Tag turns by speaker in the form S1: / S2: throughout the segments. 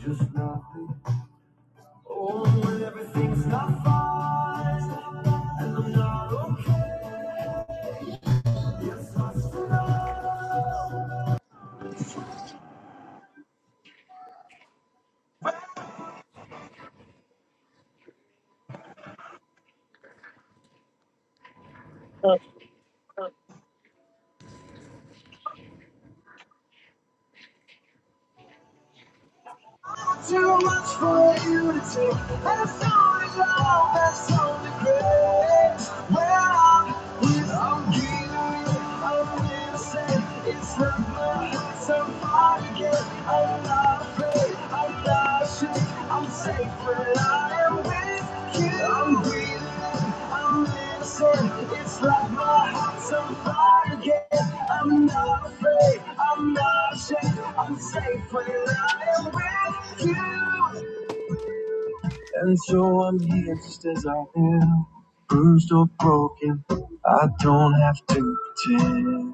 S1: Just not home everything's not.
S2: I
S1: And so I'm here just as I am, bruised or broken. I don't have to pretend.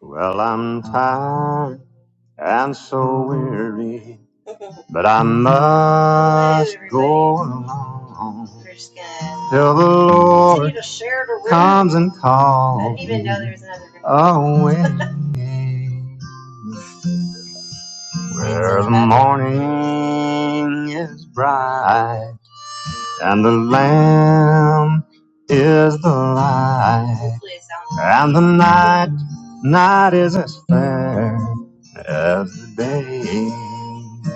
S1: Well, I'm tired and so weary, but I must go along till the Lord comes and calls. I didn't even know there was another room. away. Where the morning is bright and the Lamb is the light, and the night, night is as fair as the day.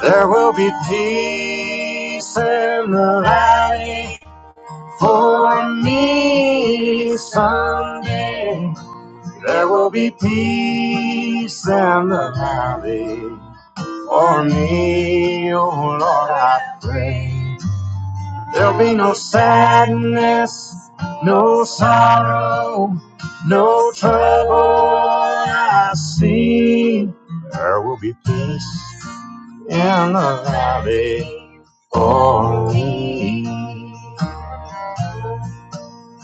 S1: There will be peace in the land for me someday. There will be peace in the valley. for me, oh Lord, I pray. There'll be no sadness, no sorrow, no trouble I see. There will be peace in the valley for me.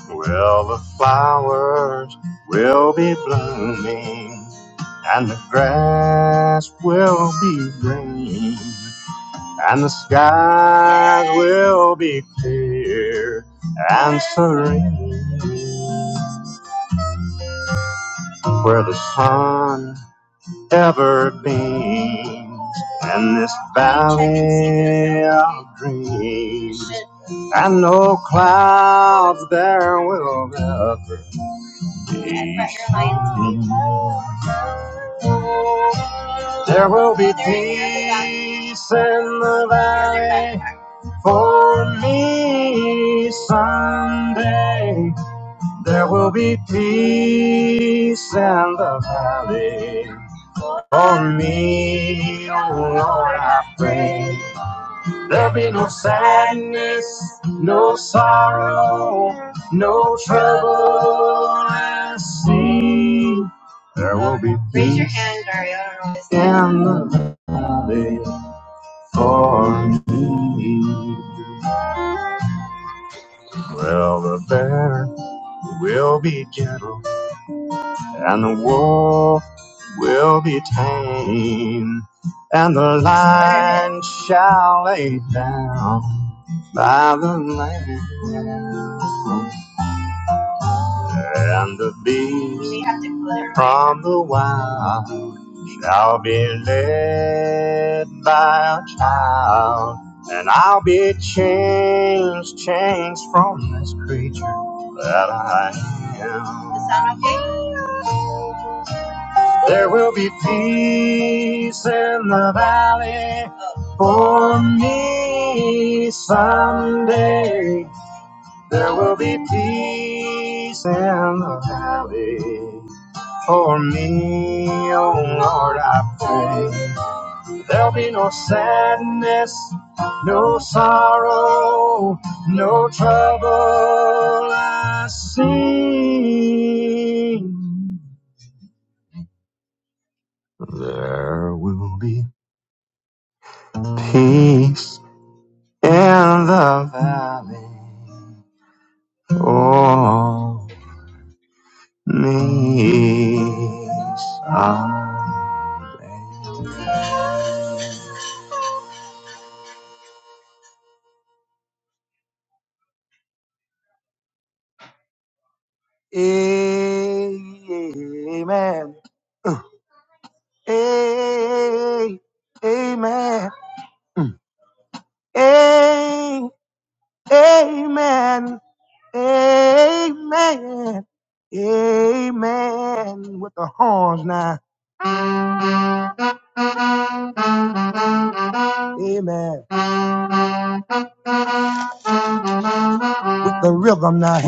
S1: Well, the flowers will be blooming and the grass will be green. and the skies will be clear and serene where the sun ever beams in this valley of dreams and no clouds there will ever be there will be peace in the valley for me someday There will be peace in the valley for me, oh Lord, I pray. There'll be no sadness, no sorrow, no trouble I see. There will be Raise your peace hand, Dario. I don't know what this is. in the valley for me. Well, the bear will be gentle. and the wolf will be tame, and the lion shall lay down by the lamb, and the beast from the wild shall be led by a child, and I'll be changed, changed from this creature that I am. Does that sound okay? There will be peace in the valley for me someday. There will be peace in the valley for me, oh Lord, I pray. There'll be no sadness, no sorrow, no trouble I see. There will be peace in the valley for me someday. Amen. A- Amen. A- Amen. Amen. Amen. With the horns now. Amen. With the rhythm now.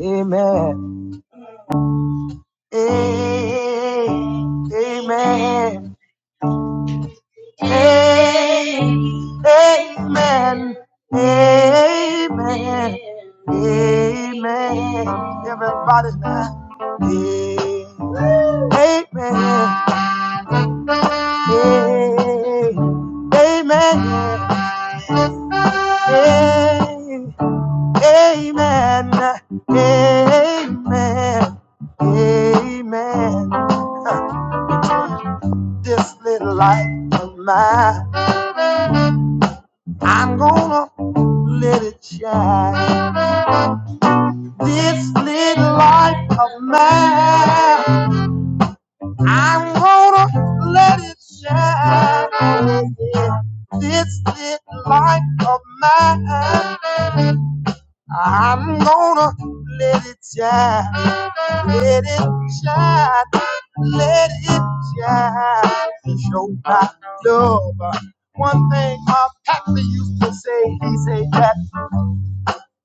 S1: Amen. Amen. Amen. Amen. Amen. Everybody now. Amen. Amen. Amen. Amen. Amen. This little light of mine. I'm gonna let it shine. This little light of mine, I'm gonna let it shine. Yeah, yeah. This little light of mine, I'm gonna let it shine. Let it shine. Let it shine. Show my love. One thing my pastor used to say, he said that.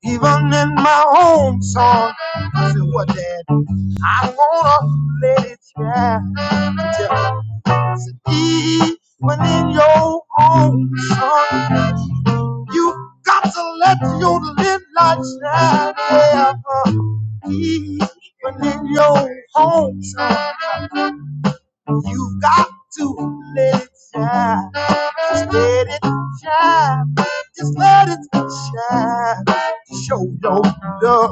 S1: Even in my own song, I said, what that I'm gonna let it shine." Yeah. Said, Even in your own song, you got to let your little light shine. Yeah. Uh, Even in your own song, you got to let it shine. Just let it shine. Just let it shine. Show your love.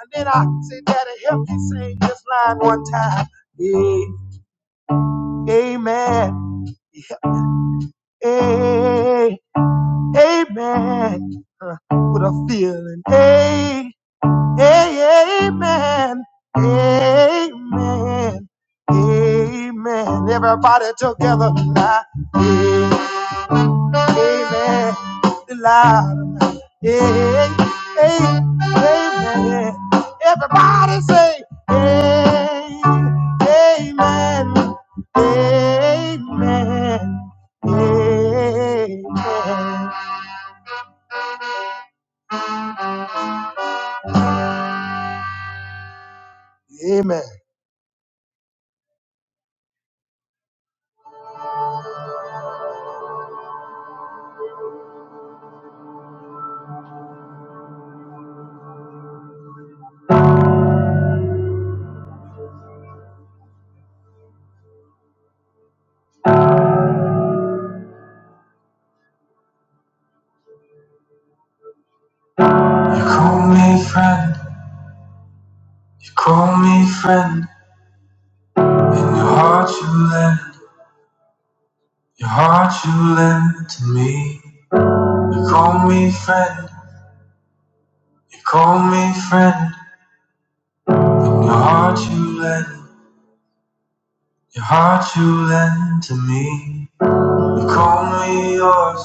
S1: And then I say, Daddy, help me sing this line one time. Eh, Amen. Yeah, Eh, Amen. Uh, With a feeling. Eh, eh, Amen. Amen. Amen. Everybody together now. Hey. baby, the loud now. Hey, hey, amen. Everybody say, hey, amen, amen, amen, amen. You call me heart, you call me friend. You call me friend, heart, you- heart you lend to me. You call me yours,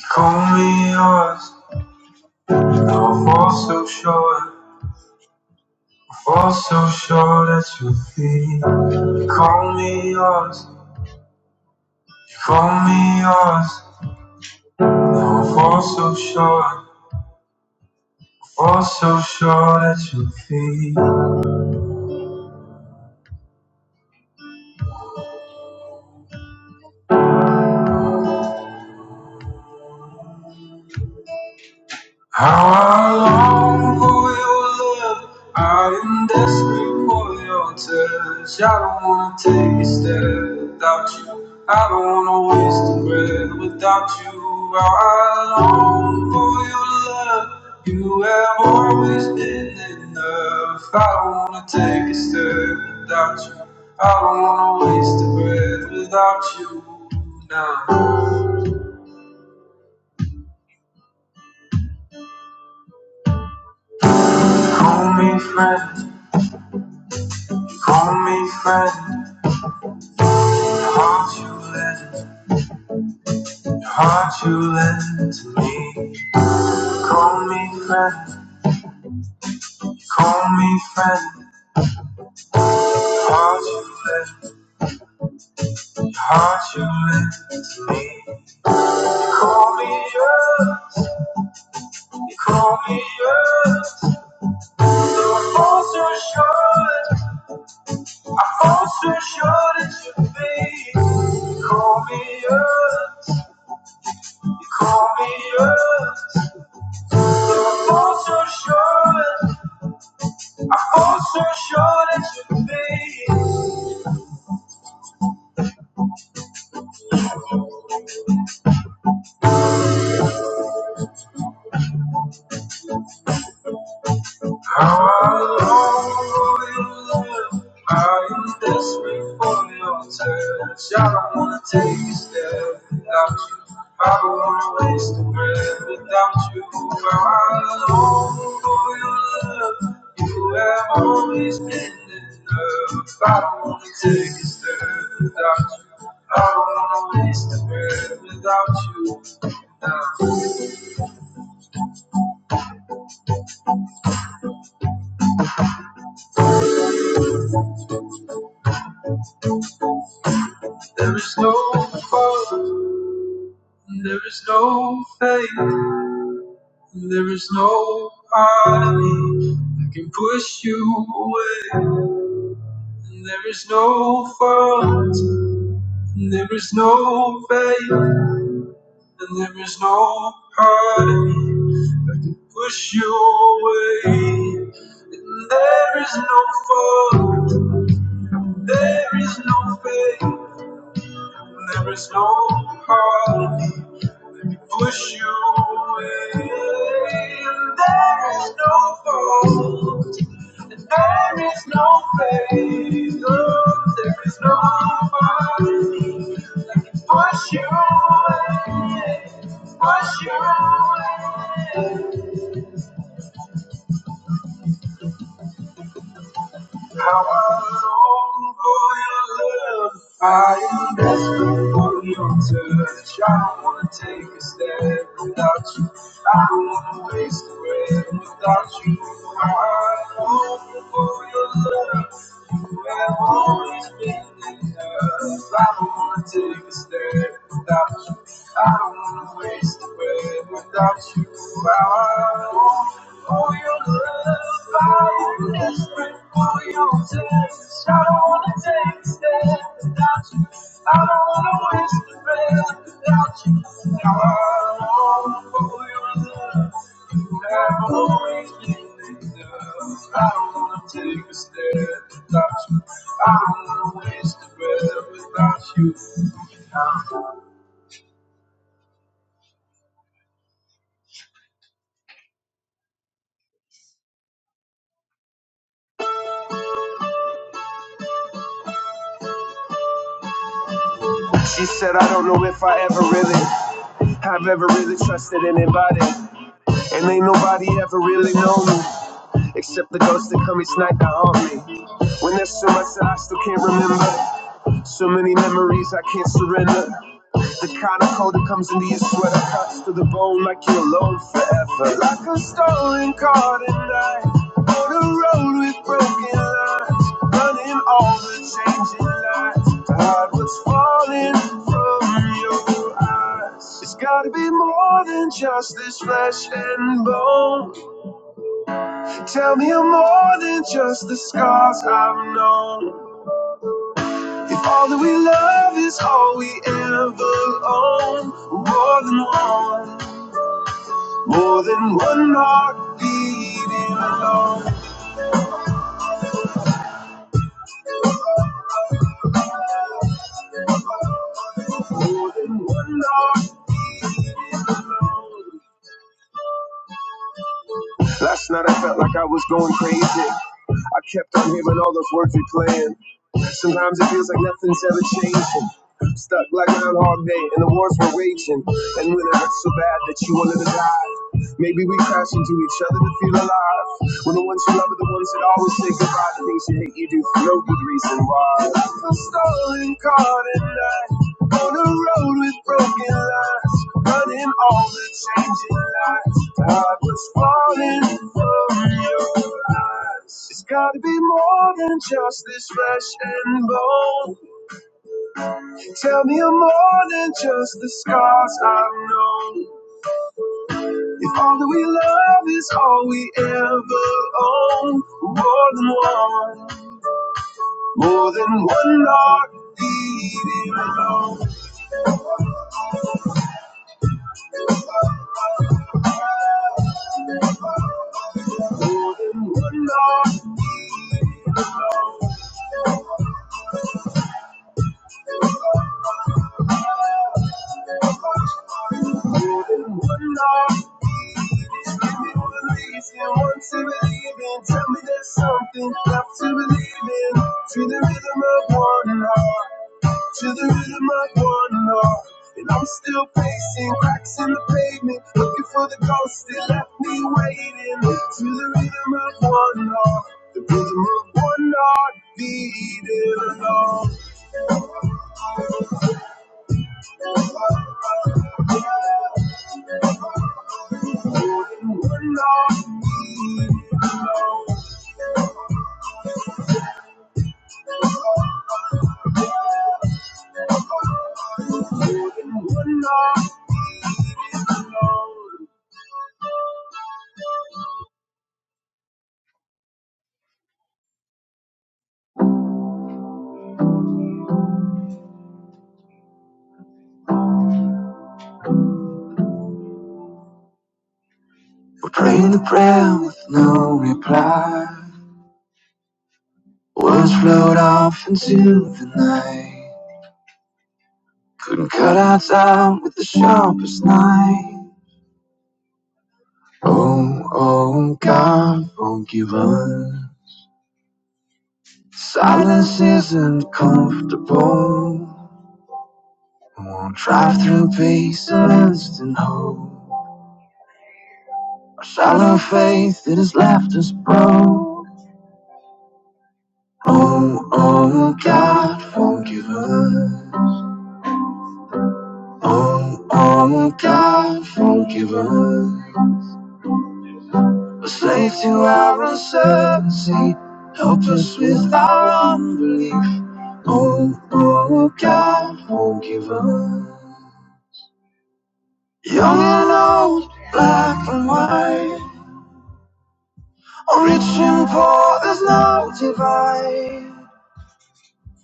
S1: you call me yours. oh for sure. Fall so sure that you feel lost. Call me yours. Fall so sure, Fall so sure that you feel How long for your love? I am desperate for your touch. I don't wanna take a step without you. I don't wanna waste a breath without you. I long for your love. You have always been enough. I don't wanna take a step without you. I don't wanna waste a breath without you now. Call me friend, call me friend. Won't you listen? Won't you listen to me? You call me friend. You call me friend. Won't you listen? Won't you listen to me? You call me yours. You call me yours. Though I fall so short, I fall so short it should be. You call me yours. You call me yours. Though I fall so short, I fall so short it should be. I'm love, you, I am desperate for your touch. I don't wanna take a step without you. I don't wanna waste a breath without you. I long for your love. You have always been enough. I don't wanna take a step without you. I don't wanna waste a breath without you. Now, There is no fault, there is no faith. And There is no part of me that can push you away. And there is no fault, and there is no faith, and there is no part of me that push you away. And there is no fault, there is no faith, and there is no part of me that push you away. And there is no fault. There is no faith, no, there is nobody. Push you away, push you away. How I long for your love. I am desperate for your touch. I don't wanna take a step without you. I don't wanna waste a breath without you. How I long for your love. Where always been in love. I don't wanna take a step without you. I don't wanna waste away without you. I want all your love. I am desperate for your touch. I don't wanna take a step without you. I don't wanna waste a breath without you. Now I want all your love. I'm going in enough. I don't wanna take a step without you. I don't wanna waste a breath without you. He said, I don't know if I ever really have ever really trusted anybody. And ain't nobody ever really known me except the ghosts that come each night to haunt me. When there's so much that I still can't remember, so many memories I can't surrender. The kind of cold that comes in these sweater cuts to the bone, like you're alone forever. Like a stolen car tonight, on a road with broken lines, running all the changing lights. Hide what's falling from your eyes. It's gotta be more than just this flesh and bone. Tell me you're more than just the scars I've known. If all that we love is all we ever own, more than one. More than one heart beating alone. Last night I felt like I was going crazy. I kept on hearing all those words we playing. Sometimes it feels like nothing's ever changing. Stuck like Groundhog Day and the wars were waging. And when it hurt so bad that you wanted to die, maybe we crash into each other to feel alive. When the ones you love are the ones that always say goodbye to things you hate you do for no good reason why. I feel stolen, caught in On a road with broken lights, running all the changing lights. I was falling from your eyes. It's gotta be more than just this flesh and bone. Tell me you're more than just the scars I've known. If all that we love is all we ever own, more than one, more than one heart. And once you believe in, tell me there's something left to believe in. To the rhythm of one and all, to the rhythm of one and all. And I'm still pacing, cracks in the pavement, looking for the ghost that left me waiting. To the rhythm of one and all, the rhythm of one and all, beating along. We're praying the prayer, with words flowed off into the air. Couldn't cut our time with the sharpest knife. Oh, oh, God, forgive us. Silence isn't comfortable. Won't drive through patience and instant hope. A shallow faith that has left us broke. Oh, oh, God, forgive us. Oh, oh, God, forgive us. A Slaves to our uncertainty. Help us with our unbelief. Oh, oh, God, forgive us. Young and old, black and white, reaching for this no divide.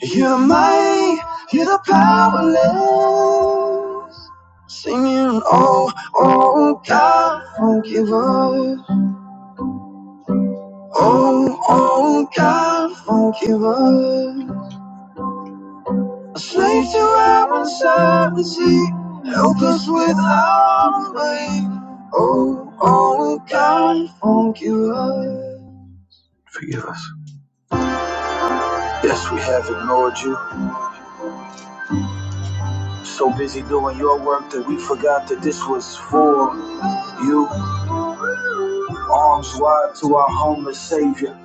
S1: You're the mighty, you're the powerless. Singing, oh, oh, God, forgive us. Oh, oh, God, forgive us. A slave to our uncertainty, help us with our faith. Oh, oh, God, forgive us. Forgive us. Yes, we have ignored you. So busy doing your work that we forgot that this was for you. Arms wide to our homeless Savior,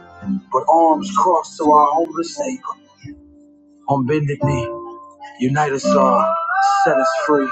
S1: but arms crossed to our homeless neighbor. On bended knee, unite us all, set us free.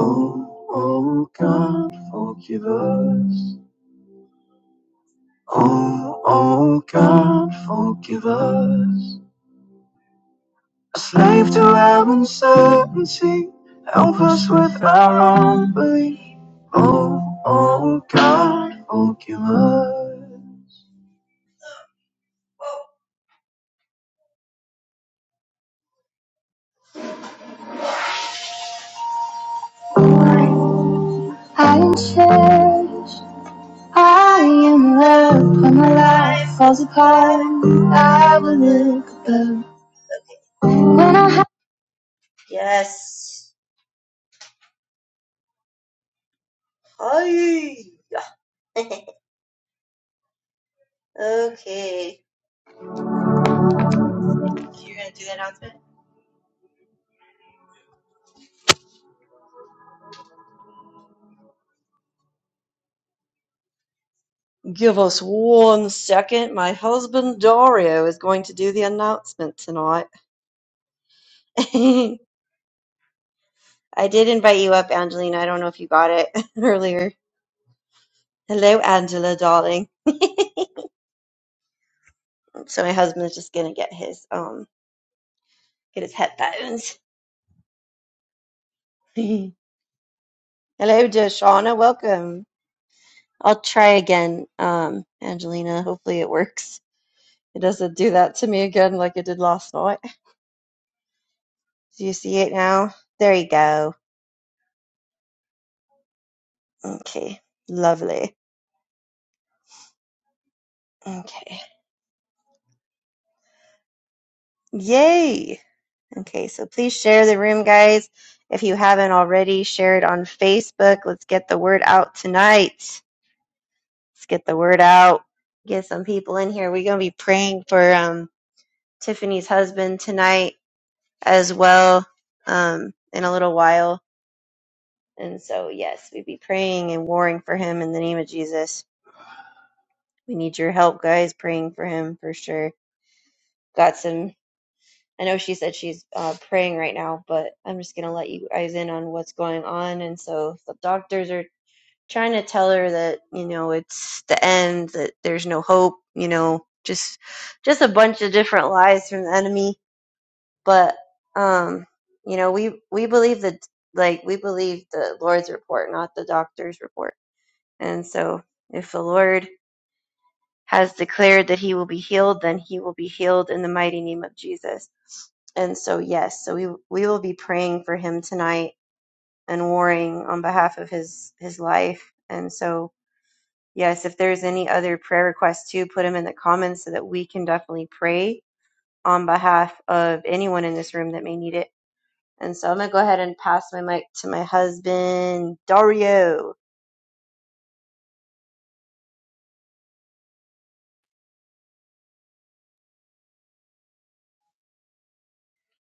S1: Oh, oh God, forgive us. Oh, oh God, forgive us. A slave to our uncertainty, help us with our own belief. Oh, oh God, Oh, us. Yes. Hi. okay. You're gonna do the announcement? Give us one second. My husband Dario is going to do the announcement tonight. I did invite you up, Angelina. I don't know if you got it earlier. Hello, Angela, darling. So my husband's just gonna get his um get his headphones. Hello, Deshauna. Welcome. I'll try again, um, Angelina. Hopefully it works. It doesn't do that to me again like it did last night. Do you see it now? There you go. Okay. Lovely. Okay. Yay. Okay, so please share the room, guys. If you haven't already, share it on Facebook. Let's get the word out tonight. Let's get the word out. Get some people in here. We're gonna be praying for um Tiffany's husband tonight as well. Um, in a little while. And so yes, we'd be praying and warring for him in the name of Jesus. we need your help, guys, praying for him for sure. Got some, I know she said she's uh, praying right now, but I'm just going to let you guys in on what's going on. And so the doctors are trying to tell her that, you know, it's the end, that there's no hope, you know, just just a bunch of different lies from the enemy. But um, you know, we we believe that like we believe the Lord's report, not the doctor's report. And so if the Lord has declared that he will be healed, then he will be healed in the mighty name of Jesus. And so, yes, so we we will be praying for him tonight and warring on behalf of his his life. And so, yes, if there's any other prayer requests too, put them in the comments so that we can definitely pray on behalf of anyone in this room that may need it. And so, I'm gonna go ahead and pass my mic to my husband Dario.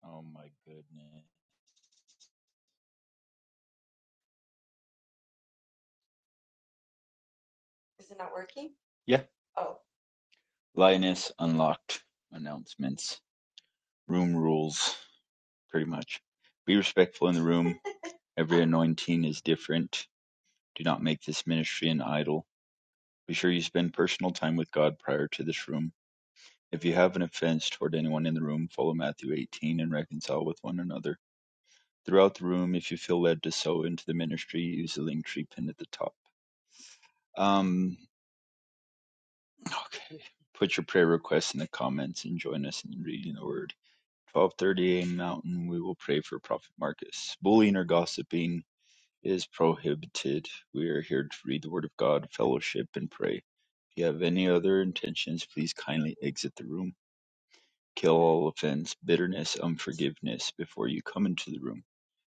S3: Oh my goodness. Yeah, lioness unlocked announcements. Room rules, pretty much. Be respectful in the room. Every anointing is different. Do not make this ministry an idol. Be sure you spend personal time with God prior to this room. If you have an offense toward anyone in the room, follow Matthew 18 and reconcile with one another. Throughout the room, if you feel led to sow into the ministry, use the link tree pin at the top. Um, okay. Put your prayer requests in the comments and join us in reading the word. 12:30 a.m. Mountain, we will pray for Prophet Marcus. Bullying or gossiping is prohibited. We are here to read the Word of God, fellowship, and pray. If you have any other intentions, please kindly exit the room. Kill all offense, bitterness, unforgiveness before you come into the room.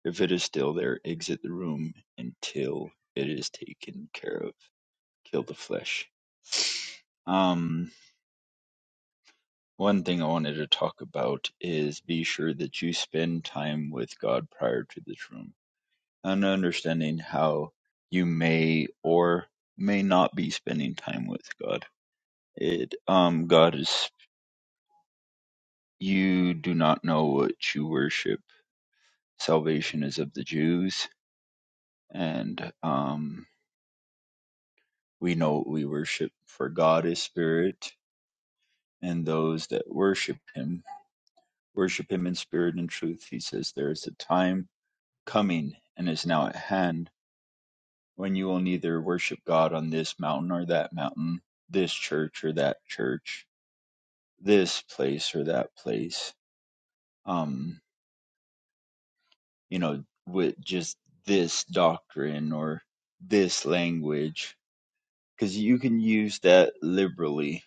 S3: If it is still there, exit the room until it is taken care of. Kill the flesh. Um, One thing I wanted to talk about is be sure that you spend time with God prior to this room and understanding how you may or may not be spending time with God. It um God is you do not know what you worship. Salvation is of the Jews and um we know what we worship for God is spirit and those that worship him worship him in spirit and truth. He says there is a time coming, and is now at hand, when you will neither worship God on this mountain or that mountain, this church or that church, this place or that place, um, you know, with just this doctrine or this language, because you can use that liberally.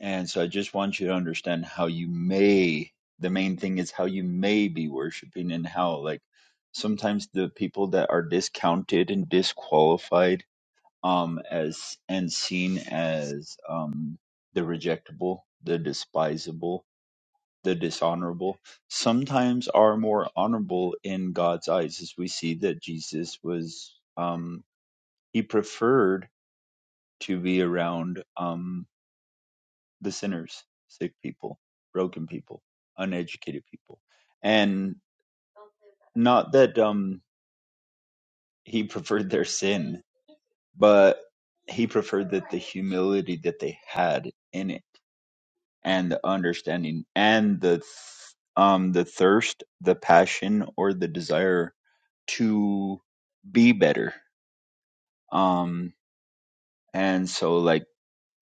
S3: And so I just want you to understand how you may, the main thing is how you may be worshiping and how, like, sometimes the people that are discounted and disqualified um as and seen as um the rejectable the despisable the dishonorable sometimes are more honorable in god's eyes as we see that jesus was um he preferred to be around um the sinners sick people broken people uneducated people and not that um he preferred their sin but he preferred that the humility that they had in and the understanding and the th- um the thirst the passion or the desire to be better um and so like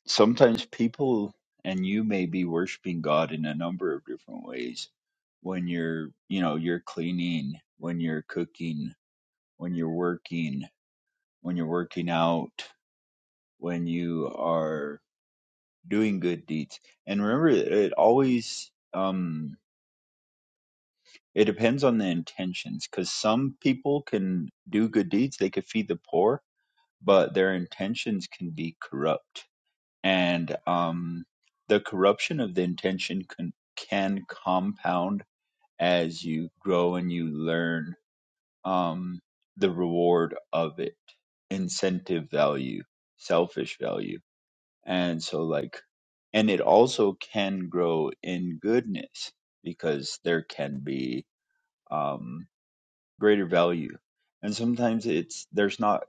S3: sometimes people and you may be worshiping god in a number of different ways when you're you know you're cleaning when you're cooking when you're working when you're working out when you are doing good deeds and remember it always um It depends on the intentions, because some people can do good deeds; they could feed the poor, but their intentions can be corrupt, and um, the corruption of the intention can can compound as you grow and you learn um, the reward of it, incentive value, selfish value, and so like, and it also can grow in goodness because there can be. Um, greater value. And sometimes it's there's not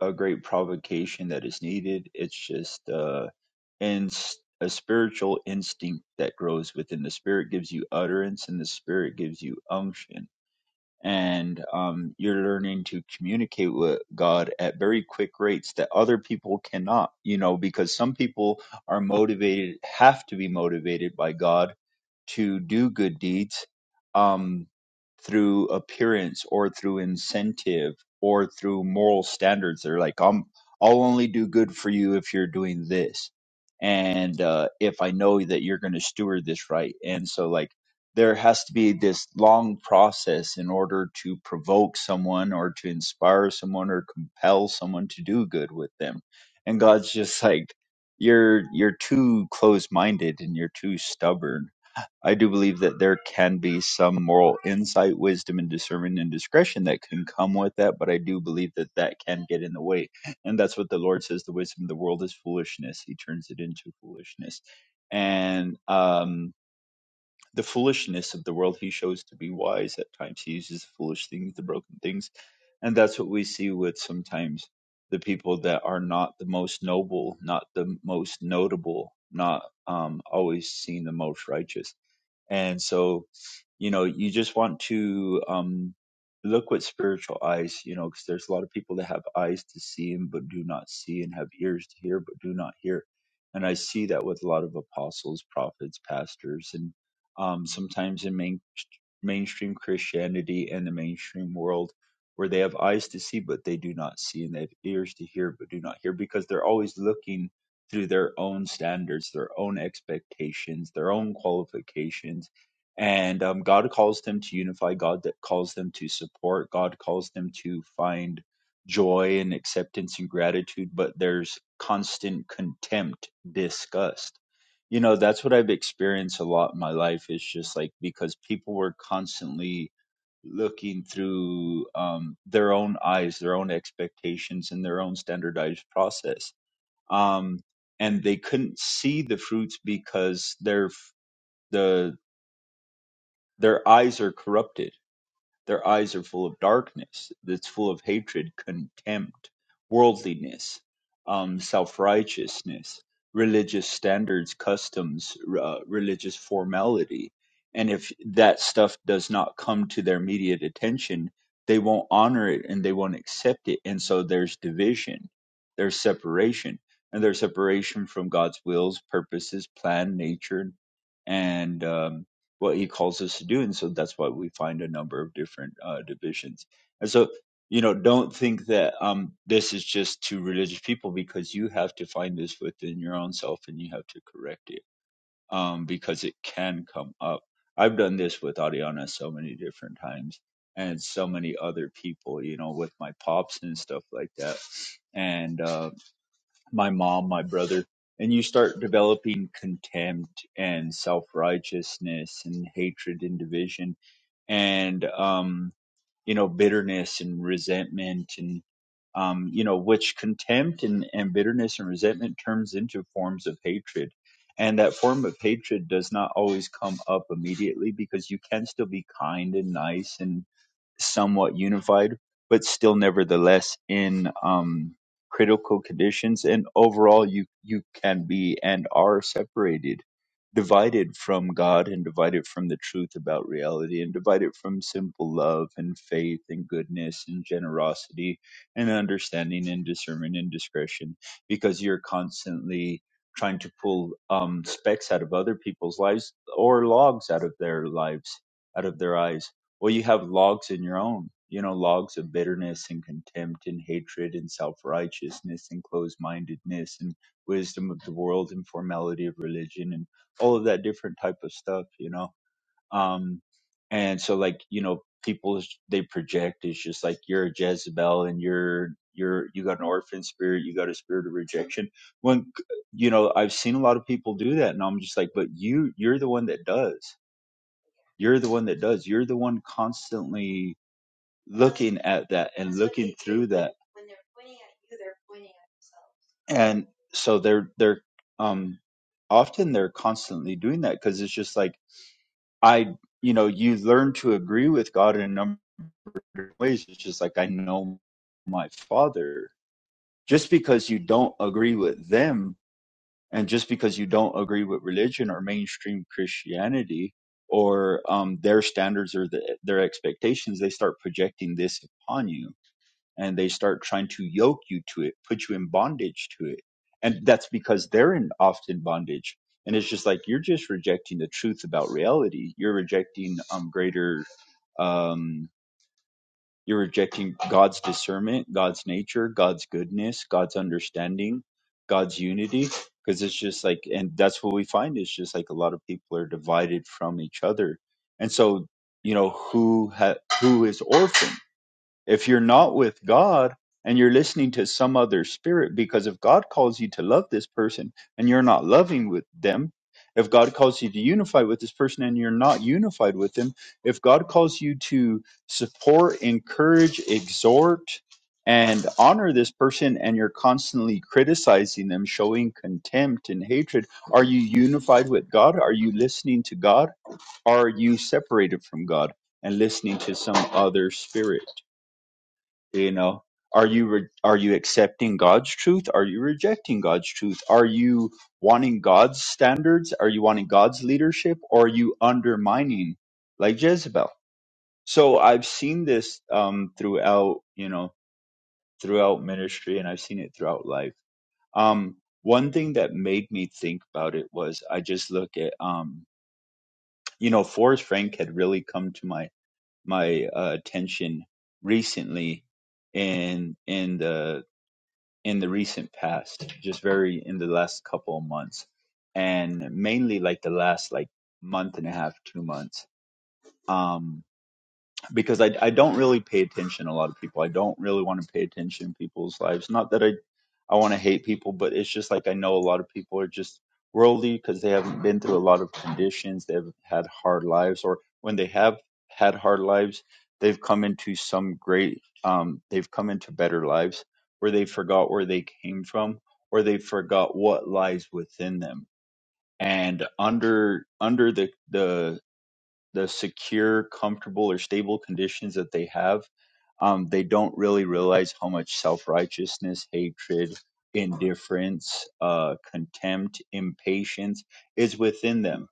S3: a great provocation that is needed. It's just uh, and a spiritual instinct that grows within the spirit gives you utterance, and the spirit gives you unction and um, you're learning to communicate with God at very quick rates that other people cannot, you know, because some people are motivated, have to be motivated by God to do good deeds um, through appearance or through incentive or through moral standards. They're like, I'm, I'll only do good for you if you're doing this. And uh, if I know that you're going to steward this right. And so, like, there has to be this long process in order to provoke someone or to inspire someone or compel someone to do good with them and god's just like you're you're too closed-minded and you're too stubborn i do believe that there can be some moral insight wisdom and discernment and discretion that can come with that but i do believe that that can get in the way and that's what the lord says the wisdom of the world is foolishness he turns it into foolishness and um the foolishness of the world. He shows to be wise. At times, he uses foolish things, the broken things. And that's what we see with sometimes the people that are not the most noble, not the most notable, not um, always seen the most righteous. And so, you know, you just want to um, look with spiritual eyes, you know, because there's a lot of people that have eyes to see and but do not see, and have ears to hear but do not hear. And I see that with a lot of apostles, prophets, pastors, and um, sometimes in main, mainstream Christianity and the mainstream world, where they have eyes to see but they do not see, and they have ears to hear but do not hear, because they're always looking through their own standards, their own expectations, their own qualifications. And um, God calls them to unify, God that calls them to support, God calls them to find joy and acceptance and gratitude, but there's constant contempt, disgust. You know, that's what I've experienced a lot in my life is just like because people were constantly looking through um, their own eyes, their own expectations, and their own standardized process um, and they couldn't see the fruits because their f- the their eyes are corrupted their eyes are full of darkness that's full of hatred, contempt, worldliness, um, self righteousness, religious standards, customs, uh, religious formality. And if that stuff does not come to their immediate attention, they won't honor it and they won't accept it. And so there's division, there's separation, and there's separation from God's wills, purposes, plan, nature, and. Um, what he calls us to do. And so that's why we find a number of different uh, divisions. And so, you know, don't think that um, this is just to religious people because you have to find this within your own self and you have to correct it um, because it can come up. I've done this with Ariana so many different times and so many other people, you know, with my pops and stuff like that. And, uh, my mom, my brother, and you start developing contempt and self righteousness and hatred and division and um, you know bitterness and resentment and um, you know which contempt and, and bitterness and resentment turns into forms of hatred. And that form of hatred does not always come up immediately because you can still be kind and nice and somewhat unified, but still nevertheless in um, critical conditions. And overall, you you can be and are separated, divided from God, and divided from the truth about reality, and divided from simple love and faith and goodness and generosity and understanding and discernment and discretion, because you're constantly trying to pull um, specks out of other people's lives or logs out of their lives out of their eyes well, you have logs in your own, you know, logs of bitterness and contempt and hatred and self righteousness and closed mindedness and wisdom of the world and formality of religion and all of that different type of stuff, you know. Um, and so, like, you know, people they project is just like you're a Jezebel and you're you're you got an orphan spirit, you got a spirit of rejection. When you know, I've seen a lot of people do that, and I'm just like, but you you're the one that does you're the one that does you're the one constantly looking at that and looking through that and so they're they're um often they're constantly doing that because it's just like i you know you learn to agree with god in a number of ways it's just like i know my father just because you don't agree with them and just because you don't agree with religion or mainstream christianity or um, their standards or the, their expectations they start projecting this upon you and they start trying to yoke you to it, put you in bondage to it. And that's because they're in often bondage. And it's just like you're just rejecting the truth about reality. You're rejecting um greater um you're rejecting God's discernment, God's nature, God's goodness, God's understanding, God's unity. Because it's just like and that's what we find is just like a lot of people are divided from each other. And so, you know, who ha- who is orphaned? If you're not with God and you're listening to some other spirit, because if God calls you to love this person and you're not loving with them, if God calls you to unify with this person and you're not unified with them, if God calls you to support, encourage, exhort, and honor this person and you're constantly criticizing them, showing contempt and hatred, are you unified with God? Are you listening to God? Are you separated from God and listening to some other spirit? you know are you re- are you accepting god's truth are you rejecting god's truth are you wanting god's standards are you wanting god's leadership or are you undermining like jezebel so i've seen this um throughout you know throughout ministry and i've seen it throughout life um one thing that made me think about it was i just look at um you know forrest frank had really come to my my uh, attention recently in in the in the recent past, just very in the last couple of months, and mainly like the last like month and a half, two months. Um, because I I don't really pay attention to a lot of people. I don't really want to pay attention to people's lives. Not that I I want to hate people, but it's just like I know a lot of people are just worldly because they haven't been through a lot of conditions. They've had hard lives, or when they have had hard lives, they've come into some great um they've come into better lives where they forgot where they came from or they forgot what lies within them. And under under the the the secure, comfortable, or stable conditions that they have, um, they don't really realize how much self righteousness, hatred, indifference, uh, contempt, impatience is within them.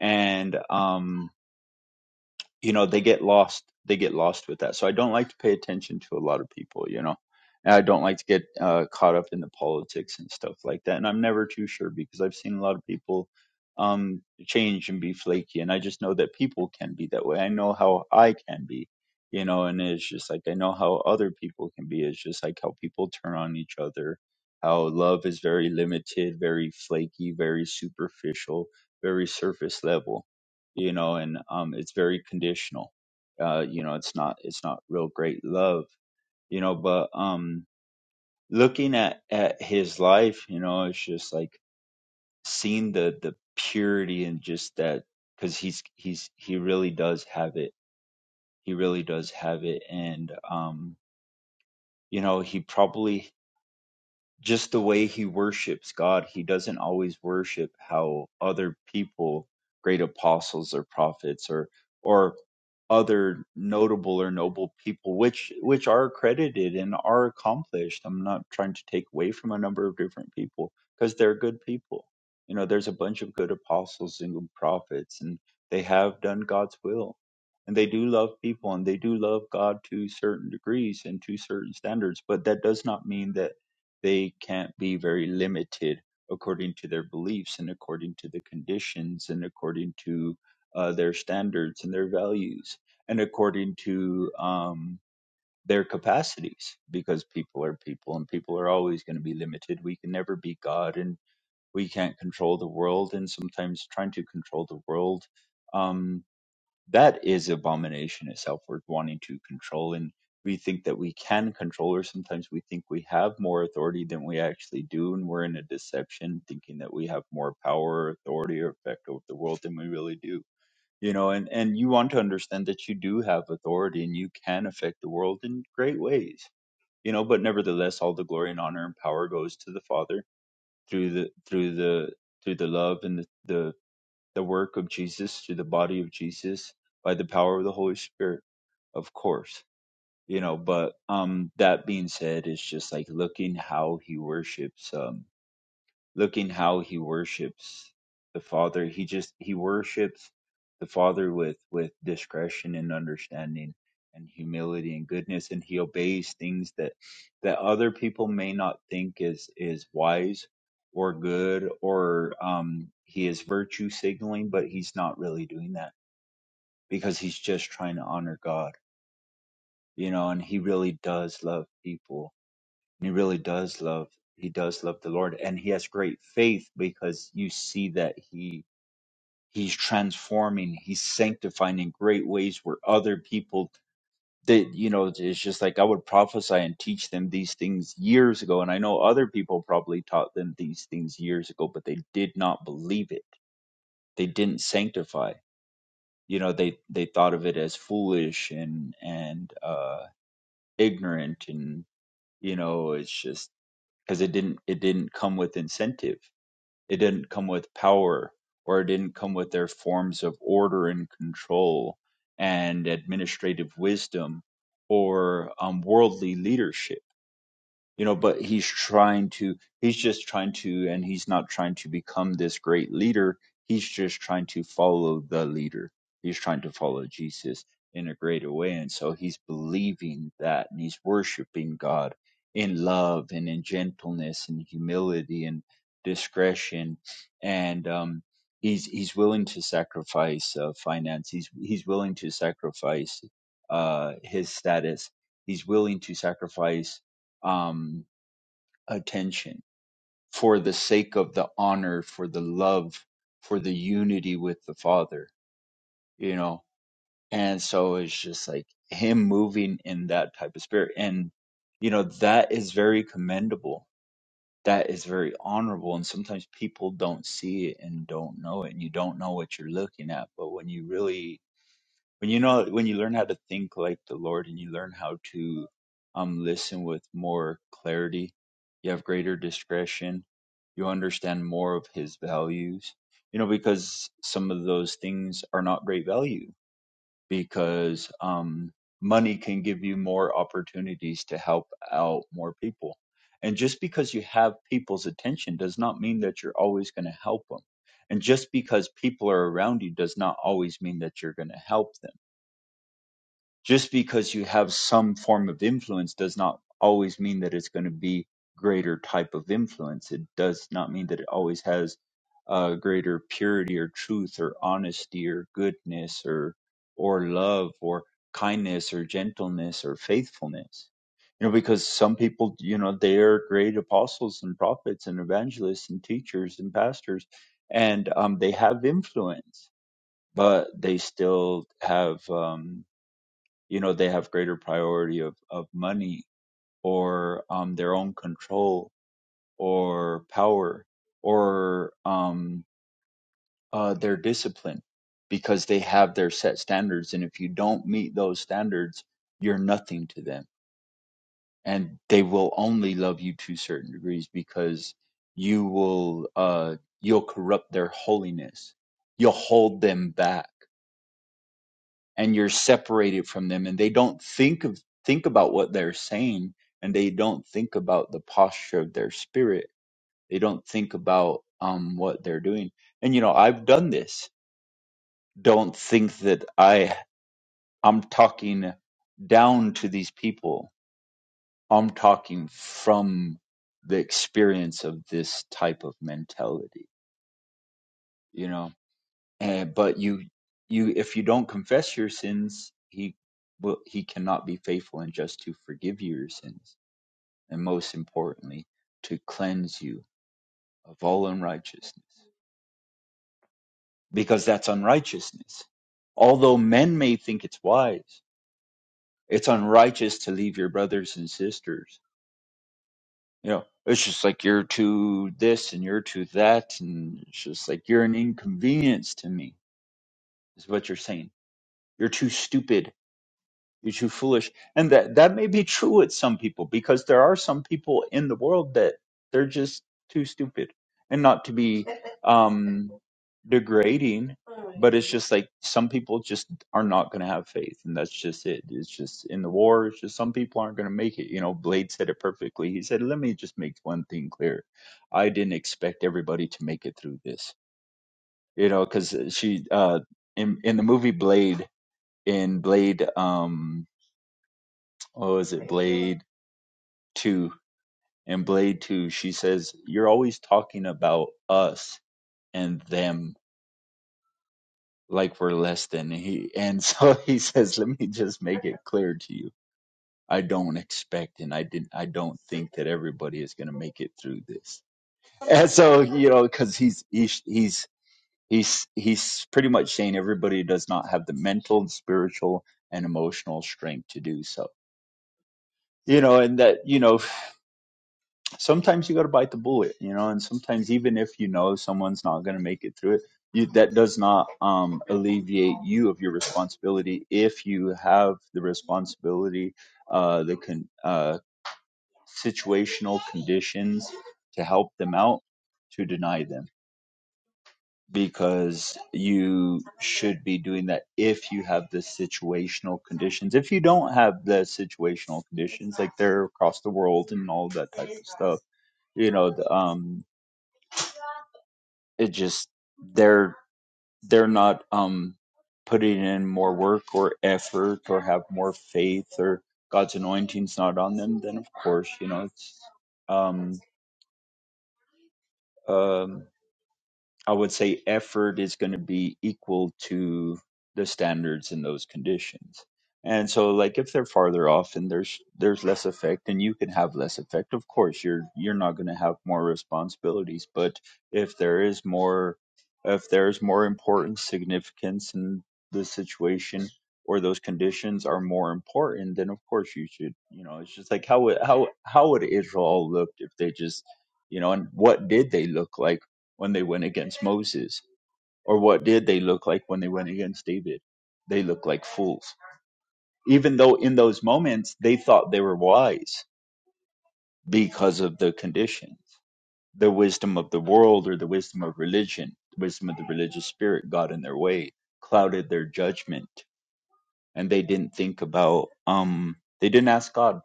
S3: And um, you know they get lost they get lost with that so i don't like to pay attention to a lot of people you know and i don't like to get uh, caught up in the politics and stuff like that and i'm never too sure because i've seen a lot of people um change and be flaky and i just know that people can be that way i know how i can be you know and it's just like i know how other people can be it's just like how people turn on each other how love is very limited very flaky very superficial very surface level you know, and um, it's very conditional. Uh, you know, it's not it's not real great love, you know. But um, looking at at his life, you know, it's just like seeing the the purity and just that because he's he's he really does have it. He really does have it, and um, you know, he probably just the way he worships God. He doesn't always worship how other people, great apostles or prophets or or other notable or noble people, which which are accredited and are accomplished. I'm not trying to take away from a number of different people because they're good people. You know, there's a bunch of good apostles and good prophets, and they have done God's will. And they do love people and they do love God to certain degrees and to certain standards, but that does not mean that they can't be very limited according to their beliefs and according to the conditions and according to uh, their standards and their values and according to um, their capacities because people are people and people are always going to be limited. We can never be God and we can't control the world. And sometimes trying to control the world um, that is abomination itself. We're wanting to control, and we think that we can control, or sometimes we think we have more authority than we actually do, and we're in a deception, thinking that we have more power, authority, or effect over the world than we really do. You know, and and you want to understand that you do have authority, and you can affect the world in great ways. You know, but nevertheless, all the glory and honor and power goes to the Father through the through the through the love and the, the the work of Jesus through the body of Jesus by the power of the Holy Spirit, of course. You know, but um that being said, it's just like looking how he worships. Um looking how he worships the father he just he worships the father with with discretion and understanding and humility and goodness and he obeys things that that other people may not think is is wise or good or um he is virtue signaling but he's not really doing that because he's just trying to honor god you know and he really does love people and he really does love he does love the Lord and he has great faith because you see that he he's transforming, he's sanctifying in great ways where other people that you know it's just like I would prophesy and teach them these things years ago and I know other people probably taught them these things years ago but they did not believe it. They didn't sanctify. You know, they they thought of it as foolish and and uh ignorant and you know, it's just because it didn't it didn't come with incentive it didn't come with power or it didn't come with their forms of order and control and administrative wisdom or um, worldly leadership you know but he's trying to he's just trying to and he's not trying to become this great leader he's just trying to follow the leader he's trying to follow jesus in a greater way and so he's believing that and he's worshiping god in love and in gentleness and humility and discretion and um he's he's willing to sacrifice uh, finance he's he's willing to sacrifice uh his status he's willing to sacrifice um, attention for the sake of the honor, for the love, for the unity with the Father, you know. And so it's just like him moving in that type of spirit. And, you know, that is very commendable. That is very honorable. And sometimes people don't see it and don't know it. And you don't know what you're looking at. But when you really when you know when you learn how to think like the lord and you learn how to um listen with more clarity you have greater discretion you understand more of his values you know because some of those things are not great value because um money can give you more opportunities to help out more people and just because you have people's attention does not mean that you're always going to help them and just because people are around you does not always mean that you're going to help them just because you have some form of influence does not always mean that it's going to be greater type of influence it does not mean that it always has uh, greater purity or truth or honesty or goodness or or love or kindness or gentleness or faithfulness you know because some people you know they are great apostles and prophets and evangelists and teachers and pastors and um, they have influence but they still have um you know they have greater priority of of money or um their own control or power or um uh their discipline because they have their set standards and if you don't meet those standards you're nothing to them and they will only love you to certain degrees because you will uh you'll corrupt their holiness you'll hold them back and you're separated from them and they don't think of think about what they're saying and they don't think about the posture of their spirit they don't think about um what they're doing and you know i've done this don't think that i i'm talking down to these people i'm talking from the experience of this type of mentality you know Uh, but you, you, if you don't confess your sins, he will, he cannot be faithful and just to forgive you your sins, and most importantly, to cleanse you of all unrighteousness, because that's unrighteousness. Although men may think it's wise, it's unrighteous to leave your brothers and sisters. You know, it's just like you're too this and you're too that, and it's just like you're an inconvenience to me. Is what you're saying. You're too stupid You're too foolish. And that, that may be true with some people because there are some people in the world that they're just too stupid and not to be um, degrading, but it's just like some people just are not going to have faith. And that's just it. It's just in the war, it's just some people aren't going to make it. You know, Blade said it perfectly. He said, let me just make one thing clear. I didn't expect everybody to make it through this, you know, because she, uh, in, in the movie Blade, in Blade, um, oh, is it Blade 2? In Blade 2, she says, You're always talking about us and them like we're less than he. And so he says, Let me just make it clear to you. I don't expect and I didn't I don't think that everybody is going to make it through this. And so, you know, cuz he's he's he's he's he's pretty much saying everybody does not have the mental and spiritual and emotional strength to do so. You know, and that you know sometimes you got to bite the bullet, you know, and sometimes even if you know someone's not going to make it through it, you, that does not um, alleviate you of your responsibility if you have the responsibility, uh, the con- uh, situational conditions to help them out to deny them because you should be doing that if you have the situational conditions if you don't have the situational conditions like they're across the world and all that type of stuff you know the, um, it just they're they're not um putting in more work or effort or have more faith or God's anointing's not on them, then of course, you know, it's um um I would say effort is going to be equal to the standards in those conditions. And so like if they're farther off and there's there's less effect and you can have less effect, of course you're you're not going to have more responsibilities, but if there is more if there's more importance, significance in the situation or those conditions are more important, then of course you should, you know, it's just like how would how how would Israel look if they just you know, and what did they look like? when they went against Moses? Or what did they look like when they went against David? They looked like fools. Even though in those moments they thought they were wise because of the conditions, the wisdom of the world or the wisdom of religion, the wisdom of the religious spirit got in their way, clouded their judgment, and they didn't think about um they didn't ask God.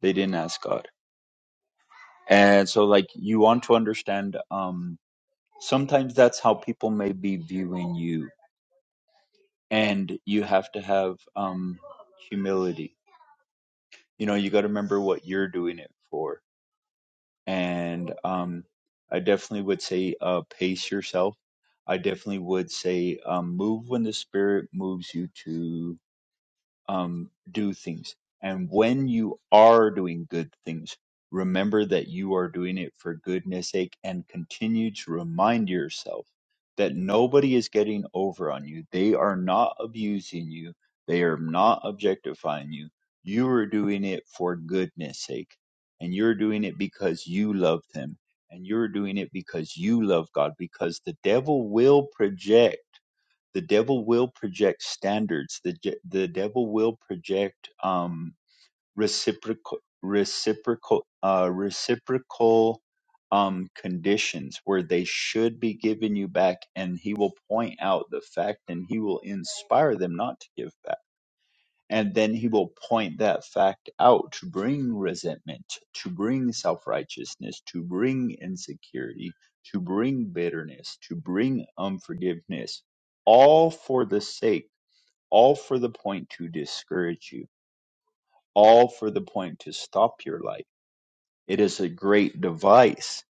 S3: They didn't ask God. And so like you want to understand um sometimes that's how people may be viewing you and you have to have um, humility. You know, you got to remember what you're doing it for. And um, I definitely would say uh, pace yourself. I definitely would say um, move when the spirit moves you to um, do things. And when you are doing good things, remember that you are doing it for goodness sake and continue to remind yourself that nobody is getting over on you. They are not abusing you. They are not objectifying you. You are doing it for goodness sake. And you're doing it because you love them. And you're doing it because you love God, because the devil will project the devil will project standards the je- the devil will project um reciprocal reciprocal uh reciprocal um conditions where they should be giving you back and he will point out the fact and he will inspire them not to give back and then he will point that fact out to bring resentment, to bring self righteousness, to bring insecurity, to bring bitterness, to bring unforgiveness, all for the sake, all for the point to discourage you, all for the point to stop your life. It is a great device.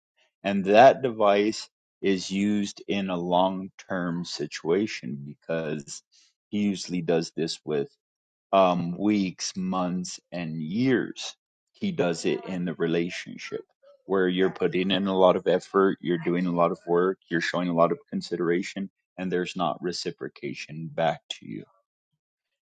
S3: And that device is used in a long term situation because he usually does this with um, weeks, months, and years. He does it in the relationship where you're putting in a lot of effort, you're doing a lot of work, you're showing a lot of consideration, and there's not reciprocation back to you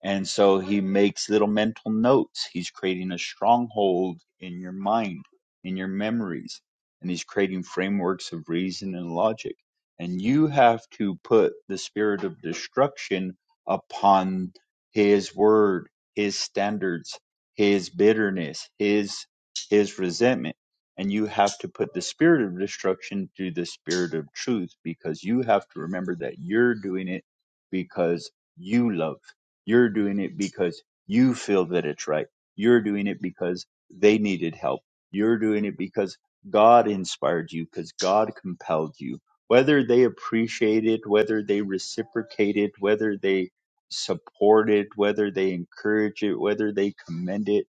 S3: and so he makes little mental notes. He's creating a stronghold in your mind, in your memories, and he's creating frameworks of reason and logic. And you have to put the spirit of destruction upon his word, his standards, his bitterness, his his resentment. And you have to put the spirit of destruction to the spirit of truth because you have to remember that you're doing it because you love you're doing it because you feel that it's right. You're doing it because they needed help. You're doing it because God inspired you, because God compelled you. Whether they appreciate it, whether they reciprocate it, whether they support it, whether they encourage it, whether they commend it,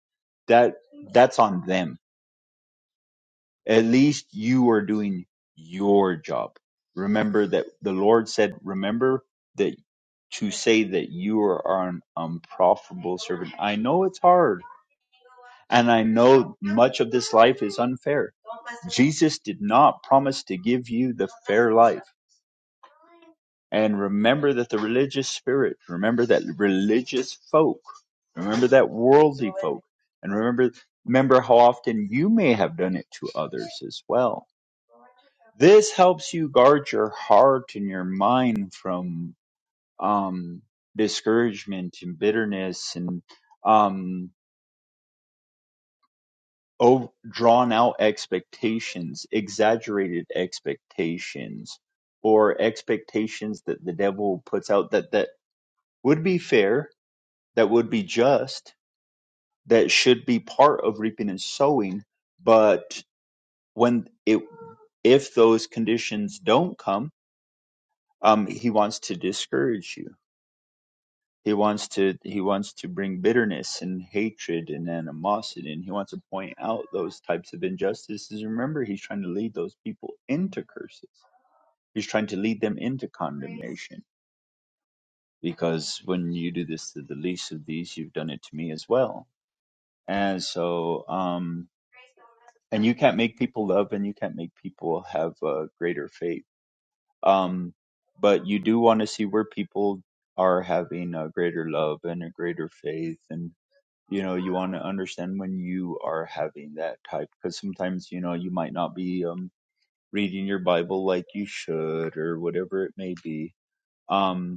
S3: that that's on them. At least you are doing your job. Remember that the Lord said, remember that." to say that you are an unprofitable servant. I know it's hard, and I know much of this life is unfair. Jesus did not promise to give you the fair life. And remember that the religious spirit, remember that religious folk, remember that worldly folk, and remember remember how often you may have done it to others as well. This helps you guard your heart and your mind from um, discouragement and bitterness and um, over, drawn out expectations, exaggerated expectations, or expectations that the devil puts out that, that would be fair, that would be just, that should be part of reaping and sowing. But when it, if those conditions don't come, um, he wants to discourage you He wants to he wants to bring bitterness and hatred and animosity, and he wants to point out those types of injustices. Remember, he's trying to lead those people into curses. He's trying to lead them into condemnation. Because when you do this to the least of these, you've done it to me as well. And so, um, and you can't make people love, and you can't make people have a greater faith. Um, but you do want to see where people are having a greater love and a greater faith and you know you want to understand when you are having that type because sometimes you know you might not be um reading your bible like you should or whatever it may be Um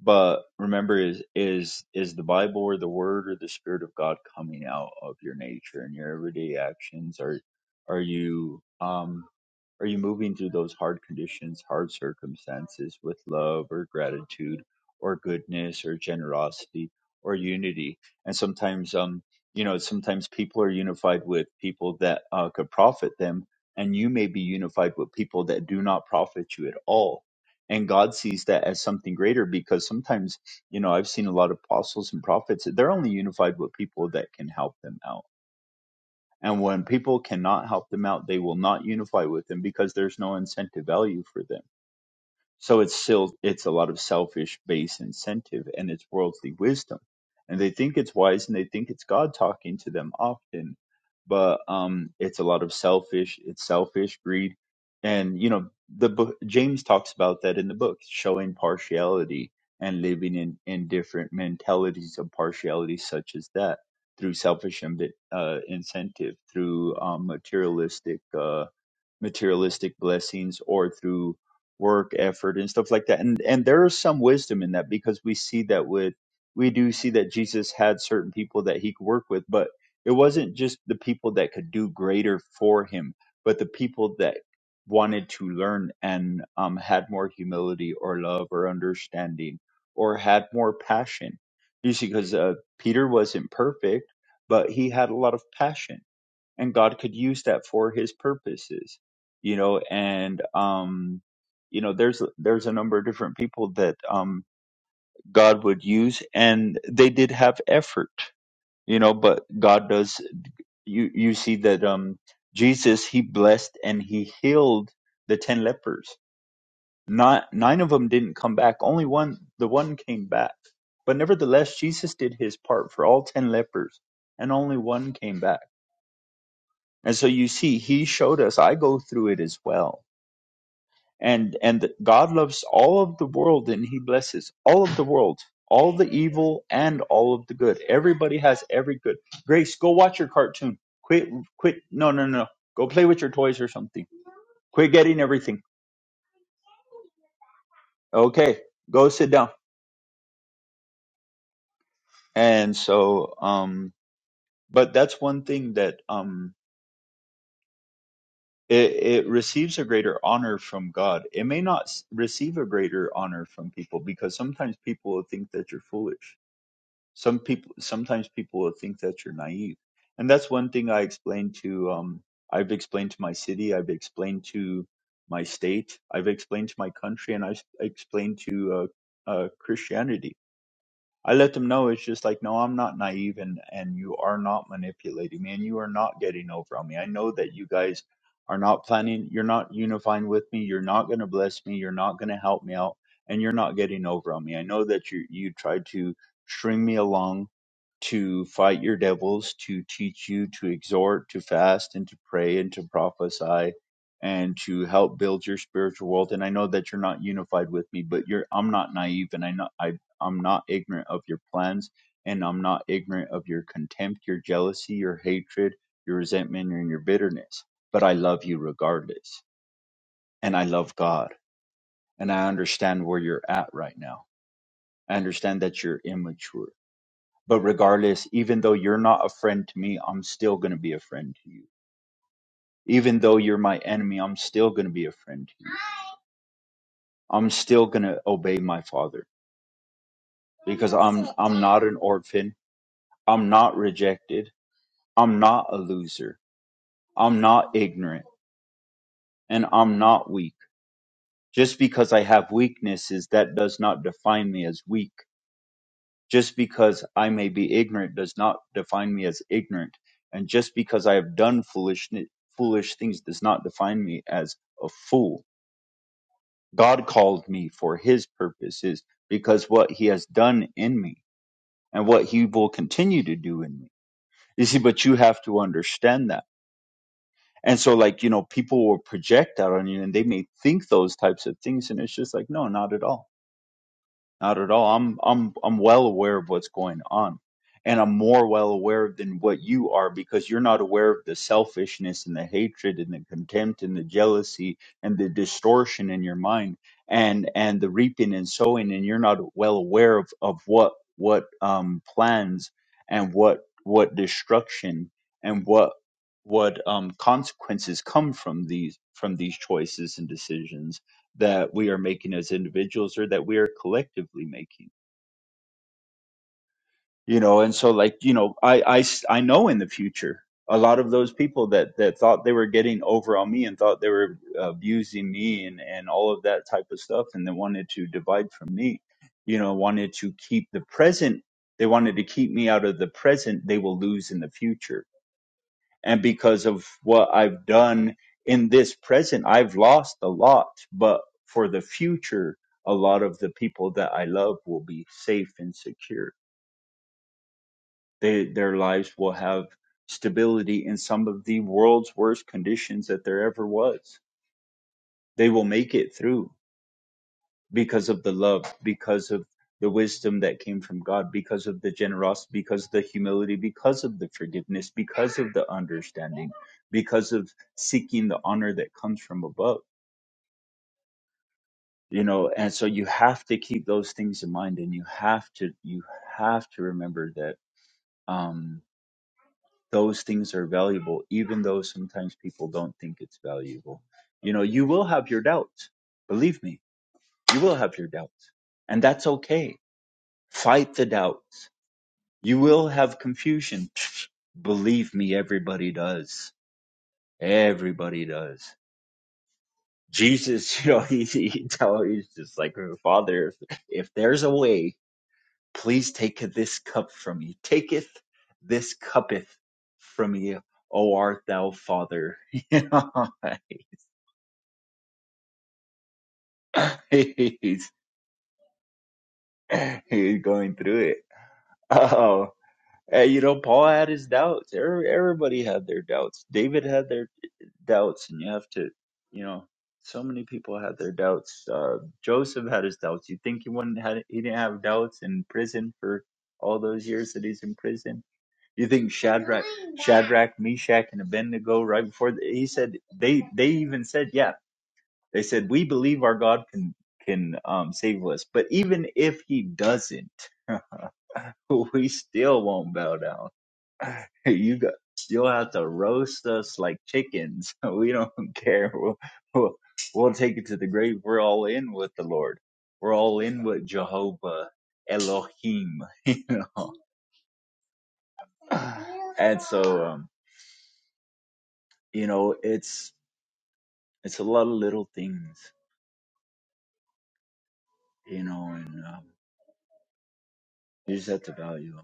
S3: but remember, is is is the Bible or the Word or the Spirit of God coming out of your nature and your everyday actions? Are are you um are you moving through those hard conditions, hard circumstances with love or gratitude or goodness or generosity or unity? And sometimes um you know sometimes people are unified with people that uh, could profit them, and you may be unified with people that do not profit you at all and God sees that as something greater because sometimes, you know, I've seen a lot of apostles and prophets, they're only unified with people that can help them out. And when people cannot help them out, they will not unify with them because there's no incentive value for them so it's still it's a lot of selfish base incentive and it's worldly wisdom. And they think it's wise and they think it's God talking to them often. But um it's a lot of selfish, it's selfish greed. And you know, the book James talks about that in the book, showing partiality and living in, in different mentalities of partiality such as that through selfish ambi- uh, incentive, through um, materialistic Uh, materialistic blessings or through work effort and stuff like that and and there is some wisdom in that because we see that with we do see that Jesus had certain people that he could work with but it wasn't just the people that could do greater for him but the people that wanted to learn and um, had more humility or love or understanding or had more passion you see because uh, Peter wasn't perfect but he had a lot of passion and God could use that for his purposes you know and um you know there's there's a number of different people that um God would use and they did have effort you know but God does you you see that um Jesus he blessed and he healed the 10 lepers not nine of them didn't come back only one the one came back but nevertheless Jesus did his part for all 10 lepers and only one came back And so you see, he showed us, I go through it as well. And and that God loves all of the world and he blesses all of the world, all the evil and all of the good. Everybody has every good. Grace, go watch your cartoon. Quit quit no no no. no. Go play with your toys or something. Quit getting everything. Okay, go sit down. And so um but that's one thing that um It, it receives a greater honor from God. It may not s- receive a greater honor from people because sometimes people will think that you're foolish. Some people, sometimes people will think that you're naive, and that's one thing I explained to. Um, I've explained to my city. I've explained to my state. I've explained to my country, and I've s- explained to uh, uh, Christianity I let them know it's just like, no, I'm not naive and, and you are not manipulating me and you are not getting over on me. I know that you guys are not planning, you're not unifying with me, you're not going to bless me, you're not going to help me out, and you're not getting over on me. I know that you, you tried to string me along to fight your devils, to teach you, to exhort, to fast, and to pray, and to prophesy, and to help build your spiritual world. And I know that you're not unified with me, but you're I'm not naive, and I know I. I'm not ignorant of your plans, and I'm not ignorant of your contempt, your jealousy, your hatred, your resentment, and your bitterness. But I love you regardless. And I love God. And I understand where you're at right now. I understand that you're immature. But regardless, even though you're not a friend to me, I'm still going to be a friend to you. Even though you're my enemy, I'm still going to be a friend to you. I'm still going to obey my father because I'm I'm not an orphan. I'm not rejected. I'm not a loser. I'm not ignorant and I'm not weak. Just because I have weaknesses, that does not define me as weak. Just because I may be ignorant does not define me as ignorant. And just because I have done foolish, foolish things does not define me as a fool. God called me for his purposes because what he has done in me and what he will continue to do in me. You see, but you have to understand that and so like you know people will project out on you and they may think those types of things and it's just like no not at all not at all. I'm I'm I'm well aware of what's going on. And I'm more well aware than what you are because you're not aware of the selfishness and the hatred and the contempt and the jealousy and the distortion in your mind and and the reaping and sowing and you're not well aware of, of what what um plans and what what destruction and what what um consequences come from these from these choices and decisions that we are making as individuals or that we are collectively making you know and so like you know i i s- I know in the future a lot of those people that that thought they were getting over on me and thought they were abusing me and and all of that type of stuff and they wanted to divide from me you know wanted to keep the present they wanted to keep me out of the present they will lose in the future and because of what I've done in this present, I've lost a lot, but for the future, a lot of the people that I love will be safe and secure. They, their lives will have stability in some of the world's worst conditions that there ever was. They will make it through because of the love, because of the wisdom that came from God, because of the generosity, because of the humility, because of the forgiveness, because of the understanding, because of seeking the honor that comes from above. You know, and so you have to keep those things in mind and you have to you have to remember that um those things are valuable, even though sometimes people don't think it's valuable. You know, you will have your doubts. Believe me, you will have your doubts. And that's okay. Fight the doubts You will have confusion. Believe me, everybody does. Everybody does. Jesus, you know, he, he tell, he's just like, "Oh, Father, if, if there's a way, please take this cup from me. Taketh this cuppeth from me, O art thou Father. You know, he's, he's going through it. Oh, and, you know, Paul had his doubts. Every- Everybody had their doubts. David had their doubts and you have to you know so many people had their doubts uh joseph had his doubts you think he wouldn't had he didn't have doubts in prison for all those years that he's in prison you think shadrach shadrach meshach and abednego right before the, he said they they even said yeah they said we believe our god can can um save us but even if he doesn't we still won't bow down you got you'll have to roast us like chickens. We don't care. We'll, we'll we'll take it to the grave. We're all in with the Lord. We're all in with Jehovah Elohim. You know, and so um, you know it's it's a lot of little things. You know, and um, you just have to value 'em.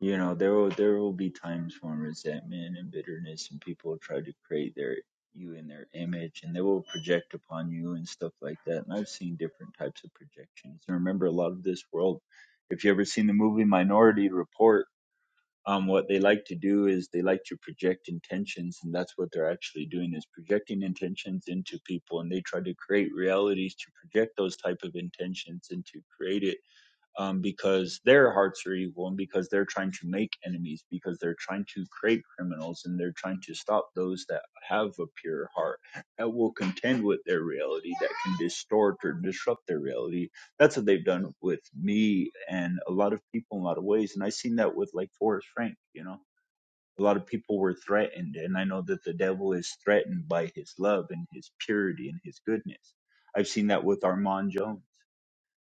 S3: You know, there will there will be times when resentment and bitterness and people will try to create their you in their image and they will project upon you and stuff like that. And I've seen different types of projections. And remember a lot of this world, if you ever seen the movie Minority Report, um what they like to do is they like to project intentions and that's what they're actually doing is projecting intentions into people and they try to create realities to project those type of intentions and to create it um, because their hearts are evil and because they're trying to make enemies, because they're trying to create criminals and they're trying to stop those that have a pure heart that will contend with their reality, that can distort or disrupt their reality. That's what they've done with me and a lot of people in a lot of ways. And I've seen that with like Forrest Frank, you know. A lot of people were threatened, and I know that the devil is threatened by his love and his purity and his goodness. I've seen that with Armand Jones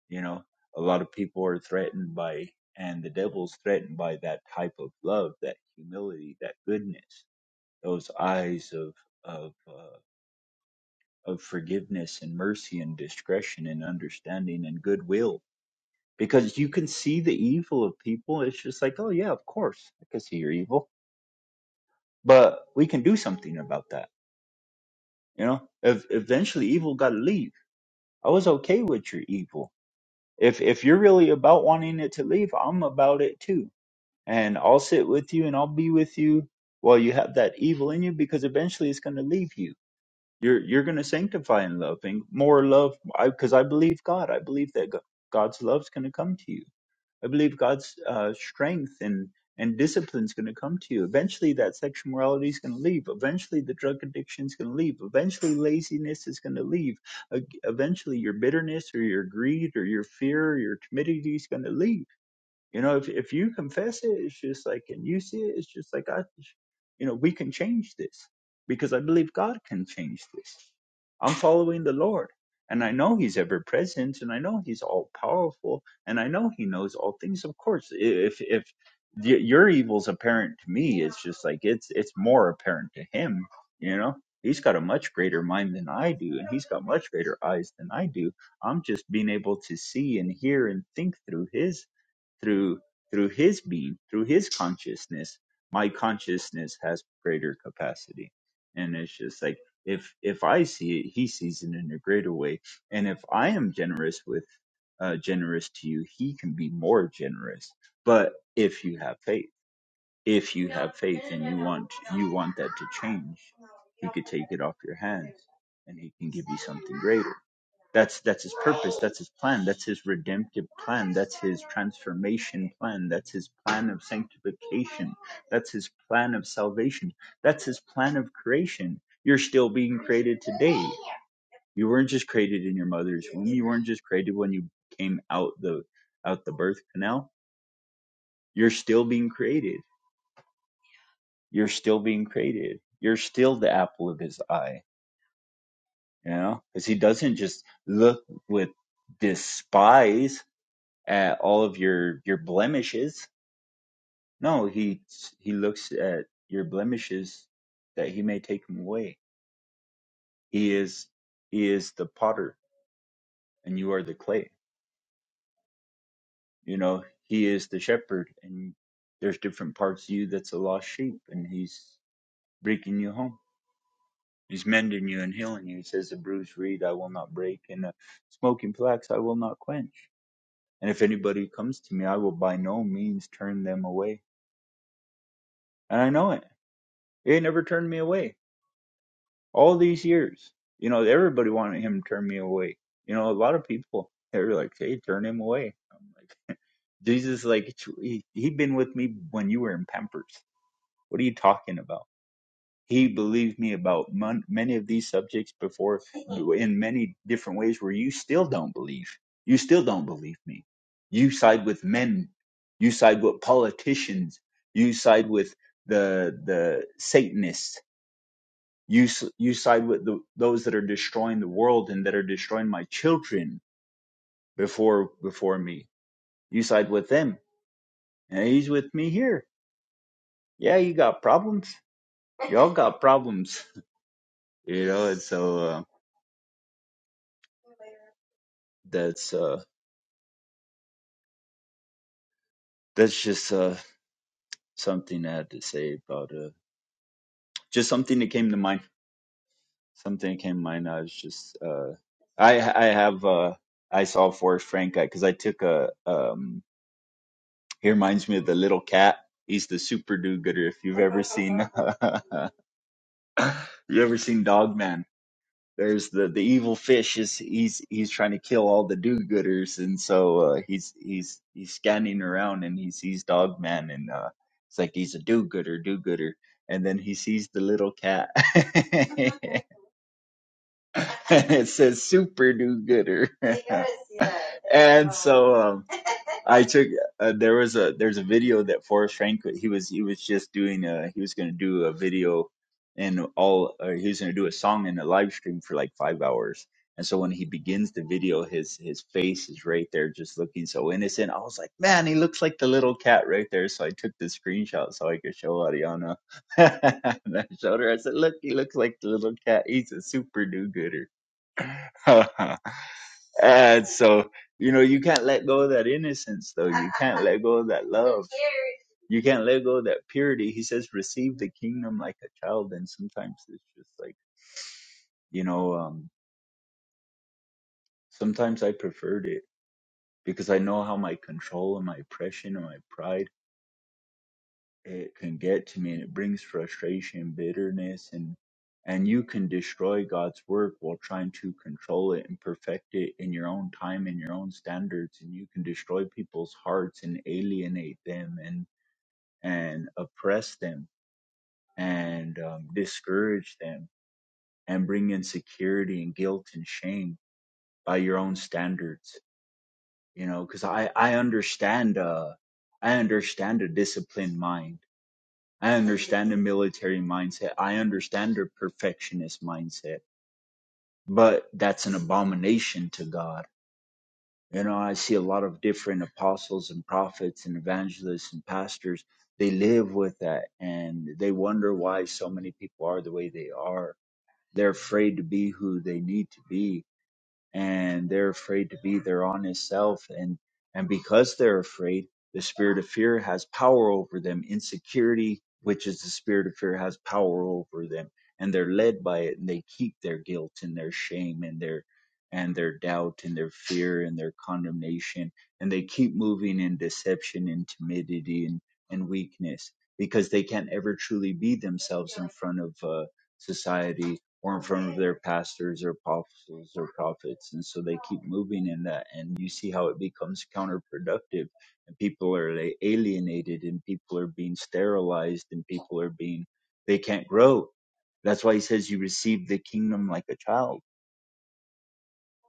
S3: you know a lot of people are threatened by and the devil's threatened by that type of love that humility that goodness those eyes of of uh, of forgiveness and mercy and discretion and understanding and goodwill because you can see the evil of people it's just like oh yeah of course i can see you're evil but we can do something about that you know if eventually evil got to leave i was okay with your evil if if you're really about wanting it to leave i'm about it too and I'll sit with you and I'll be with you while you have that evil in you because eventually it's going to leave you. You're you're going to sanctify in love and more love because I, 'cause I believe God. I believe that Go- God's love's going to come to you. I believe God's uh, strength and and discipline's going to come to you. Eventually, that sexual morality is going to leave. Eventually, the drug addiction's going to leave. Eventually, laziness is going to leave. Ag- Eventually, your bitterness or your greed or your fear or your timidity is going to leave you know, if if you confess it, it's just like, and you see it, it's just like, I, you know, we can change this because I believe God can change this. I'm following the Lord, and I know He's ever present, and I know He's all powerful, and I know He knows all things. Of course, i- if if y- your evil's apparent to me, it's just like it's it's more apparent to Him. You know, He's got a much greater mind than I do, and He's got much greater eyes than I do. I'm just being able to see and hear and think through His through through his being through his consciousness my consciousness has greater capacity and it's just like if if i see it he sees it in a greater way and if i am generous with uh, generous to you he can be more generous but if you have faith if you have faith and you want you want that to change he could take it off your hands and he can give you something greater that's that's his purpose. That's his plan. That's his redemptive plan. That's his transformation plan. That's his plan of sanctification. That's his plan of salvation. That's his plan of creation. You're still being created today. You weren't just created in your mother's womb. You weren't just created when you came out the out the birth canal. You're still being created. You're still being created. You're still the apple of his eye. You know, because he doesn't just look with despise at all of your your blemishes. No, he he looks at your blemishes that he may take them away. He is he is the potter and you are the clay. You know, he is the shepherd and there's different parts of you that's a lost sheep and he's breaking you home. He's mending you and healing you. He says, "A bruised reed I will not break, and a smoking flax I will not quench. And if anybody comes to me, I will by no means turn them away." And I know it. He ain't never turned me away all these years. You know, everybody wanted him to turn me away. You know, a lot of people they were like, "Hey, turn him away." I'm like, Jesus, like he he'd been with me when you were in Pampers. What are you talking about? He believed me about mon- many of these subjects before in many different ways where you still don't believe. You still don't believe me. You side with men. You side with politicians. You side with the the Satanists you you side with the, those that are destroying the world and that are destroying my children before before me. You side with them, and he's with me here. Yeah, you got problems. Y'all got problems, you know. And so uh, that's uh, that's just uh, something I had to say about uh, just something that came to mind. Something that came to mind. I was just uh, I I have uh, I saw Forrest Frank because I took a um He reminds me of the little cat. He's the super do-gooder. If you've ever seen, you ever seen Dog Man? There's the the evil fish. Is he's he's trying to kill all the do-gooders, and so uh, he's he's he's scanning around and he sees Dog Man, and uh, it's like he's a do-gooder, do-gooder, and then he sees the little cat. it says super do-gooder, and so. I took uh, there was a there's a video that Forrest Frank he was he was just doing uh he was gonna do a video and all uh, he was gonna do a song and a live stream for like five hours and so when he begins the video his his face is right there just looking so innocent I was like man he looks like the little cat right there so I took the screenshot so I could show Ariana and I showed her I said look he looks like the little cat he's a super do gooder And so, you know, you can't let go of that innocence, though. You can't let go of that love. You can't let go of that purity. He says, receive the kingdom like a child. And sometimes it's just like, you know, um, sometimes I preferred it because I know how my control and my oppression and my pride. it can get to me and it brings frustration, bitterness, and and you can destroy God's work while trying to control it and perfect it in your own time and your own standards, and you can destroy people's hearts and alienate them and and oppress them and um, discourage them and bring insecurity and guilt and shame by your own standards, you know. Because I I understand uh I understand a disciplined mind I understand the military mindset. I understand their perfectionist mindset, but that's an abomination to God. You know, I see a lot of different apostles and prophets and evangelists and pastors. They live with that and they wonder why so many people are the way they are. They're afraid to be who they need to be and they're afraid to be their honest self and and because they're afraid the spirit of fear has power over them insecurity which is the spirit of fear has power over them and they're led by it and they keep their guilt and their shame and their and their doubt and their fear and their condemnation and they keep moving in deception and timidity and and weakness because they can't ever truly be themselves in front of uh, society or in front of their pastors or apostles or prophets. And so they keep moving in that. And you see how it becomes counterproductive and people are a- alienated and people are being sterilized and people are being, they can't grow. That's why he says you receive the kingdom like a child.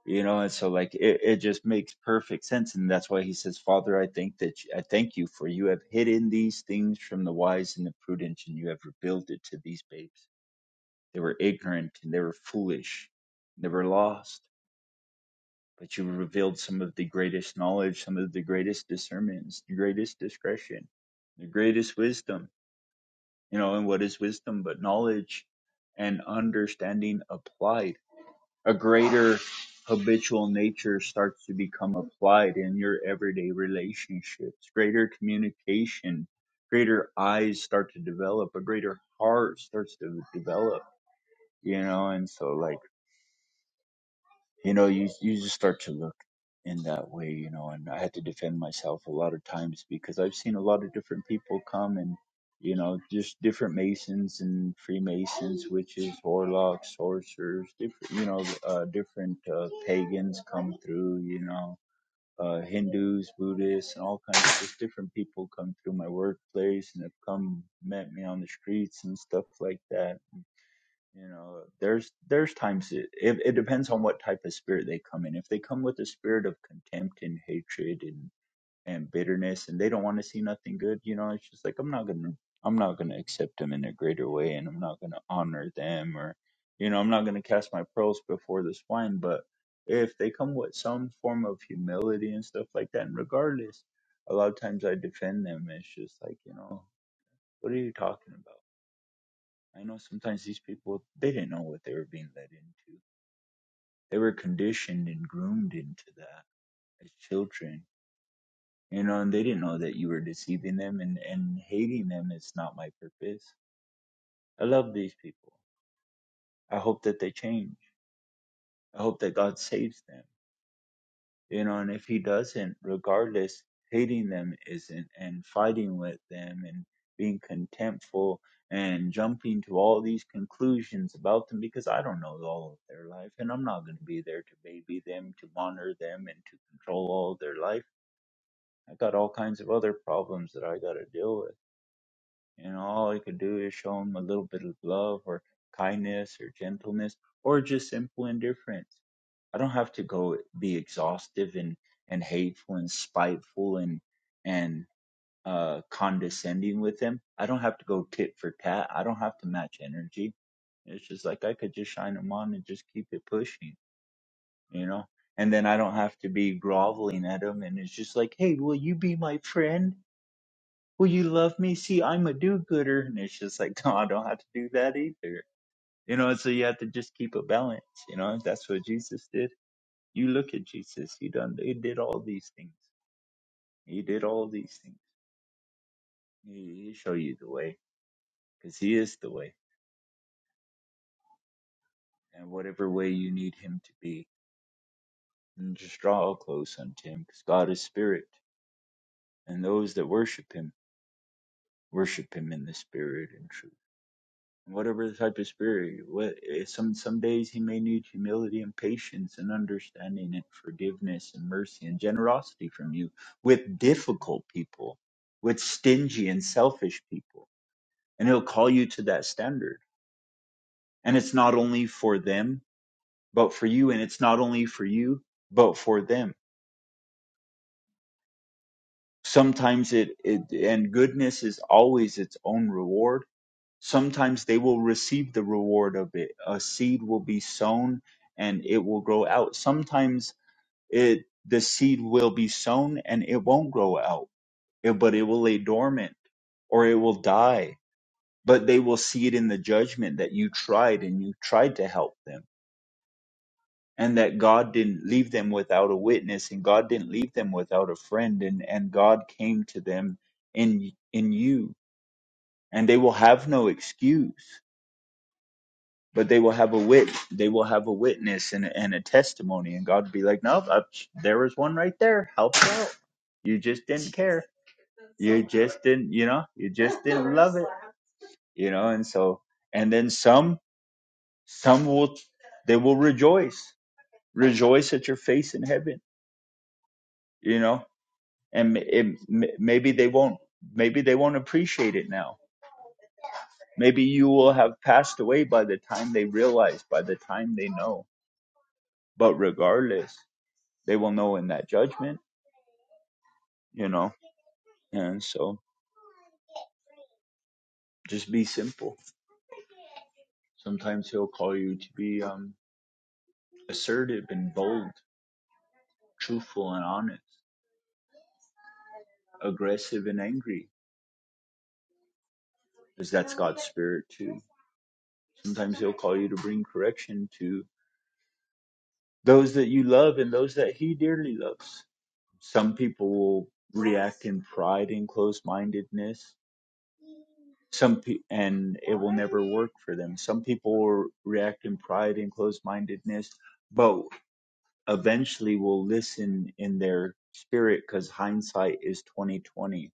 S3: You know, and so like it, it just makes perfect sense, and that's why he says, "Father, I think that I thank you for you have hidden these things from the wise and the prudent, and you have revealed it to these babes." They were ignorant and they were foolish. And They were lost. But you revealed some of the greatest knowledge, some of the greatest discernments, the greatest discretion, the greatest wisdom. You know, and what is wisdom but knowledge and understanding applied? A greater habitual nature starts to become applied in your everyday relationships, greater communication, greater eyes start to develop, a greater heart starts to develop, you know, and so like you know you you just start to look in that way you know and i had to defend myself a lot of times because i've seen a lot of different people come and you know just different masons and freemasons witches warlocks sorcerers different you know uh, different uh, pagans come through you know uh, hindus buddhists and all kinds of just different people come through my workplace and have come met me on the streets and stuff like that you know, there's there's times it, it, it depends on what type of spirit they come in. If they come with a spirit of contempt and hatred and and bitterness, and they don't want to see nothing good, you know, it's just like I'm not gonna I'm not gonna accept them in a greater way, and I'm not gonna honor them, or you know, I'm not gonna cast my pearls before the swine. But if they come with some form of humility and stuff like that, and regardless, a lot of times I defend them. It's just like you know, what are you talking about? I know sometimes these people they didn't know what they were being led into. They were conditioned and groomed into that as children. You know, and they didn't know that you were deceiving them and, and hating them is not my purpose. I love these people. I hope that they change. I hope that God saves them. you know and if he doesn't regardless hating them isn't and fighting with them and being contemptful and jumping to all these conclusions about them because I don't know all of their life and I'm not going to be there to baby them to monitor them and to control all of their life I got all kinds of other problems that I got to deal with and all you could do is show them a little bit of love or kindness or gentleness or just simple indifference. I don't have to go be exhaustive and, and hateful and spiteful and and uh, condescending with them. I don't have to go tit for tat. I don't have to match energy. It's just like I could just shine them on and just keep it pushing, you know. And then I don't have to be groveling at them. And it's just like, hey, will you be my friend? will you love me? See, I'm a do-gooder. And it's just like, no, I don't have to do that either. You know, so you have to just keep a balance. You know, that's what Jesus did. You look at Jesus. He done, he did all these things. He did all these things. He, he show you the way because he is the way and whatever way you need him to be and just draw close unto him because God is spirit and those that worship him, worship him in the spirit and truth. whatever type of spirit. What eh, some some days he may need humility and patience and understanding and forgiveness and mercy and generosity from you with difficult people, with stingy and selfish people, and he'll call you to that standard. And it's not only for them, but for you, and it's not only for you, but for them. Sometimes it, it and goodness is always its own reward sometimes they will receive the reward of it. A seed will be sown and it will grow out. Sometimes it the seed will be sown and it won't grow out, eh, but it will lay dormant or it will die. But they will see it in the judgment that you tried and you tried to help them. And that God didn't leave them without a witness, and God didn't leave them without a friend, and, and God came to them in in you, and they will have no excuse but they will have a wit they will have a witness and, and a testimony and god will be like no I, there was one right there help her out you just didn't care you just didn't you know you just didn't love it you know and so and then some some will they will rejoice rejoice at your face in heaven you know and it, maybe they won't maybe they won't appreciate it now maybe you will have passed away by the time they realize by the time they know but regardless they will know in that judgment, you know. And so just be simple. Sometimes he'll call you to be um, assertive and bold, truthful and honest, aggressive and angry, because that's God's spirit too. Sometimes he'll call you to bring correction to those that you love and those that he dearly loves. Some people will react in pride and close mindedness. some pe- and it will never work for them. Some people will react in pride and closed mindedness, but eventually will listen in their spirit because hindsight is twenty twenty,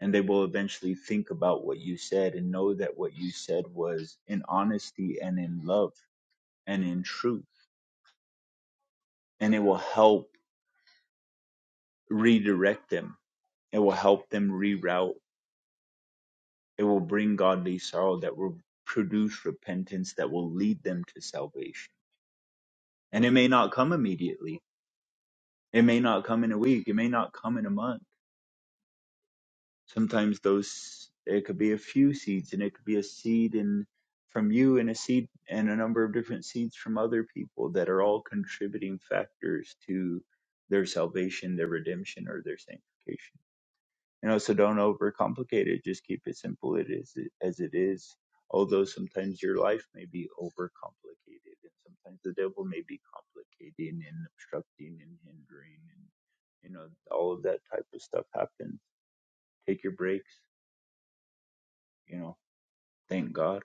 S3: and they will eventually think about what you said and know that what you said was in honesty and in love and in truth, and it will help redirect them. It will help them reroute. It will bring godly sorrow that will produce repentance that will lead them to salvation And it may not come immediately. It may not come in a week. It may not come in a month. Sometimes those it could be a few seeds and it could be a seed in from you and a seed and a number of different seeds from other people that are all contributing factors to their salvation, their redemption, or their sanctification. you know so don't overcomplicate it just keep it simple it is as it is although sometimes your life may be overcomplicated and sometimes the devil may be complicating and obstructing and hindering and you know all of that type of stuff happens take your breaks you know thank god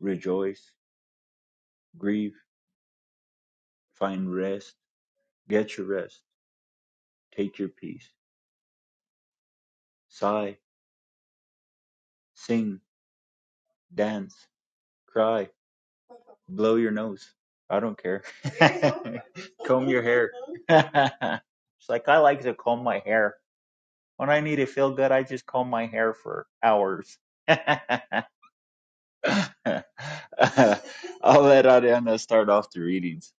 S3: rejoice grieve find rest get your rest take your peace sigh sing dance cry blow your nose. I don't care. comb your hair. it's like I like to comb my hair. When I need to feel good, I just comb my hair for hours. I'll let Ariana start off the readings.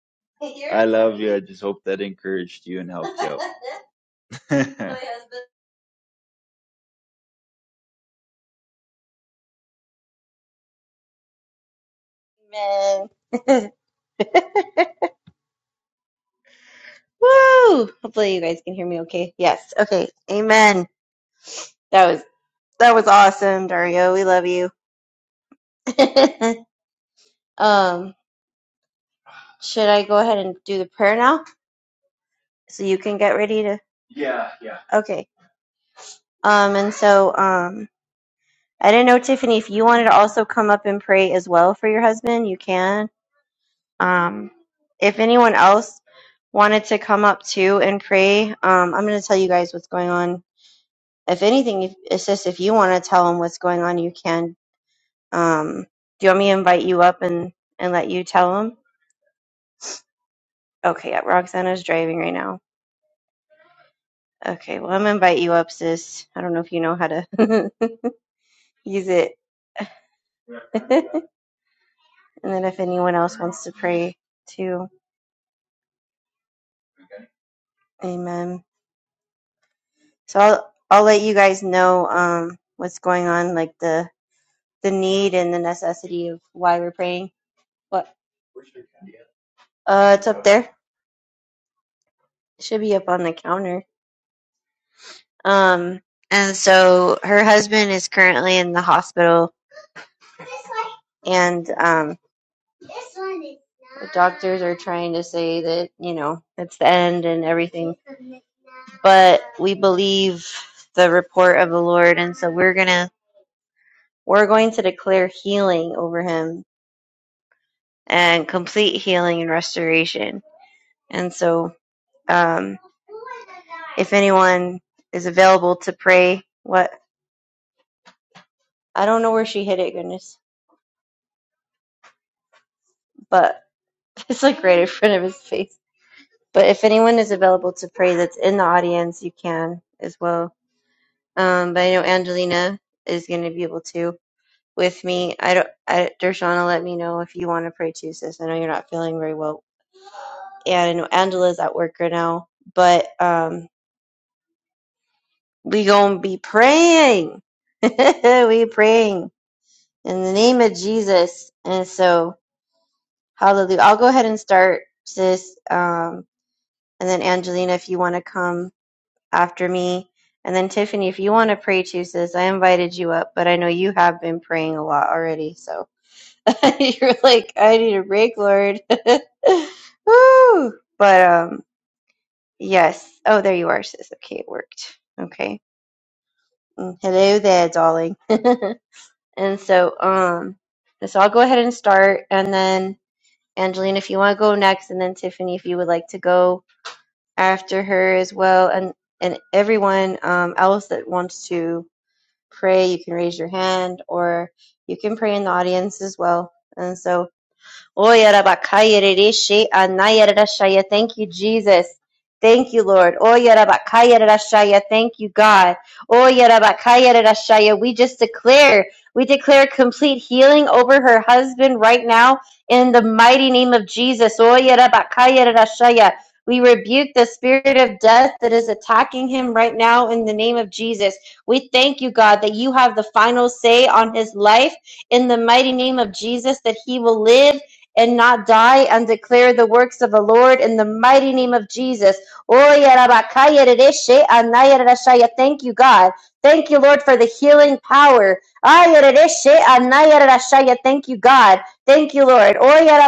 S3: I love you. I just hope that encouraged you and helped you out.
S1: Amen. Woo! Hopefully, you guys can hear me okay. Yes. Okay. Amen. That was that was awesome, Dario. We love you. um, should I go ahead and do the prayer now so you can get ready to? Yeah, yeah. Okay. Um, and so um, I didn't know Tiffany if you wanted to also come up and pray as well for your husband, you can. Um, if anyone else wanted to come up too and pray, um, I'm going to tell you guys what's going on. If anything, if, it's just if you want to tell him what's going on, you can. Um, do you want me to invite you up and and let you tell him? Okay, yeah, Roxana's driving right now. Okay, well, I'm gonna invite you up, sis. I don't know if you know how to use it. and then if anyone else wants to pray too, amen. So I'll I'll let you guys know um what's going on, like the the need and the necessity of why we're praying. What? Uh, it's up there. It should be up on the counter. Um, and so her husband is currently in the hospital and um, are trying to say that you know it's the end and everything but we believe the report of the Lord, and so we're gonna we're going to declare healing over him and complete healing and restoration. And so, um, if anyone is available to pray, what I don't know where she hid it, goodness, but it's like right in front of his face. But if anyone is available to pray, that's in the audience, you can as well. Um, but I know Angelina is going to be able to. with me. I don't, I, Dershana, let me know if you want to pray too, sis. I know you're not feeling very well. And I know Angela's at work right now, but um, we gonna be praying. we praying in the name of Jesus. And so, hallelujah. I'll go ahead and start, sis. Um, and then Angelina, if you want to come after me. And then Tiffany, if you want to pray too, sis, I invited you up, but I know you have been praying a lot already. So You're like, I need a break, Lord. Woo! But um, yes. Oh, there you are, sis. Okay, it worked. Okay. Mm, Hello there, darling. and so um, so I'll go ahead and start, and then Angeline, if you want to go next, and then Tiffany, if you would like to go after her as well, and and everyone um else that wants to pray, you can raise your hand, or you can pray in the audience as well. And so Oya rabakaya rereshe anaya rarashaya. Thank you, Jesus. Thank you, Lord. Oya rabakaya rarashaya. Thank you, God. Oya rabakaya rarashaya. We just declare, we declare complete healing over her husband right now in the mighty name of Jesus. Oya rabakaya rarashaya. We rebuke the spirit of death that is attacking him right now in the name of Jesus. We thank you, God, that you have the final say on his life in the mighty name of Jesus, that he will live and not die and declare the works of the Lord in the mighty name of Jesus. Oya rabakaya Thank you, God. Thank you, Lord, for the healing power. Aya rereshe Thank you, God. Thank you, Lord. Oya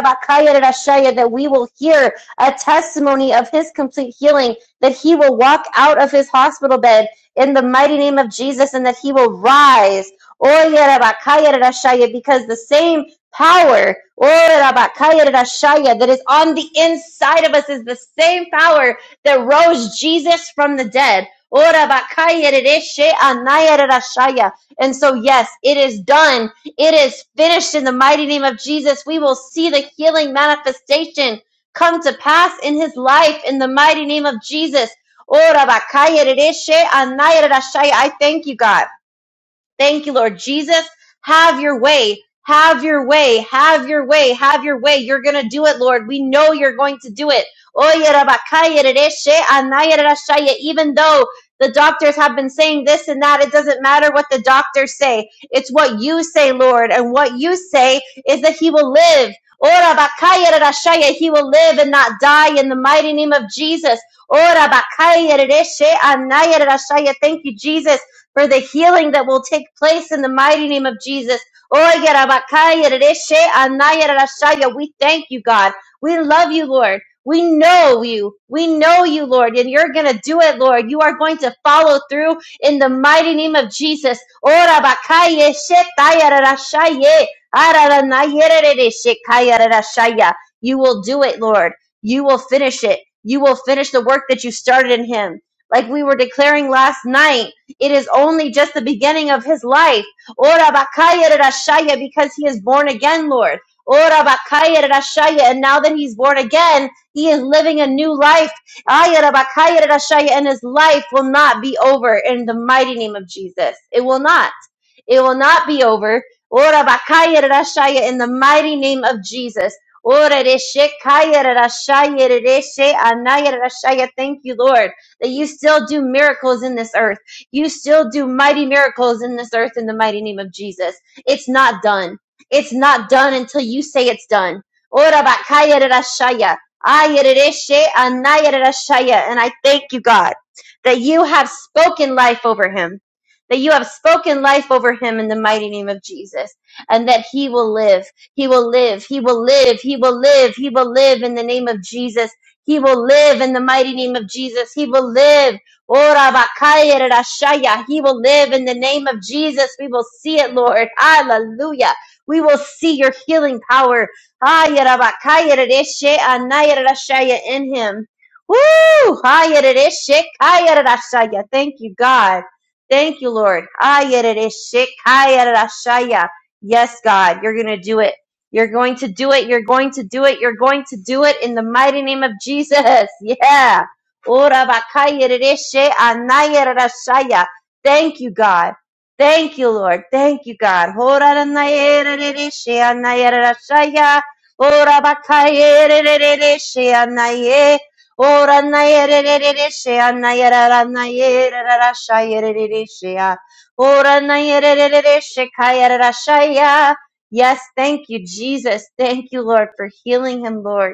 S1: That we will hear a testimony of his complete healing, that he will walk out of his hospital bed in the mighty name of Jesus, and that he will rise. Oya Because the same power that is on the inside of us is the same power that rose Jesus from the dead. And so, yes, it is done. It is finished in the mighty name of Jesus. We will see the healing manifestation come to pass in his life in the mighty name of Jesus. I thank you, God. Thank you, Lord Jesus. Have your way. Have your way. Have your way. Have your way. You're going to do it, Lord. We know you're going to do it. Oye, rabakaya, rereshe, anaya, rerashaya. Even though the doctors have been saying this and that, it doesn't matter what the doctors say. It's what you say, Lord. And what you say is that he will live. Ora bakaya, rerashaya. He will live and not die in the mighty name of Jesus. Ora bakaya, rereshe, anaya, rerashaya. Thank you, Jesus for the healing that will take place in the mighty name of Jesus. We thank you, God. We love you, Lord. We know you. We know you, Lord, and you're going to do it, Lord. You are going to follow through in the mighty name of Jesus. You will do it, Lord. You will finish it. You will finish the work that you started in him. Like we were declaring last night. It is only just the beginning of his life. Ora bakaya rashaya, because he is born again, Lord. Ora bakaya rashaya, and now that he's born again, he is living a new life. Aya rabakaya rashaya, and his life will not be over in the mighty name of Jesus. It will not. It will not be over. Ora bakaya rashaya in the mighty name of Jesus. Ora reshe kaya rashaya reshe anaya rashaya. Thank you, Lord, that you still do miracles in this earth. You still do mighty miracles in this earth in the mighty name of Jesus. It's not done. It's not done until you say it's done. Ora bakaya rashaya. Aya reshe And I thank you, God, that you have spoken life over him that you have spoken life over him in the mighty name of Jesus and that he will live. He will live. He will live. He will live. He will live in the name of Jesus. He will live in the mighty name of Jesus. He will live. Ora bakaya rashaya. He will live in the name of Jesus. We will see it, Lord. Hallelujah. We will see your healing power. Aya rabakaya reshe anaya rashaya In him. Woo! Haya reshe kaya rashaya. Thank you, God. Thank you, Lord. Ayerereshikayererashaya. Yes, God, you're going to do it. You're going to do it. You're going to do it. You're going to do it in the mighty name of Jesus. Yeah. Ora bakayerereshe Thank you, God. Thank you, Lord. Thank you, God. Ora ranayerereshe anayererashaya. Ora O ranaya re re re re she anaya ra ranaya ra ra ra shaya re re re she ya. O ranaya re re re re she kaya ra ra shaya. Yes, thank you, Jesus. Thank you, Lord, for healing him, Lord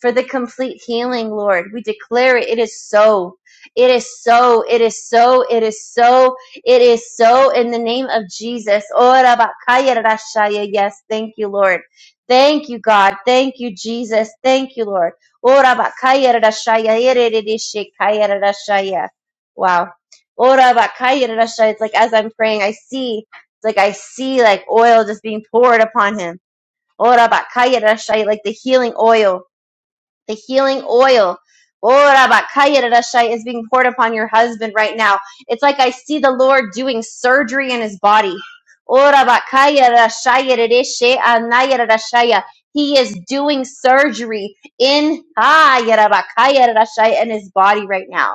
S1: for the complete healing, Lord. We declare it. It is so. It is so. It is so. It is so. It is so in the name of Jesus. Ora bakaya rashaya. Yes, thank you, Lord. Thank you, God. Thank you, Jesus. Thank you, Lord. Ora bakaya rashaya. Erededeshe kaya rashaya. Wow. Ora bakaya rashaya. It's like as I'm praying, I see, it's like I see like oil just being poured upon him. Ora bakaya rashaya, like the healing oil the healing oil Ora bakaya is being poured upon your husband right now. It's like I see the Lord doing surgery in his body. Ora bakaya rarashai, rereshe anaya He is doing surgery in ah, yara bakaya in his body right now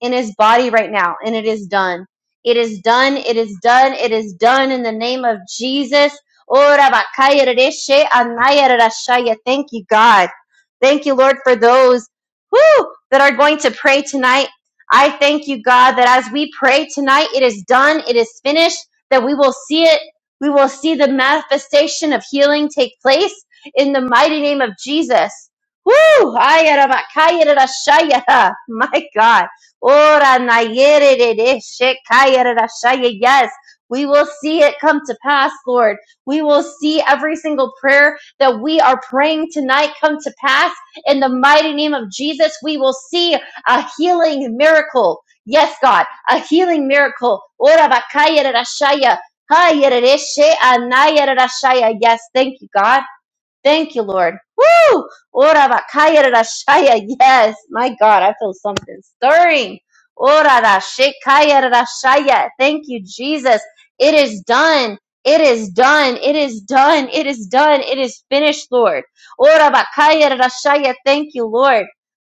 S1: in his body right now, and it is done. It is done. It is done. It is done in the name of Jesus. Thank you, God. Thank you, Lord, for those who that are going to pray tonight. I thank you, God, that as we pray tonight, it is done. It is finished. That we will see it. We will see the manifestation of healing take place in the mighty name of Jesus. Woo! My God. Ora na yere de de shekaya de da shaya. Yes, we will see it come to pass, Lord. We will see every single prayer that we are praying tonight come to pass. In the mighty name of Jesus, we will see a healing miracle. Yes, God, a healing miracle. Ora bakaya de da shaya. Ha yere de she anaya de da shaya. Yes, thank you, God. Thank you, Lord. Woo! Ora bakaya rashaya. Yes, my God, I feel something stirring. Ora rashikaya rashaya. Thank you, Jesus. It is done. It is done. It is done. It is done. It is finished, Lord. Ora bakaya rashaya. Thank you, Lord.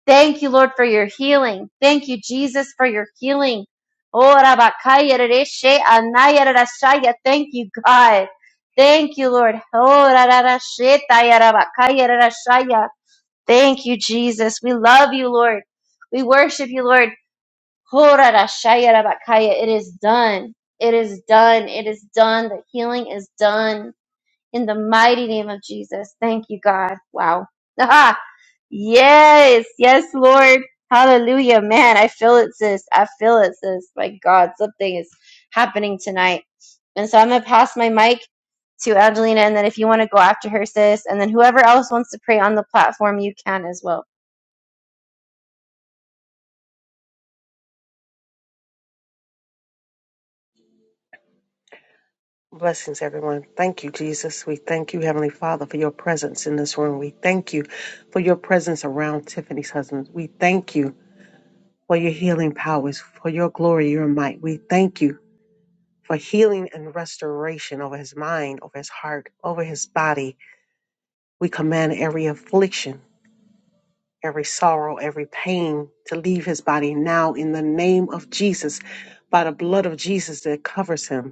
S1: Thank you, Lord, for your healing. Thank you, Jesus, for your healing. Ora bakaya rashe anaya rashaya. Thank you, God. Thank you, Lord. Oh, ra, ra, ra, sheta, ya, Thank you, Jesus. We love you, Lord. We worship you, Lord. Oh, ra, ra, sha, It is done. It is done. It is done. The healing is done in the mighty name of Jesus. Thank you, God. Wow. Aha! Yes, yes, Lord. Hallelujah. Man, I feel it, sis. I feel it, sis. My God, something is happening tonight. And so I'm going to pass my mic to Angelina, and then if you want to go after her, sis, and then whoever else wants to pray on the platform, you can as well.
S4: Blessings, everyone. Thank you, Jesus. We thank you, Heavenly Father, for your presence in this room. We thank you for your presence around Tiffany's husband. We thank you for your healing powers, for your glory, your might. We thank you for healing and restoration over his mind, over his heart, over his body. We command every affliction, every sorrow, every pain to leave his body now in the name of Jesus, by the blood of Jesus that covers him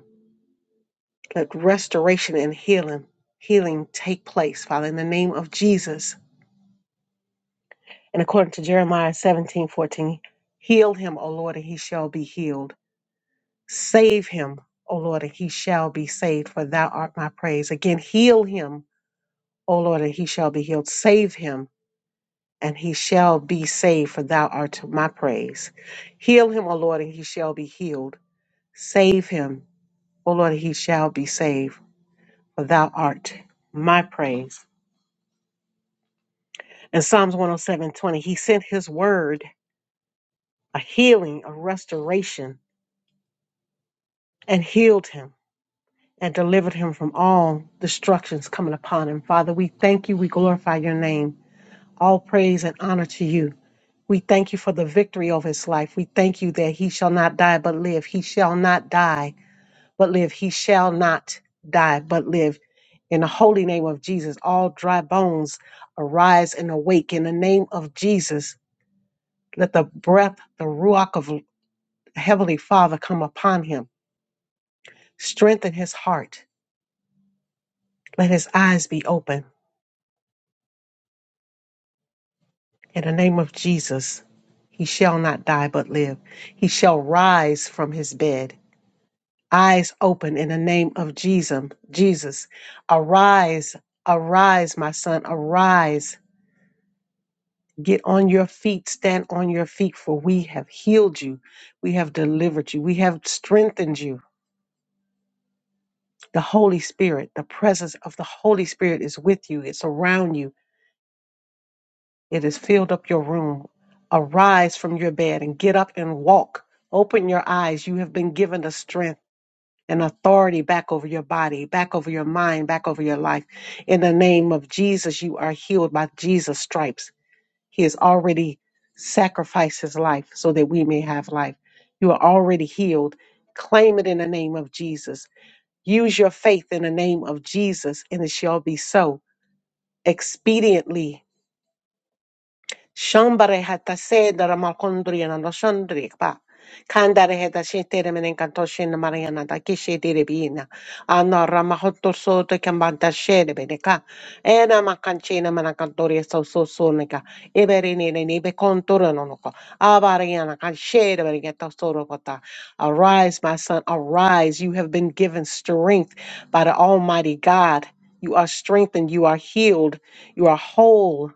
S4: Let restoration and healing, healing take place, Father, in the name of Jesus. And according to Jeremiah seventeen fourteen, heal him, O Lord, and he shall be healed. Save him, O Lord, and he shall be saved, for thou art my praise. Again, heal him, O Lord, and he shall be healed. Save him, and he shall be saved, for thou art my praise. Heal him, O Lord, and he shall be healed. Save him, O Lord, and he shall be saved, for thou art my praise. In Psalms 107 20, he sent his word, a healing, a restoration, and healed him and delivered him from all destructions coming upon him. Father, we thank you. We glorify your name. All praise and honor to you. We thank you for the victory of his life. We thank you that he shall not die but live. He shall not die but live. He shall not die but live. In the holy name of Jesus, all dry bones arise and awake. In the name of Jesus, let the breath, the ruach of Heavenly Father, come upon him. Strengthen his heart. Let his eyes be open. In the name of Jesus, he shall not die but live. He shall rise from his bed. Eyes open in the name of Jesus. Jesus, arise, arise, my son, arise. Get on your feet, stand on your feet, for we have healed you. We have delivered you. We have strengthened you. The Holy Spirit, the presence of the Holy Spirit is with you, it's around you It has filled up your room. Arise from your bed and get up and walk. Open your eyes. You have been given the strength and authority back over your body, back over your mind, back over your life. In the name of Jesus, you are healed by Jesus' stripes. He has already sacrificed his life so that we may have life. You are already healed. Claim it in the name of Jesus. Use your faith in the name of Jesus, and it shall be so expediently Shambare hata sedara malcondriana no shandrikpa. Candare heta shetere menencanto shena mariana da kishe direbina. Anna ramahotto soto cambanta shere beneca. Ena macancina manacantoria so so sonica. Iberini nebe contoranonoco. Avariana canchere berigetta sorocota. Arise, my son, arise. You have been given strength by the Almighty God. You are strengthened. You are healed. You are whole.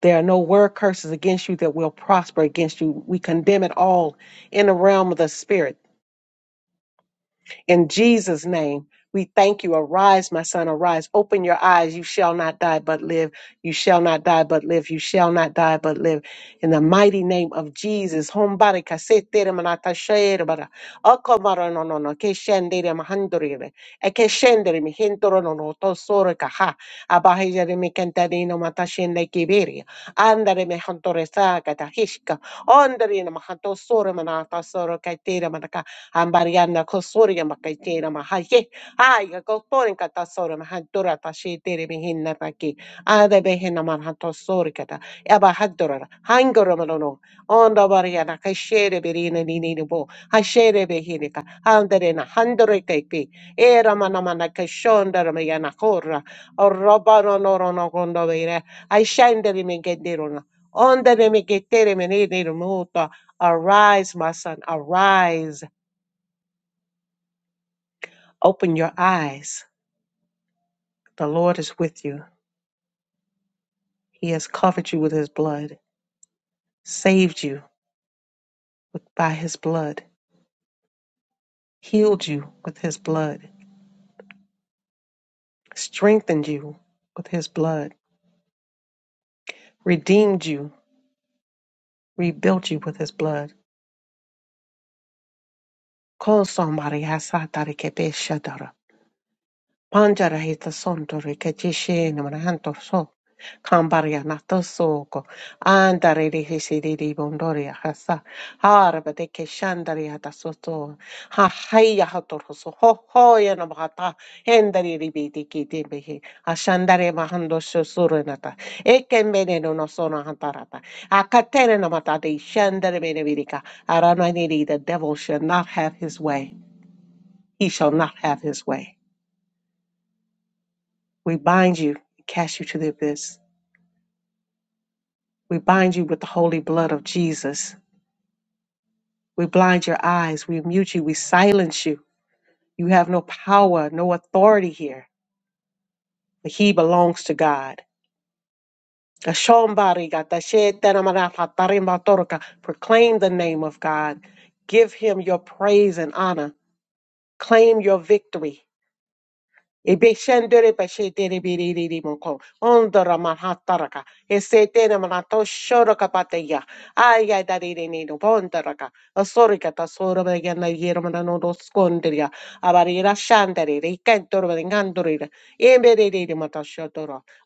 S4: There are no word curses against you that will prosper against you. We condemn it all in the realm of the spirit. In Jesus' name, we thank you. Arise, my son, arise. Open your eyes. You shall not die but live. You shall not die but live. You shall not die but live. In the mighty name of Jesus. Hombare kasetere manata shere bara. Okomaro no no no. Keshendere mahandorere. Ekeshendere mihintoro no no tosore kaha. Abahijere mikentadino matashende kibiri. Andare mihantore sa Ondarina mahato sora manata soro kaitera manaka ambariana kosoria makaitera mahaye. Aya kotorin kata sora mahadora tashitere mihinna taki. Ade behena manhato sori kata. Eba hadora hangora malono. Onda bariana kashere berina ninini bo. Hashere behinika. Andarena handore kaipi. Era manamana kashondara mayana hora. Orobaro norono gondovere. I shandere Ondanemeketeremeneneremoto. Arise, my son, arise. Open your eyes. The Lord is with you. He has covered you with his blood, saved you with, by his blood, healed you with his blood, strengthened you with his blood, redeemed you, rebuilt you with his blood. Call somebody. panjarahita sondore kajeshi namanantoso kambarianatoso andarere hisiriri bondoria hasa harabade keshandaria dasoto ha haya hatoroso ho hoya namahata hendari ribiti kitimbehi ashandare mahando shosurenata ekembene no sona hantarata akatere namata de shandare benevirika arananiri the devil shall not have his way he shall not have his way We bind you, and cast you to the abyss. We bind you with the holy blood of Jesus. We blind your eyes. We mute you. We silence you. You have no power, no authority here, but he belongs to God. Proclaim the name of God. Give him your praise and honor. Claim your victory. Ebeshendere beshetere biriri moko. Ondora manhataraka. Esetere manato shoraka pateya. Aya darire nido bondaraka. Asorika tasora bagana yermana no doskonderia. Abarira shandere. Rikentor bagandorira. Emberere mata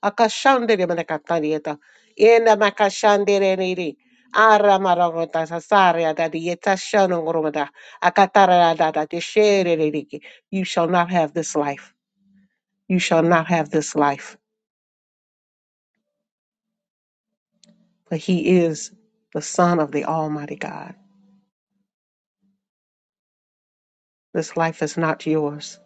S4: Akashandere manakatarieta. Yena makashandere niri. Ara maragota sasaria da dieta shanongoromada. Akatara da da deshere riki. You shall not have this life. You shall not have this life, for he is the Son of the Almighty God. This life is not yours.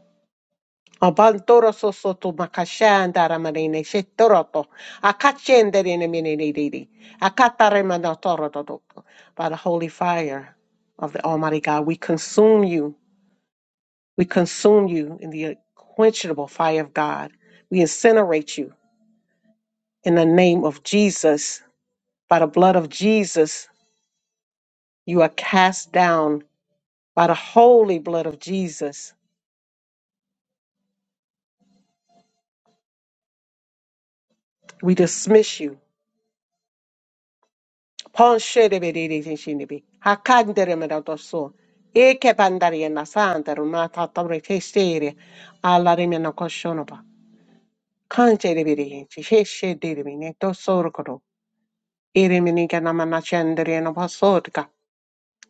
S4: Abantoro sosoto makashanda ramanene shetoroto. Akachenderene menenedidi. Akataremanotorototoko. By the holy fire of the Almighty God, we consume you. We consume you in the unquenchable fire of God. We incinerate you in the name of Jesus. By the blood of Jesus, you are cast down By the holy blood of Jesus, we dismiss you. Pon shede be de de de shinde be. Hakandere me da doso. Eke bandari na sandere ma ta ta Alla re na koshono Kanje de be de hinchi. She de de me ne to soro Ere me ni ga na chendere na ba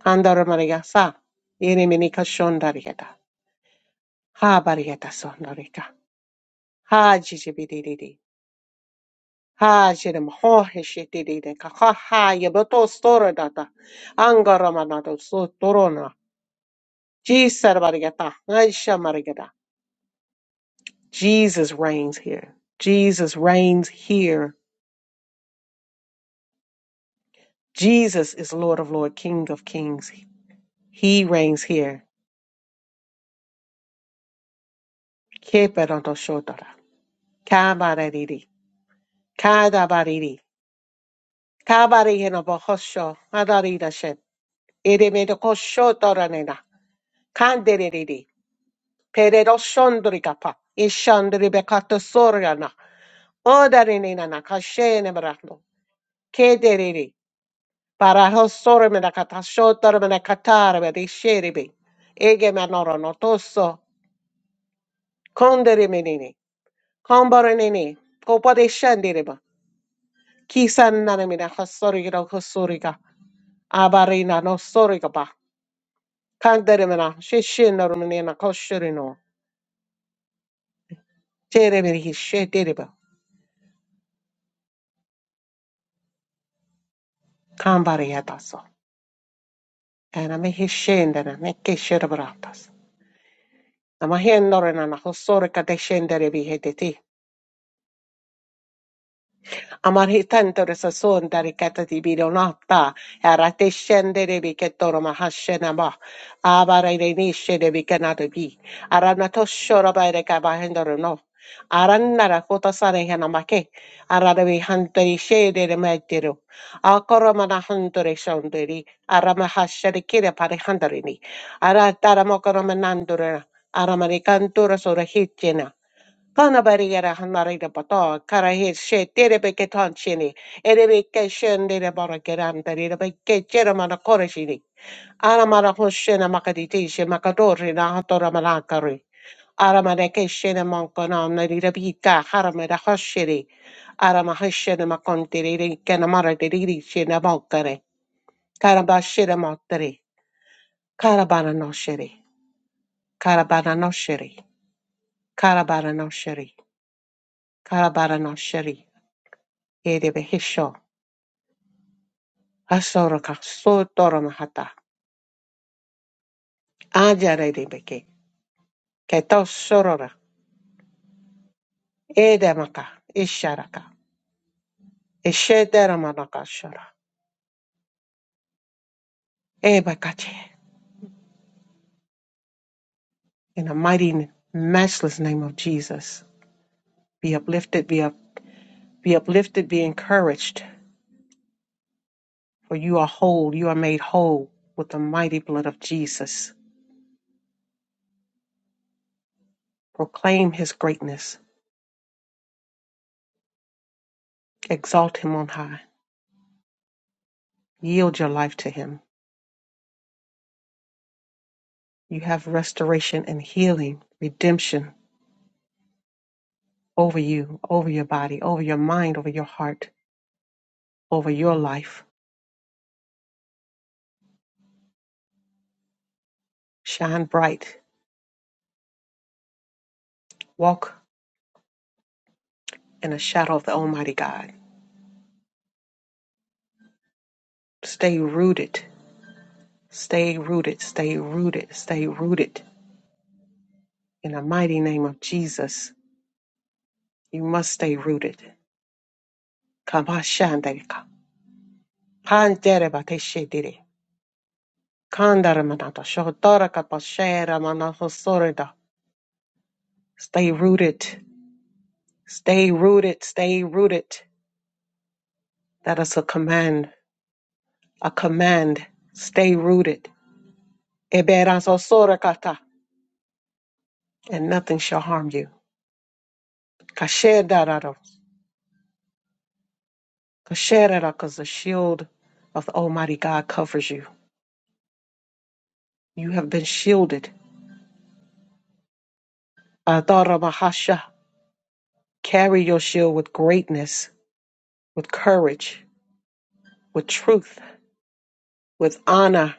S4: Andare ma sa. Ere me ni ka shondari Ha bari ga sondari ga. Ha jiji be de de de. Ha jerim ho heshitiri de kaha ha yebato storo data angara so torona jisar barigata aisha marigata Jesus reigns here Jesus reigns here Jesus is Lord of Lord King of Kings he reigns here keperanto shotara kabariri kadabariri kabari hena bohosho adarida shet edemedo koshotora kanderiri Peredo shondrikapa. Ishandribekato soriana. Odarinina kashene marano. Kederiri. Paraho sorimena katashotarmena katarme di sheribi. Ege manoro no tosso. Konderi menini. Comborinini. Kopa de shandiriba. Kisan nanamina kasorigiro kosoriga. Abarina no sorigaba. Kanderimina. Shishin norminina koshirino. Terimini shediriba. Kambariataso. e na me hi scendere, me che scere bratas. Na ma hi ennore na na hossore ka de scendere vi hedeti. Amar hitando resasunta ricata di bironata, arate scendere ricetoro mahashenama, avare renisce de bicanato bi, aranato shorabare cabahendo no, arannara kotasare hanamake, arabi hantari shede de mediro, akoramana hantare shonderi, aramahashari kira parihandarini, arataramokoramanandura, aramanicantura sura hitjena, Kana bariyara hanare de bato, kara he she tere be ke ton chini, ere be ke shen de de bara ke de de be mana kore Ara mara ho shena makaditi she makadori na hatora malakari. Ara mara ke shena manko na na de de bita hara mara ho Ara ma ho shena makonti de na mara de de shena mokare. Kara ba shena mokare. Kara bara no shiri. Kara bara no shiri. Kara bara no shiri. Kara bara no shiri. Ere be hisho. Asoraka sotoro mahata. Ajarebeke. Keto sorora. Edemaka. Isharaka. Ishederamanaka shara. Ebakache. In the mighty and matchless name of Jesus. Be uplifted, be up, be uplifted, be encouraged. For you are whole, you are made whole with the mighty blood of Jesus. Proclaim his greatness. Exalt him on high. Yield your life to him. You have restoration and healing, redemption over you, over your body, over your mind, over your heart, over your life. Shine bright. Walk in the shadow of the Almighty God. Stay rooted. Stay rooted. Stay rooted. Stay rooted. In the mighty name of Jesus, you must stay rooted. Kabashandeka. Panderebateshedere. Kandaramanato shotorakaposheremanahosoreda. Stay rooted. Stay rooted. Stay rooted. That is a command a command stay rooted Eberansosorakata, and nothing shall harm you Kashedararo, Kasherara, because the shield of the almighty god covers you you have been shielded Adarabahasha, carry your shield with greatness with courage with truth with honor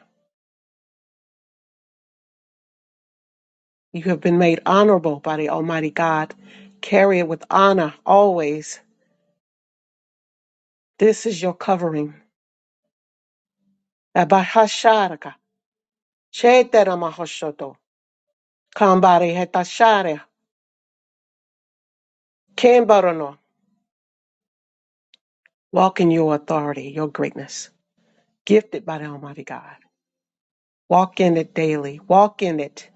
S4: you have been made honorable by the almighty god carry it with honor always this is your covering Abahasharaka, Chetaramahosoto. Kambare Hetashare. Kembarono. Walk in your authority, your greatness, gifted by the Almighty God. Walk in it daily. Walk in it.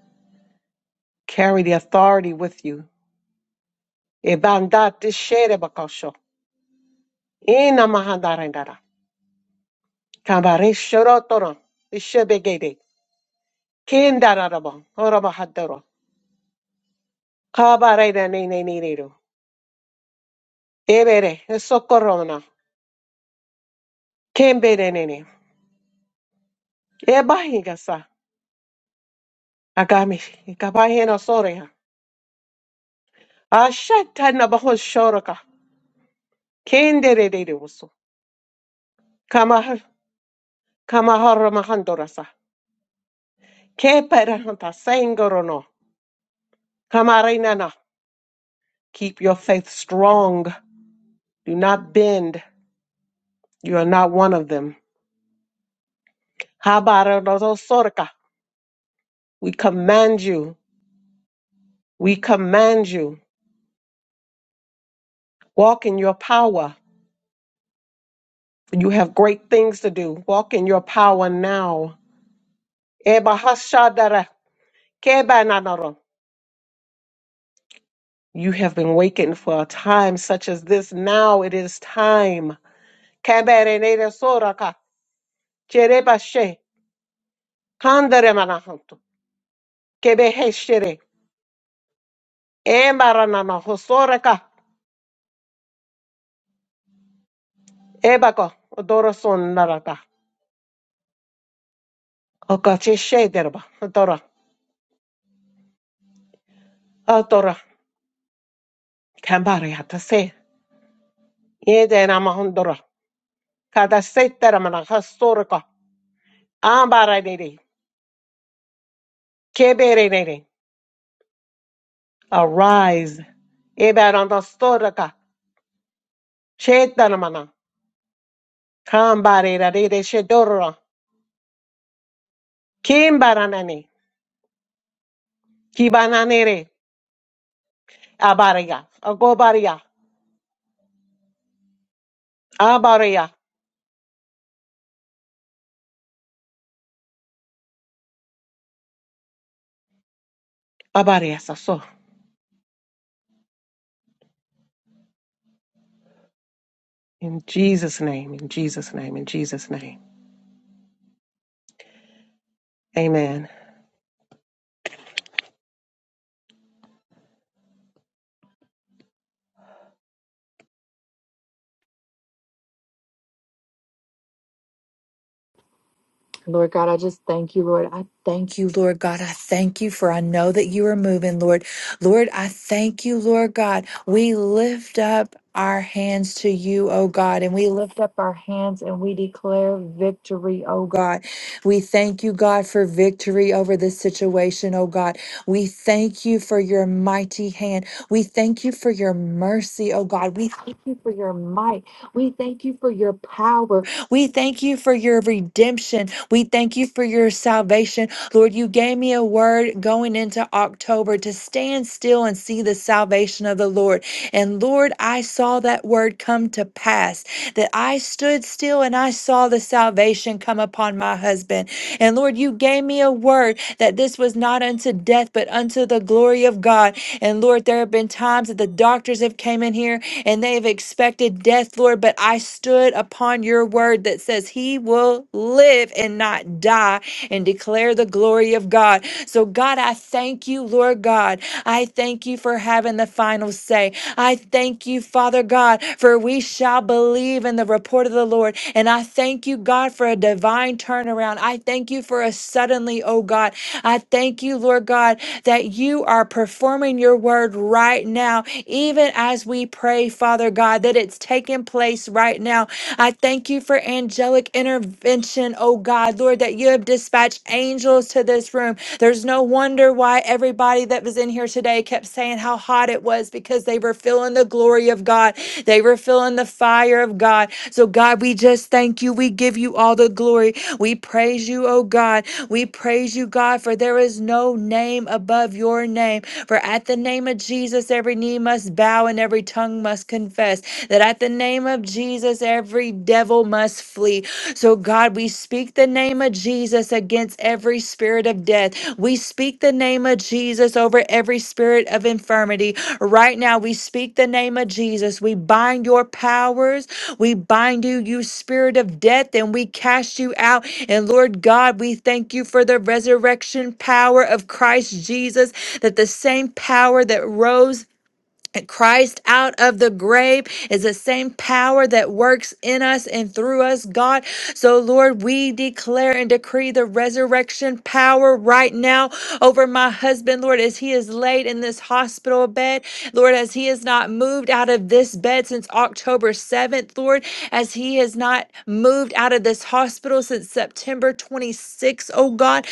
S4: Carry the authority with you. Ebandate sherebakosho. Ina mahandarendara. Kambare shorotoro. Ishebegede. Kindararabo. Orobahadoro. Kabare da ne ne ne ne do. Ebere. Socorrona. Kembere ne ne. Ebahigasa. Agami. Kabaheno Ashatana baho shoroka. Kendere de uso. Kamah kamahara mahandorasa. Keperahanta sangorono. Kamarinana. Keep your faith strong. Do not bend. You are not one of them. Habarodozo sorka. We command you. We command you. Walk in your power. You have great things to do. Walk in your power now. Ebahashadara. Kebananoro. You have been wakened for a time such as this. Now it is time. Kaberenere soraka, cherebashe, kanderemanahantu, kebeheshere, embaranana hosoraka, ebako, odoroson naraka, okacheshe derba, odora, odora, kambareatase, yedenamahondora, kadaseteramana hosoraka, ambaranere, keberenere. Arise. Eberanastoraka, chetanamana. Kambare rarere shedoro. Kimbaranani. Kibananere. Abaria. Agobaria. Abaria. Abaria saso. In Jesus' name, in Jesus' name, in Jesus' name. Amen.
S5: Lord God, I just thank you, Lord. I thank you, Lord God. I thank you for I know that you are moving, Lord. Lord, I thank you, Lord God. We lift up our hands to you, oh God, and we lift up our hands and we declare victory, oh God. We thank you, God, for victory over this situation, oh God. We thank you for your mighty hand. We thank you for your mercy, oh God. We thank you for your might. We thank you for your power. We thank you for your redemption. We thank you for your salvation. Lord, you gave me a word going into October to stand still and see the salvation of the Lord. And Lord, I saw that word come to pass, that I stood still and I saw the salvation come upon my husband. And Lord, you gave me a word that this was not unto death, but unto the glory of God. And Lord, there have been times that the doctors have came in here and they have expected death, Lord, but I stood upon your word that says he will live and not die and declare the glory of God. So God, I thank you, Lord God. I thank you for having the final say. I thank you, Father God, for we shall believe in the report of the Lord. And I thank you, God, for a divine turnaround. I thank you for a suddenly, oh God. I thank you, Lord God, that you are performing your word right now, even as we pray, Father God, that it's taking place right now. I thank you for angelic intervention, oh God, Lord, that you have dispatched angels to this room. There's no wonder why everybody that was in here today kept saying how hot it was because they were feeling the glory of God of God. They were feeling the fire of God. So, God, we just thank you. We give you all the glory. We praise you, oh God. We praise you, God, for there is no name above your name. For at the name of Jesus, every knee must bow and every tongue must confess that at the name of Jesus, every devil must flee. So, God, we speak the name of Jesus. Jesus against every spirit of death. We speak the name of Jesus over every spirit of infirmity. Right now, we speak the name of Jesus. We bind your powers. We bind you, you spirit of death, and we cast you out. And Lord God, we thank you for the resurrection power of Christ Jesus, that the same power that rose Christ out of the grave is the same power that works in us and through us, God. So, Lord, we declare and decree the resurrection power right now over my husband, Lord, as he is laid in this hospital bed. Lord, as he has not moved out of this bed since October 7th, Lord, as he has not moved out of this hospital since September 26th, oh God.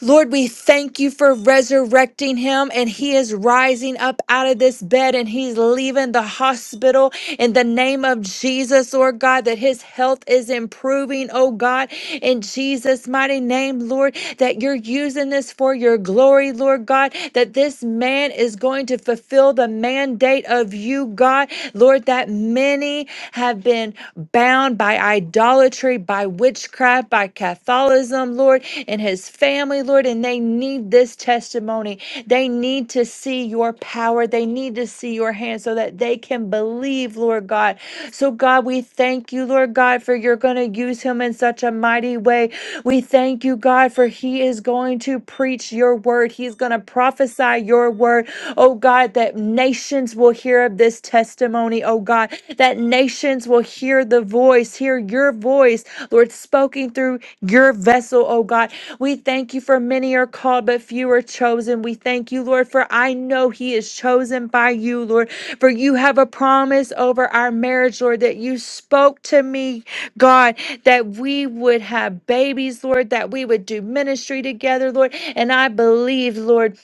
S5: Lord, we thank you for resurrecting him, and he is rising up out of this bed and he's leaving the hospital in the name of Jesus, Lord God, that his health is improving, oh God, in Jesus' mighty name, Lord, that you're using this for your glory, Lord God, that this man is going to fulfill the mandate of you, God, Lord, that many have been bound by idolatry, by witchcraft, by Catholicism, Lord, and his family, Lord. And they need this testimony. They need to see your power. They need to see your hand so that they can believe, Lord God. So, God, we thank you, Lord God, for you're going to use him in such a mighty way. We thank you, God, for he is going to preach your word. He's going to prophesy your word oh God, that nations will hear of this testimony, oh God, that nations will hear the voice, hear your voice, Lord, spoken through your vessel, oh God. We thank you for many are called, but few are chosen. We thank you, Lord, for I know He is chosen by you, Lord, for you have a promise over our marriage, Lord, that you spoke to me, God, that we would have babies, Lord, that we would do ministry together, Lord. And I believe, Lord,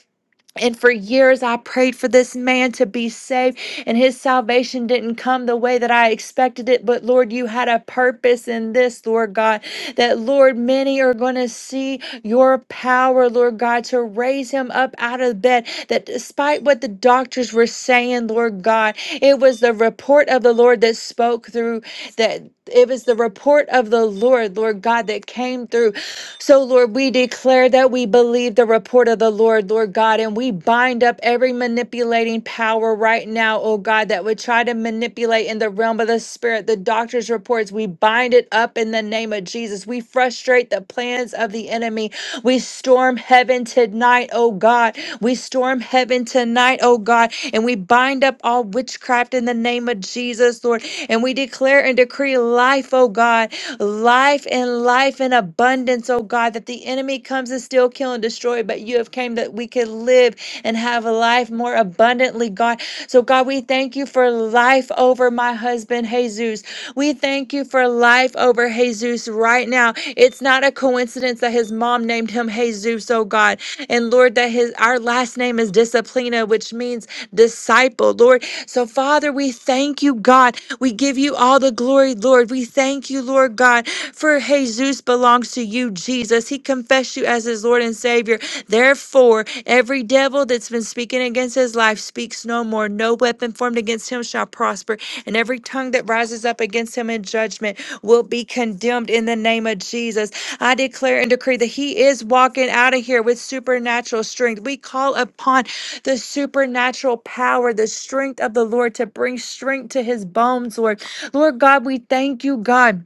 S5: and for years, I prayed for this man to be saved, and his salvation didn't come the way that I expected it. But Lord, you had a purpose in this, Lord God, that Lord, many are going to see your power, Lord God, to raise him up out of bed. That despite what the doctors were saying, Lord God, it was the report of the Lord that spoke through, that it was the report of the Lord, Lord God, that came through. So, Lord, we declare that we believe the report of the Lord, Lord God, and we bind up every manipulating power right now, oh God, that would try to manipulate in the realm of the spirit, the doctor's reports. We bind it up in the name of Jesus. We frustrate the plans of the enemy we storm heaven tonight, oh God. We storm heaven tonight, oh God. And we bind up all witchcraft in the name of Jesus, Lord. And we declare and decree life, oh God. Life and life in abundance, oh God. That the enemy comes and steal, kill, and destroy. But you have came that we could live and have life more abundantly, God. So, God, we thank you for life over my husband, Jesus. We thank you for life over Jesus right now. It's not a coincidence that his mom named him Jesus, oh God. And Lord, that his our last name is Disciplina, which means disciple, Lord. So, Father, we thank you, God. We give you all the glory, Lord. We thank you, Lord God, for Jesus belongs to you, Jesus. He confessed you as his Lord and Savior. Savior. Therefore, every devil that's been speaking against his life speaks no more. No weapon formed against him shall prosper, and every tongue that rises up against him in judgment will be condemned in the name of Jesus. I declare and decree that he is walking out of here with supernatural strength. We call upon the supernatural power, the strength of the Lord to bring strength to his bones, Lord. Lord God, we thank you, God.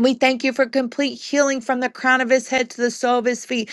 S5: We thank you for complete healing from the crown of his head to the sole of his feet.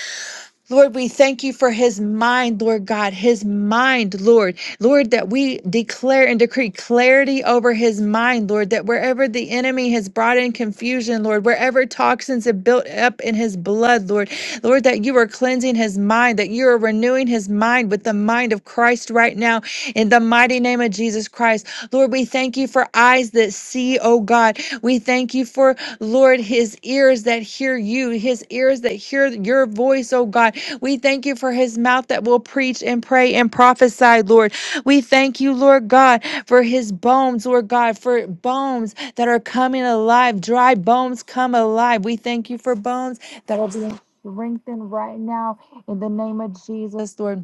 S5: Lord, we thank you for his mind, Lord God, his mind, Lord. Lord, that we declare and decree clarity over his mind, Lord, that wherever the enemy has brought in confusion, Lord, wherever toxins have built up in his blood, Lord, Lord, that you are cleansing his mind, that you are renewing his mind with the mind of Christ right now in the mighty name of Jesus Christ. Lord, we thank you for eyes that see, oh God. We thank you for Lord, his ears that hear you, his ears that hear your voice, oh God. We thank you for his mouth that will preach and pray and prophesy, Lord. We thank you, Lord God, for his bones, Lord God, for bones that are coming alive. Dry bones come alive. We thank you for bones that are being strengthened right now in the name of Jesus, Lord.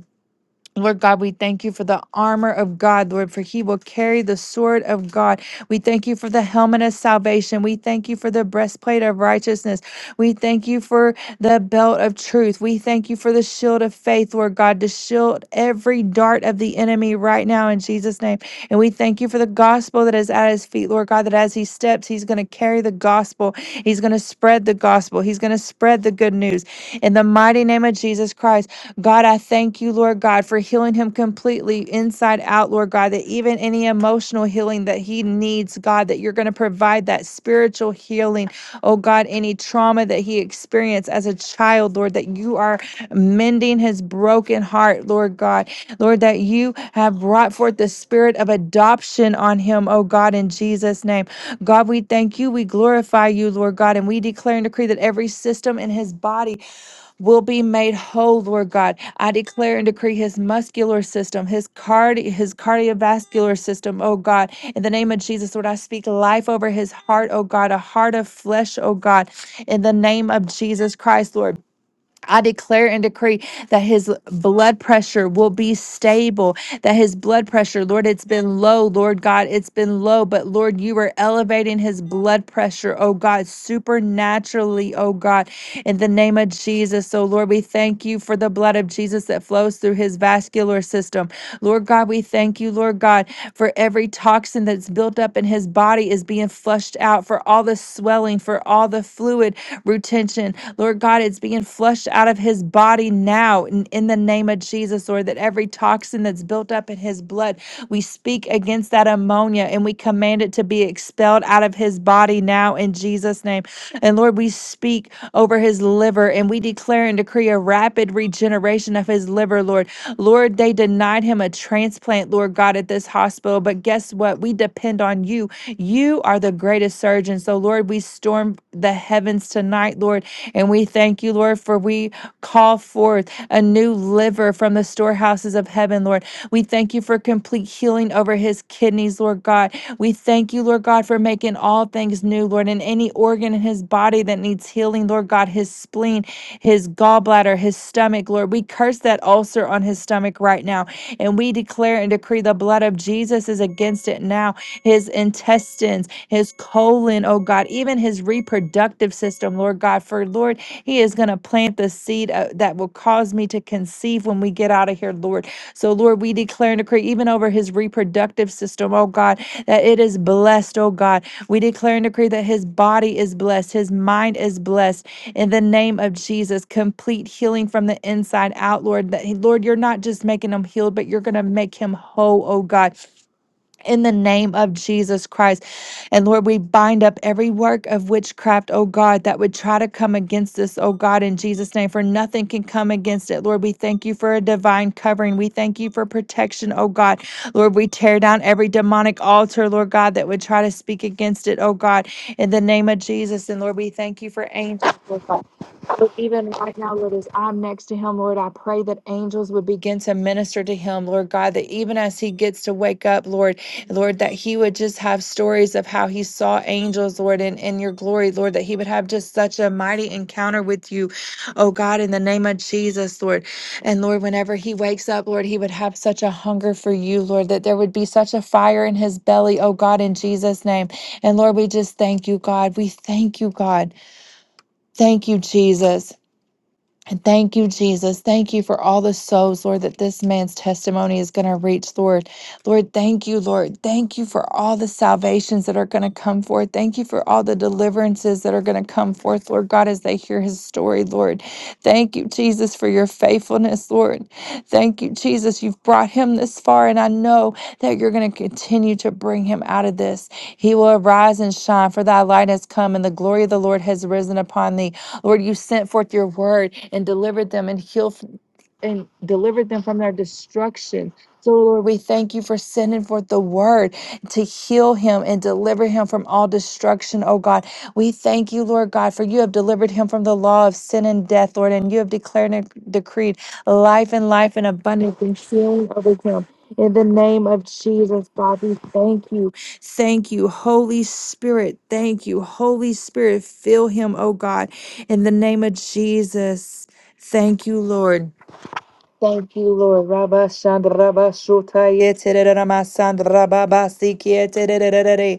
S5: Lord God, we thank you for the armor of God, Lord, for he will carry the sword of God. We thank you for the helmet of salvation. We thank you for the breastplate of righteousness. We thank you for the belt of truth. We thank you for the shield of faith, Lord God, to shield every dart of the enemy right now in Jesus' name. And we thank you for the gospel that is at his feet, Lord God, that as he steps, he's going to carry the gospel. He's going to spread the gospel. He's going to spread the good news. In the mighty name of Jesus Christ, God, I thank you, Lord God, for healing him completely inside out, Lord God, that even any emotional healing that he needs, God, that you're going to provide that spiritual healing. Oh God, any trauma that he experienced as a child, Lord, that you are mending his broken heart, Lord God. Lord, that you have brought forth the spirit of adoption on him, oh God, in Jesus' name. God, we thank you. We glorify you, Lord God, and we declare and decree that every system in his body will be made whole, Lord God. I declare and decree his muscular system, his cardi- his cardiovascular system, oh God. In the name of Jesus, Lord, I speak life over his heart, oh God, a heart of flesh, oh God. In the name of Jesus Christ, Lord. I declare and decree that his blood pressure will be stable that his blood pressure, Lord, it's been low, Lord God, it's been low, but Lord, you are elevating his blood pressure, oh God, supernaturally, oh God, in the name of Jesus. So, Lord, we thank you for the blood of Jesus that flows through his vascular system. Lord God, we thank you, Lord God, for every toxin that's built up in his body is being flushed out, for all the swelling, for all the fluid retention. Lord God, it's being flushed out of his body now now in, in the name of Jesus, Lord, that every toxin that's built up in his blood, we speak against that ammonia and we command it to be expelled out of his body now in Jesus' name. And Lord, we speak over his liver and we declare and decree a rapid regeneration of his liver, Lord. Lord, they denied him a transplant, Lord God, at this hospital. But guess what? We depend on you. You are the greatest surgeon. So, Lord, we storm the heavens tonight, tonight, Lord. And we thank you, Lord, for we call forth a new liver from the storehouses of heaven, Lord. We thank you for complete healing over his kidneys, Lord God. We thank you, Lord God, for making all things new, Lord, and any organ in his body that needs healing, Lord God, his spleen, his gallbladder, his stomach, Lord. We curse that ulcer on his stomach right now, and we declare and decree the blood of Jesus is against it now. His intestines, his his colon, oh God, even his reproductive system, Lord God. For Lord, he is going to plant the seed uh, that will cause me to conceive when we get out of here, Lord. So, Lord, we declare and decree even over his reproductive system, oh God, that it is blessed, oh God. We declare and decree that his body is blessed, his mind is blessed in the name of Jesus. Complete healing from the inside out, Lord. That Lord, you're not just making him healed, but you're going to make him whole, oh God in the name of Jesus Christ. And Lord, we bind up every work of witchcraft, oh God, that would try to come against this, oh God, in Jesus' name, for nothing can come against it. Lord, we thank you for a divine covering. We thank you for protection, oh God. Lord, we tear down every demonic altar, Lord God, that would try to speak against it, oh God, in the name of Jesus. And Lord, we thank you for angels. Lord God. Lord, even right now, Lord, as I'm next to him, Lord, I pray that angels would begin to minister to him, Lord God, that even as he gets to wake up, Lord, Lord, that he would just have stories of how he saw angels, Lord, in, in your glory, Lord, that he would have just such a mighty encounter with you, oh God, in the name of Jesus, Lord. And Lord, whenever he wakes up, Lord, he would have such a hunger for you, Lord, that there would be such a fire in his belly, oh God, in Jesus' name. And Lord, we just thank you, God. We thank you, God. Thank you, Jesus. And thank you, Jesus. Thank you for all the souls, Lord, that this man's testimony is going to reach, Lord. Lord, thank you, Lord. Thank you for all the salvations that are going to come forth. Thank you for all the deliverances that are going to come forth, Lord God, as they hear his story, Lord. Thank you, Jesus, for your faithfulness, Lord. Thank you, Jesus. You've brought him this far, and I know that you're going to continue to bring him out of this. He will arise and shine, for thy light has come, and the glory of the Lord has risen upon thee. Lord, you sent forth your word and delivered them and healed and delivered them from their destruction. So, Lord, we thank you for sending forth the word to heal him and deliver him from all destruction, oh God. We thank you, Lord God, for you have delivered him from the law of sin and death, Lord, and you have declared and decreed life and life in abundance and healing over him. In the name of Jesus, God, we thank you. Thank you, Holy Spirit. Thank you, Holy Spirit. Fill him, oh God. In the name of Jesus, thank you, Lord. Thank you, Lord. Rabba Shandraba Shutaya Tererama Sandrababa Sikia Tererere.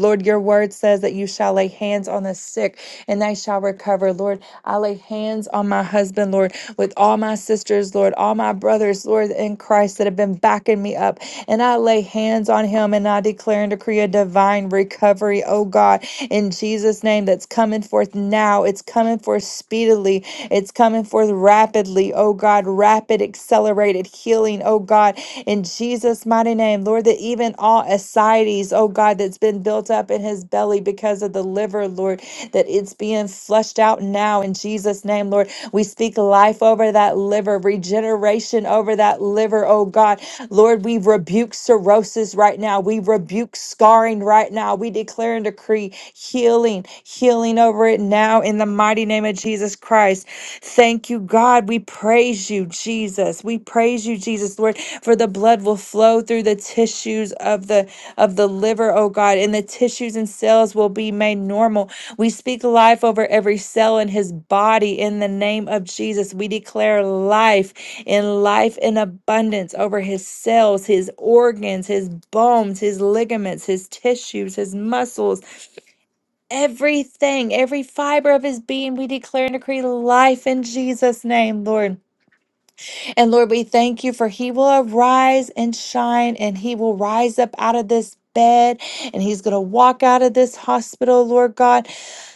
S5: Lord, your word says that you shall lay hands on the sick and they shall recover. Lord, I lay hands on my husband, Lord, with all my sisters, Lord, all my brothers, Lord, in Christ that have been backing me up. And I lay hands on him and I declare and decree a divine recovery, oh God, in Jesus' name that's coming forth now. It's coming forth speedily. It's coming forth rapidly, oh God, rapid, accelerated accelerated healing, oh God, in Jesus' mighty name. Lord, that even all ascites, oh God, that's been built up in his belly because of the liver, Lord, that it's being flushed out now in Jesus' name, Lord. We speak life over that liver, regeneration over that liver, oh God. Lord, we rebuke cirrhosis right now. We rebuke scarring right now. We declare and decree healing, healing over it now in the mighty name of Jesus Jesus Christ. Thank you, God. We praise you, Jesus. We praise you, Jesus, Lord, for the blood will flow through the tissues of the of the liver, oh God, and the tissues and cells will be made normal. We speak life over every cell in his body in the name of Jesus. We declare life and life in abundance over his cells, his organs, his bones, his ligaments, his tissues, his muscles Everything, every fiber of his being, we declare and decree life in Jesus' name, Lord. And Lord, we thank you for he will arise and shine, and he will rise up out of this bed, and he's going to walk out of this hospital, Lord God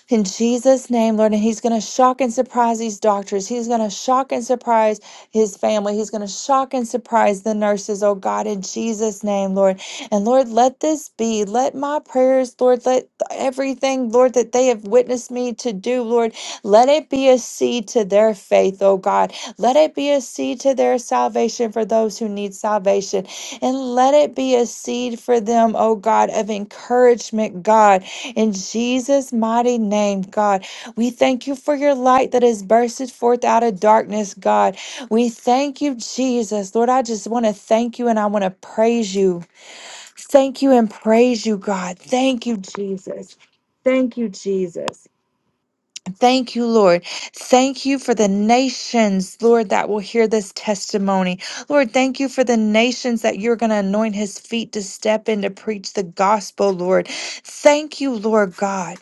S5: in Jesus' name, Lord. And He's going to shock and surprise these doctors. He's going to shock and surprise His family. He's going to shock and surprise the nurses, oh God, in Jesus' name, Lord. And Lord, let this be. Let my prayers, Lord, let everything, Lord, that they have witnessed me to do, Lord, let it be a seed to their faith, oh God. Let it be a seed to their salvation for those who need salvation. And let it be a seed for them, oh God, of encouragement, God in Jesus' mighty name, God, we thank you for your light that has bursted forth out of darkness, God. We thank you, Jesus. Lord, I just want to thank you and I want to praise you. Thank you and praise you, God. Thank you, Jesus. Thank you, Jesus. Thank you, Lord. Thank you for the nations, Lord, that will hear this testimony. Lord, thank you for the nations that you're going to anoint his feet to step in to preach the gospel, Lord. Thank you, Lord God.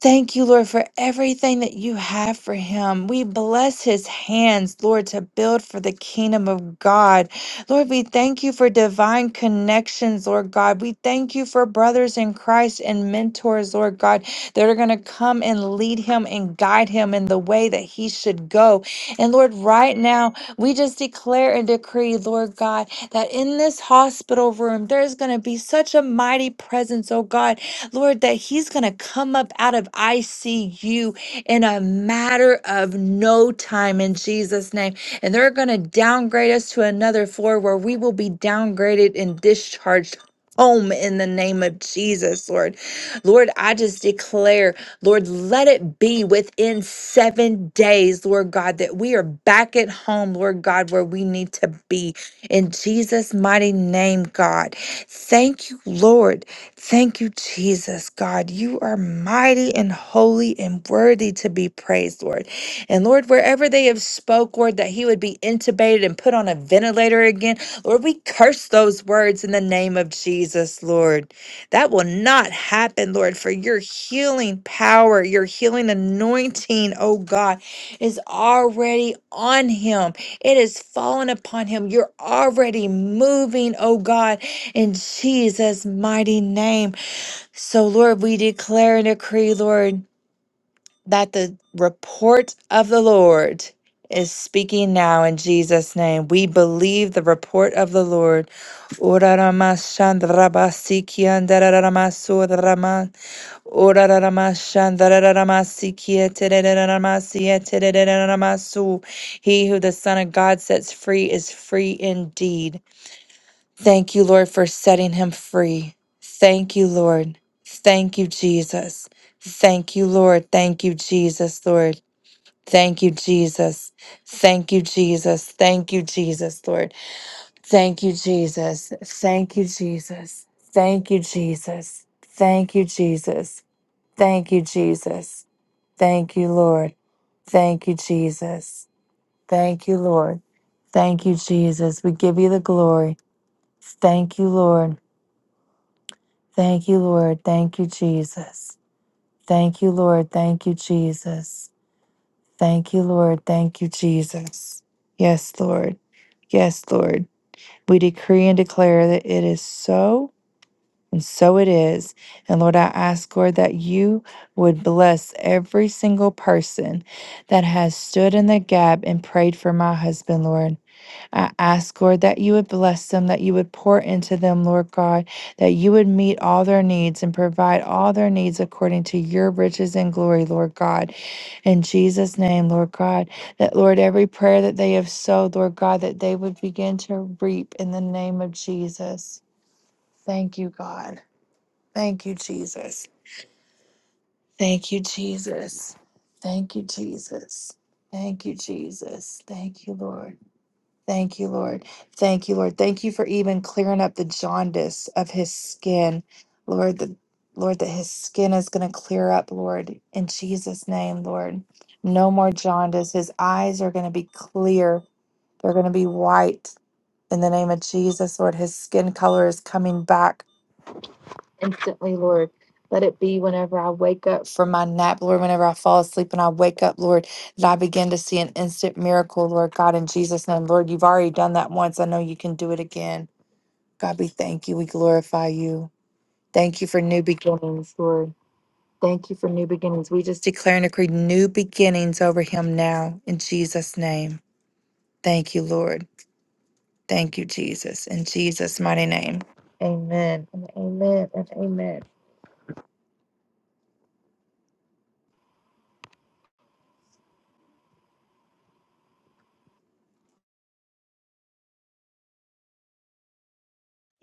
S5: Thank you, Lord, for everything that you have for him. We bless his hands, Lord, to build for the kingdom of God. Lord, we thank you for divine connections, Lord God. We thank you for brothers in Christ and mentors, Lord God, that are going to come and lead him and guide him in the way that he should go. And Lord, right now, we just declare and decree, Lord God, that in this hospital room, there's going to be such a mighty presence, oh God, Lord, that he's going to come up out of ICU in a matter of no time in Jesus' name. And they're going to downgrade us to another floor where we will be downgraded and discharged. Home in the name of Jesus, Lord. Lord, I just declare, Lord, let it be within seven days, Lord God, that we are back at home, Lord God, where we need to be. In Jesus' mighty name, God. Thank you, Lord. Thank you, Jesus, God. You are mighty and holy and worthy to be praised, Lord. And Lord, wherever they have spoke, Lord, that he would be intubated and put on a ventilator again, Lord, we curse those words in the name of Jesus, Lord. That will not happen, Lord, for your healing power, your healing anointing, oh God, is already on him. It is fallen upon him. You're already moving, oh God in Jesus' mighty name. So, Lord, we declare and decree, Lord, that the report of the Lord is speaking now in Jesus' name. We believe the report of the Lord. Oraramashandrabasikiandarararamasodrama. Oraramashandrararamasikietererararamasie terererararamasu. He who the Son of God sets free is free indeed. Thank you, Lord, for setting him free. Thank you, Lord. Thank you, Jesus. Thank you, Lord. Thank you, Jesus, Lord. Thank you, Jesus. Thank you, Jesus. Thank you, Jesus, Lord. Thank you, Jesus. Thank you, Jesus. Thank you, Jesus. Thank you, Jesus. Thank you, Jesus. Thank you, Lord. Thank you, Jesus. Thank you, Lord. Thank you, Jesus. We give you the glory. Thank you, Lord. Thank you, Lord. Thank you, Jesus. Thank you, Lord. Thank you, Jesus. Thank you, Lord. Thank you, Jesus. Yes, Lord. Yes, Lord. We decree and declare that it is so, and so it is. And Lord, I ask, Lord, that you would bless every single person that has stood in the gap and prayed for my husband, Lord. I ask, Lord, that you would bless them, that you would pour into them, Lord God, that you would meet all their needs and provide all their needs according to your riches and glory, Lord God. In Jesus' name, Lord God, that, Lord, every prayer that they have sowed, Lord God, that they would begin to reap in the name of Jesus. Thank you, God. Thank you, Jesus. Thank you, Jesus. Thank you, Jesus. Thank you, Jesus. Thank you, Lord. Thank you, Lord. Thank you, Lord. Thank you for even clearing up the jaundice of his skin, Lord. The Lord, that his skin is going to clear up, Lord, in Jesus' name, Lord. No more jaundice. His eyes are going to be clear. They're going to be white in the name of Jesus, Lord. His skin color is coming back instantly, Lord. Let it be whenever I wake up from my nap, Lord, whenever I fall asleep and I wake up, Lord, that I begin to see an instant miracle, Lord God, in Jesus' name. Lord, you've already done that once. I know you can do it again. God, we thank you. We glorify you. Thank you for new beginnings, Lord. Thank you for new beginnings. We just declare and decree new beginnings over him now in Jesus' name. Thank you, Lord. Thank you, Jesus. In Jesus' mighty name. Amen. And amen. And amen.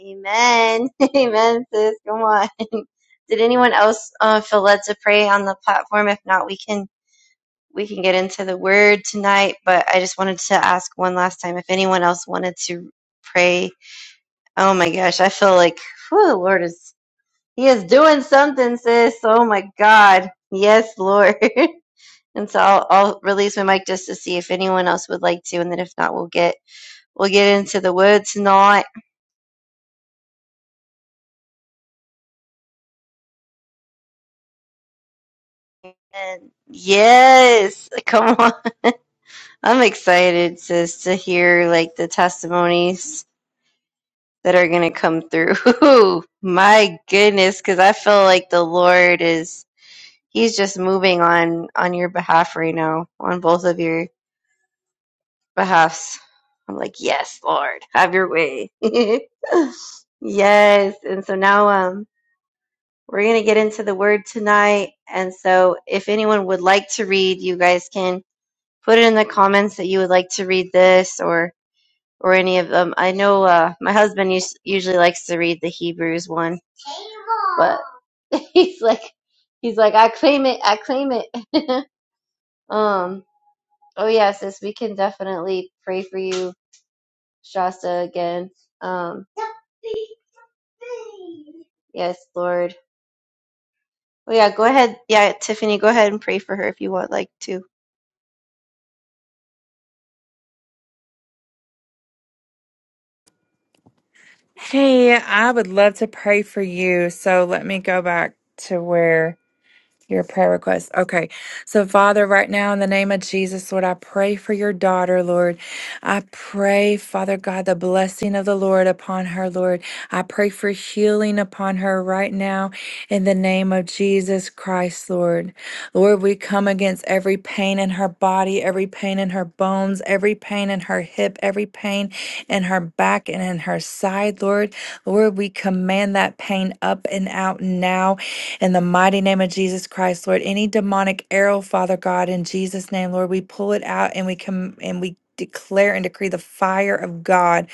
S1: Amen. Amen, sis. Come on. Did anyone else uh, feel led to pray on the platform? If not, we can we can get into the word tonight. But I just wanted to ask one last time if anyone else wanted to pray Oh my gosh, I feel like whew, the Lord is He is doing something, sis. Oh my God, yes, Lord. and so I'll, I'll release my mic just to see if anyone else would like to, and then if not, we'll get we'll get into the word tonight. And yes, come on, I'm excited, sis, to hear like the testimonies that are gonna come through. my goodness, because I feel like the Lord is He's just moving on on your behalf right now on both of your Perhaps I'm like, yes, Lord, have your way. yes. And so now um, we're going to get into the word tonight. And so if anyone would like to read, you guys can put it in the comments that you would like to read this or or any of them. I know uh, my husband us- usually likes to read the Hebrews one. he's like, he's like, I claim it, I claim it. um, oh yeah, sis, we can definitely pray for you, Shasta, again. Um, Yes, Lord. Oh, yeah, go ahead. Yeah, Tiffany, go ahead and pray for her if you want, like, to.
S5: Hey, I would love to pray for you. So let me go back to where. Your prayer request. Okay. So, Father, right now, in the name of Jesus, Lord, I pray for your daughter, Lord. I pray, Father God, the blessing of the Lord upon her, Lord. I pray for healing upon her right now, in the name of Jesus Christ, Lord. Lord, we come against every pain in her body, every pain in her bones, every pain in her hip, every pain in her back and in her side, Lord. Lord, we command that pain up and out now in the mighty name of Jesus Christ, Lord, any demonic arrow, Father God, in Jesus' name, Lord, we pull it out and we come and we declare and decree the fire of God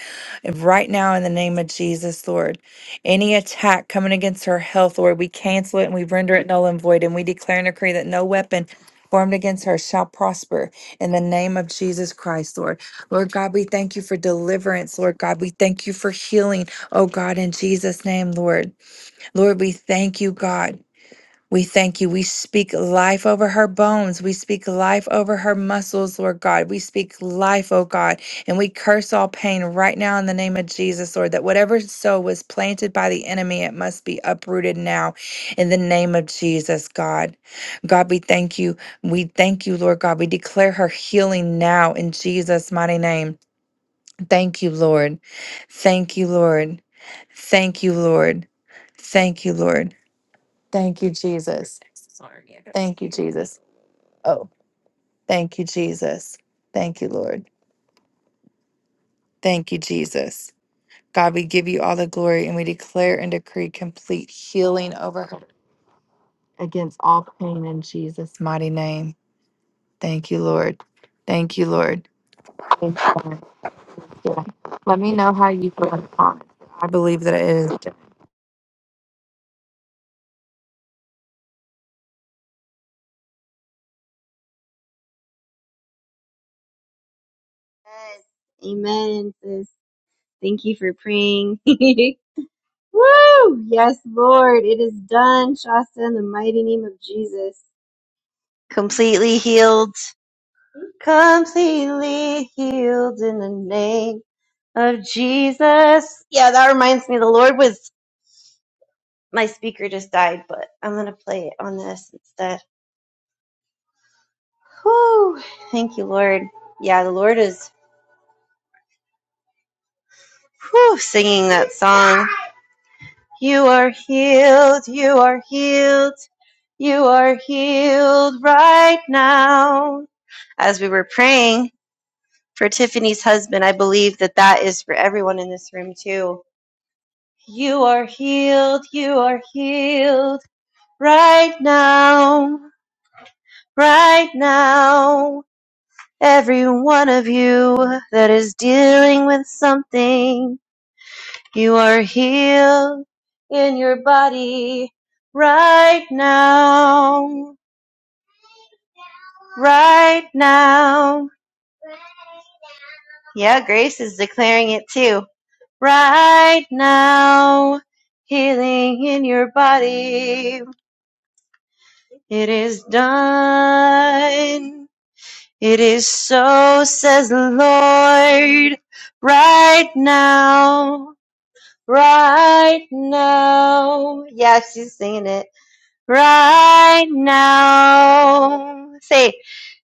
S5: and right now in the name of Jesus, Lord. Any attack coming against her health, Lord, we cancel it and we render it null and void. And we declare and decree that no weapon formed against her shall prosper in the name of Jesus Christ, Lord. Lord God, we thank you for deliverance, Lord God. We thank you for healing, oh God, in Jesus' name, Lord. Lord, we thank you, God. We thank you. We speak life over her bones. We speak life over her muscles, Lord God. We speak life, oh God. And we curse all pain right now in the name of Jesus, Lord, that whatever soul was planted by the enemy, it must be uprooted now in the name of Jesus, God. God, we thank you. We thank you, Lord God. We declare her healing now in Jesus' mighty name. Thank you, Lord. Thank you, Lord. Thank you, Lord. Thank you, Lord. Thank you, Jesus. Thank you, Jesus. Oh, thank you, Jesus. Thank you, Lord. Thank you, Jesus. God, we give you all the glory and we declare and decree complete healing over her against all pain in Jesus' mighty name. Thank you, Lord. Thank you, Lord. Thank you, Lord. Yeah. Let me know how you feel. in the comments. I believe that it is.
S1: Yes. Amen, sis. Thank you for praying. Woo! Yes, Lord. It is done, Shasta, in the mighty name of Jesus. Completely healed. Completely healed in the name of Jesus. Yeah, that reminds me. The Lord was, my speaker just died, but I'm going to play it on this instead. Woo! Thank you, Lord. Yeah, the Lord is Whew, singing that song. You are healed, you are healed, you are healed right now. As we were praying for Tiffany's husband, I believe that that is for everyone in this room too. You are healed, you are healed right now, right now. Every one of you that is dealing with something You are healed in your body right now. Right now. Yeah, Grace is declaring it too. Right now. Healing in your body. It is done. It is so, says the Lord. Right now. Right now. Yeah, she's singing it right now. Say it.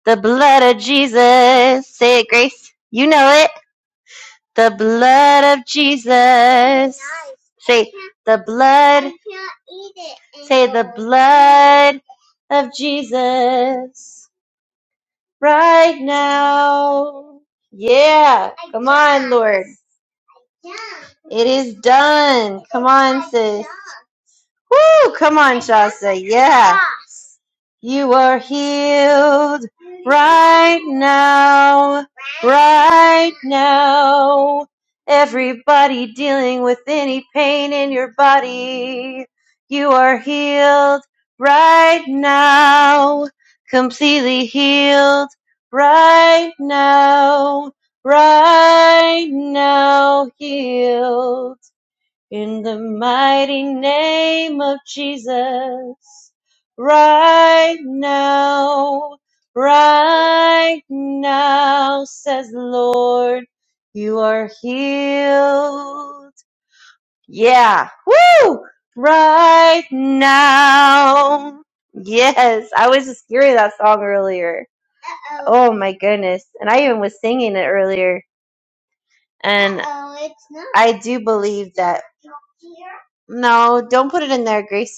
S1: the blood of Jesus. Say it, Grace. You know it. The blood of Jesus. Say the blood, blood of Jesus right now. Yeah, it is done. Come on. Woo, come on, Shasta. Yeah. You are healed right now, right now. Everybody dealing with any pain in your body, you are healed right now, completely healed right now, right now, healed. In the mighty name of Jesus, right now, right now, says the Lord, you are healed. Yeah, woo! Right now. Yes, I was just hearing that song earlier. Oh my goodness. And I even was singing it earlier. And I do believe that, no, don't put it in there, Gracie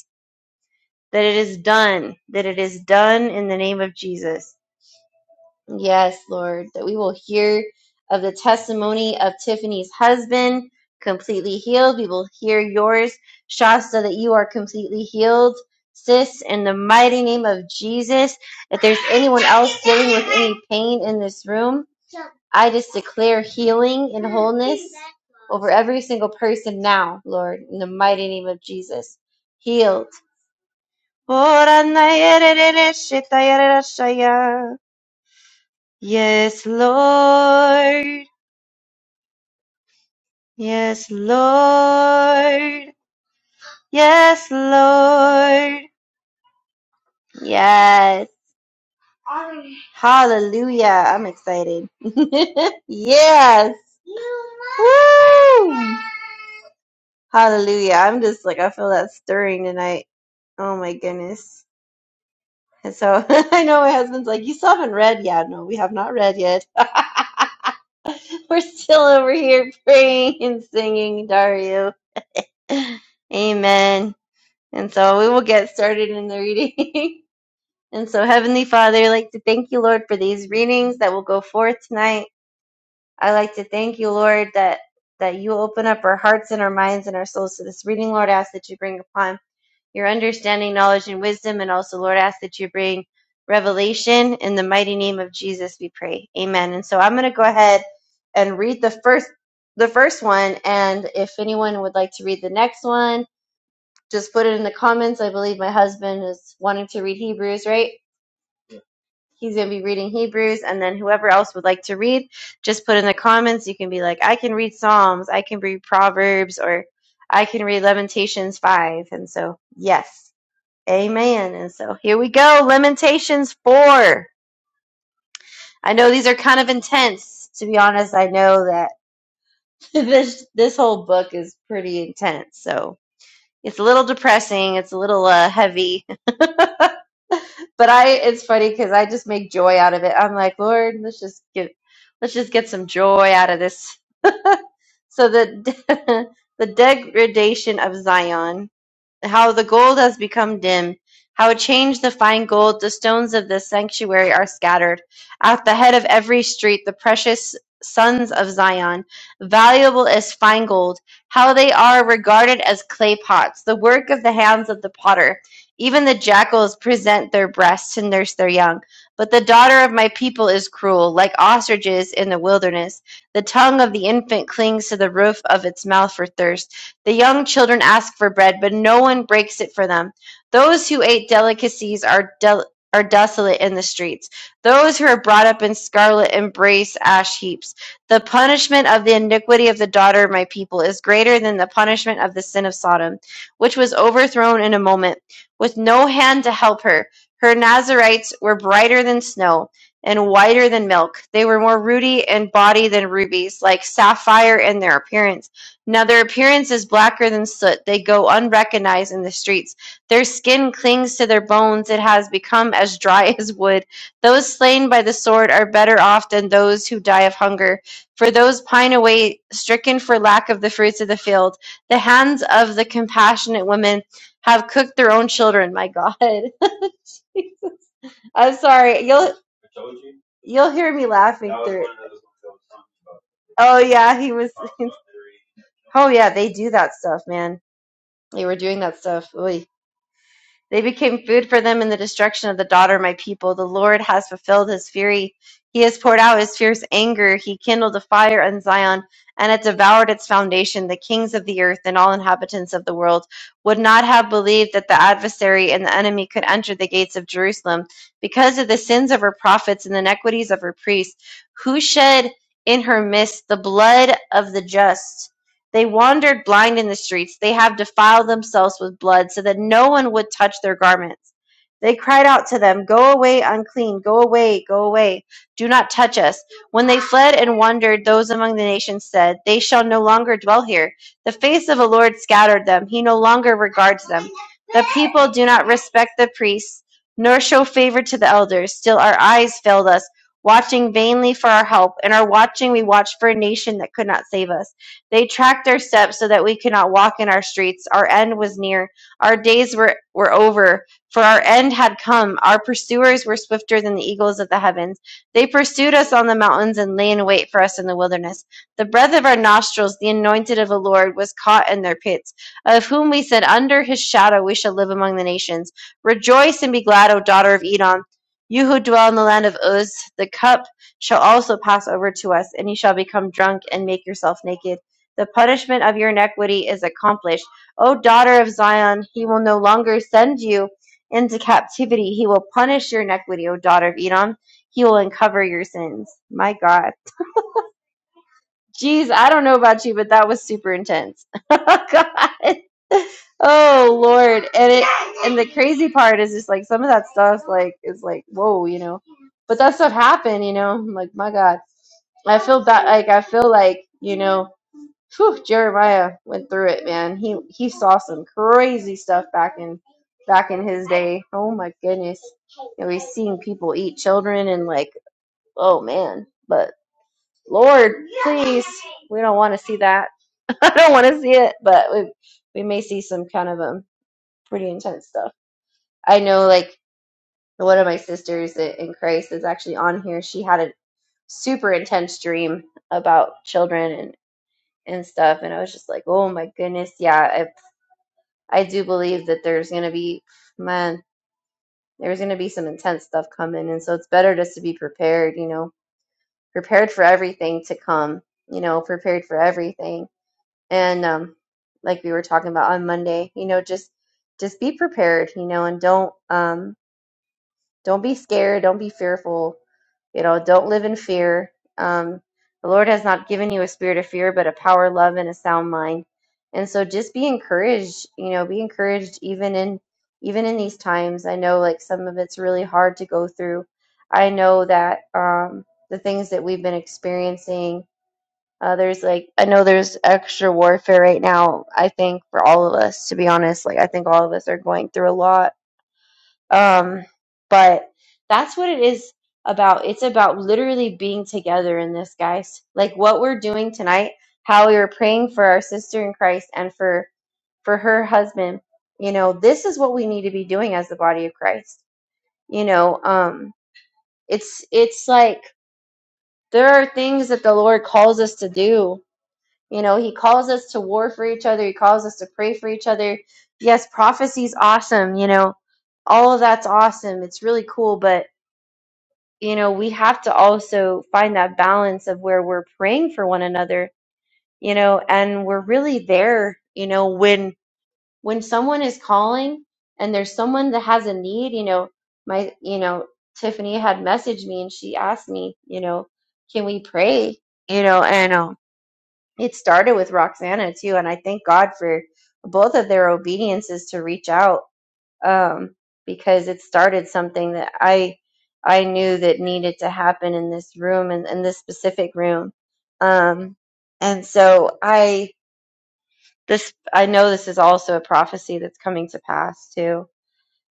S1: that it is done, that it is done in the name of Jesus. Yes, Lord, that we will hear of the testimony of Tiffany's husband completely healed. We will hear yours, Shasta, that you are completely healed. Sis, in the mighty name of Jesus, if there's anyone else dealing with any pain in this room, I just declare healing and wholeness over every single person now, Lord, in the mighty name of Jesus. Healed. Oranayererereshitayererashaya. Yes, Lord. Yes, Lord. Yes, Lord. Yes. Hallelujah. I'm excited. yes. Woo. Hallelujah. I'm just like, I feel that stirring tonight. Oh my goodness. And so I know my husband's like, you still haven't read yet. No, we have not read yet. We're still over here praying and singing, Dario. Amen. And so we will get started in the reading. and so, Heavenly Father, I'd like to thank you, Lord, for these readings that will go forth tonight. I like to thank you, Lord, that that you open up our hearts and our minds and our souls to this reading, Lord. I ask that you bring upon your understanding, knowledge, and wisdom. And also, Lord, ask that you bring revelation in the mighty name of Jesus. We pray, Amen. And so I'm going to go ahead and read the first the first one, and if anyone would like to read the next one, just put it in the comments. I believe my husband is wanting to read Hebrews, right? He's going to be reading Hebrews, and then whoever else would like to read, just put in the comments. You can be like, I can read Psalms, I can read Proverbs, or I can read Lamentations 5. And so, yes. Amen. And so here we go. Lamentations 4. I know these are kind of intense. To be honest, I know that this this whole book is pretty intense. So it's a little depressing. It's a little uh, heavy. but I it's funny because I just make joy out of it. I'm like, Lord, let's just get let's just get some joy out of this. So the the degradation of Zion. how the gold has become dim, how it changed the fine gold the stones of the sanctuary are scattered. At the head of every street, the precious sons of Zion, valuable as fine gold, how they are regarded as clay pots, the work of the hands of the potter. Even the jackals present their breasts to nurse their young. But the daughter of my people is cruel, like ostriches in the wilderness. The tongue of the infant clings to the roof of its mouth for thirst. The young children ask for bread, but no one breaks it for them. Those who ate delicacies are del- are desolate in the streets. Those who are brought up in scarlet embrace ash heaps. The punishment of the iniquity of the daughter of my people is greater than the punishment of the sin of Sodom, which was overthrown in a moment, with no hand to help her. Her Nazarites were brighter than snow and whiter than milk. They were more ruddy in body than rubies, like sapphire in their appearance. Now their appearance is blacker than soot. They go unrecognized in the streets. Their skin clings to their bones. It has become as dry as wood. Those slain by the sword are better off than those who die of hunger. For those pine away, stricken for lack of the fruits of the field. The hands of the compassionate women have cooked their own children. My God. Jesus. I'm sorry. You'll, you'll hear me laughing through. Oh yeah, he was. Oh yeah, they do that stuff, man. They were doing that stuff. Oy. They became food for them in the destruction of the daughter of my people. The Lord has fulfilled his fury. He has poured out his fierce anger. He kindled a fire on Zion, and it devoured its foundation. The kings of the earth and all inhabitants of the world would not have believed that the adversary and the enemy could enter the gates of Jerusalem because of the sins of her prophets and the iniquities of her priests, who shed in her midst the blood of the just they wandered blind in the streets. They have defiled themselves with blood, so that no one would touch their garments. They cried out to them, Go away, unclean, go away, go away, do not touch us. When they fled and wandered, those among the nations said, They shall no longer dwell here. The face of the Lord scattered them, he no longer regards them. The people do not respect the priests, nor show favor to the elders. Still, our eyes failed us, watching vainly for our help. In our watching, we watched for a nation that could not save us. They tracked our steps so that we could not walk in our streets. Our end was near. Our days were, were over, for our end had come. Our pursuers were swifter than the eagles of the heavens. They pursued us on the mountains and lay in wait for us in the wilderness. The breath of our nostrils, the anointed of the Lord, was caught in their pits, of whom we said, Under his shadow we shall live among the nations. Rejoice and be glad, O daughter of Edom. You who dwell in the land of Uz, the cup shall also pass over to us, and you shall become drunk and make yourself naked the punishment of your iniquity is accomplished. O daughter of Zion, he will no longer send you into captivity. He will punish your iniquity, O daughter of Edom. He will uncover your sins. My God. Jeez, I don't know about you, but that was super intense. God. Oh Lord. And it and the crazy part is just like some of that stuff like is like, whoa, you know. But that stuff happened, you know. I'm like, my God. I feel that like I feel like, you know, Whew, Jeremiah went through it, man. He he saw some crazy stuff back in back in his day. Oh my goodness. And we seen people eat children and like, oh man. But Lord, please, we don't want to see that. I don't want to see it, but we we may see some kind of um pretty intense stuff. I know like one of my sisters i- in Christ is actually on here. She had a super intense dream about children and and stuff and I was just like, "Oh my goodness, yeah, I do believe that there's going to be, man, there's going to be some intense stuff coming. And so it's better just to be prepared, you know, prepared for everything to come, you know, prepared for everything. And um, like we were talking about on Monday, you know, just just be prepared, you know, and don't um, don't be scared. Don't be fearful. You know, don't live in fear. Um, the Lord has not given you a spirit of fear, but a power, love, and a sound mind. And so, just be encouraged. You know, be encouraged even in even in these times. I know, like some of it's really hard to go through. I know that um, the things that we've been experiencing. Uh, there's like I know there's extra warfare right now. I think for all of us, to be honest, like I think all of us are going through a lot um, but that's what it is about. It's about literally being together in this, guys. Like what we're doing tonight, how we were praying for our sister in Christ and for for her husband. You know, this is what we need to be doing as the body of Christ. You know, um, it's it's like there are things that the Lord calls us to do. You know, He calls us to war for each other. He calls us to pray for each other. Yes, prophecy's awesome. You know, all of that's awesome. It's really cool, but you know, we have to also find that balance of where we're praying for one another, you know, and we're really there, you know, when when someone is calling and there's someone that has a need, you know, my you know, Tiffany had messaged me and she asked me, you know, can we pray? You know, and um it started with Roxana too, and I thank God for both of their obediences to reach out um, because it started something that I I knew that needed to happen in this room and in, in this specific room. Um, and so I this I know this is also a prophecy that's coming to pass too.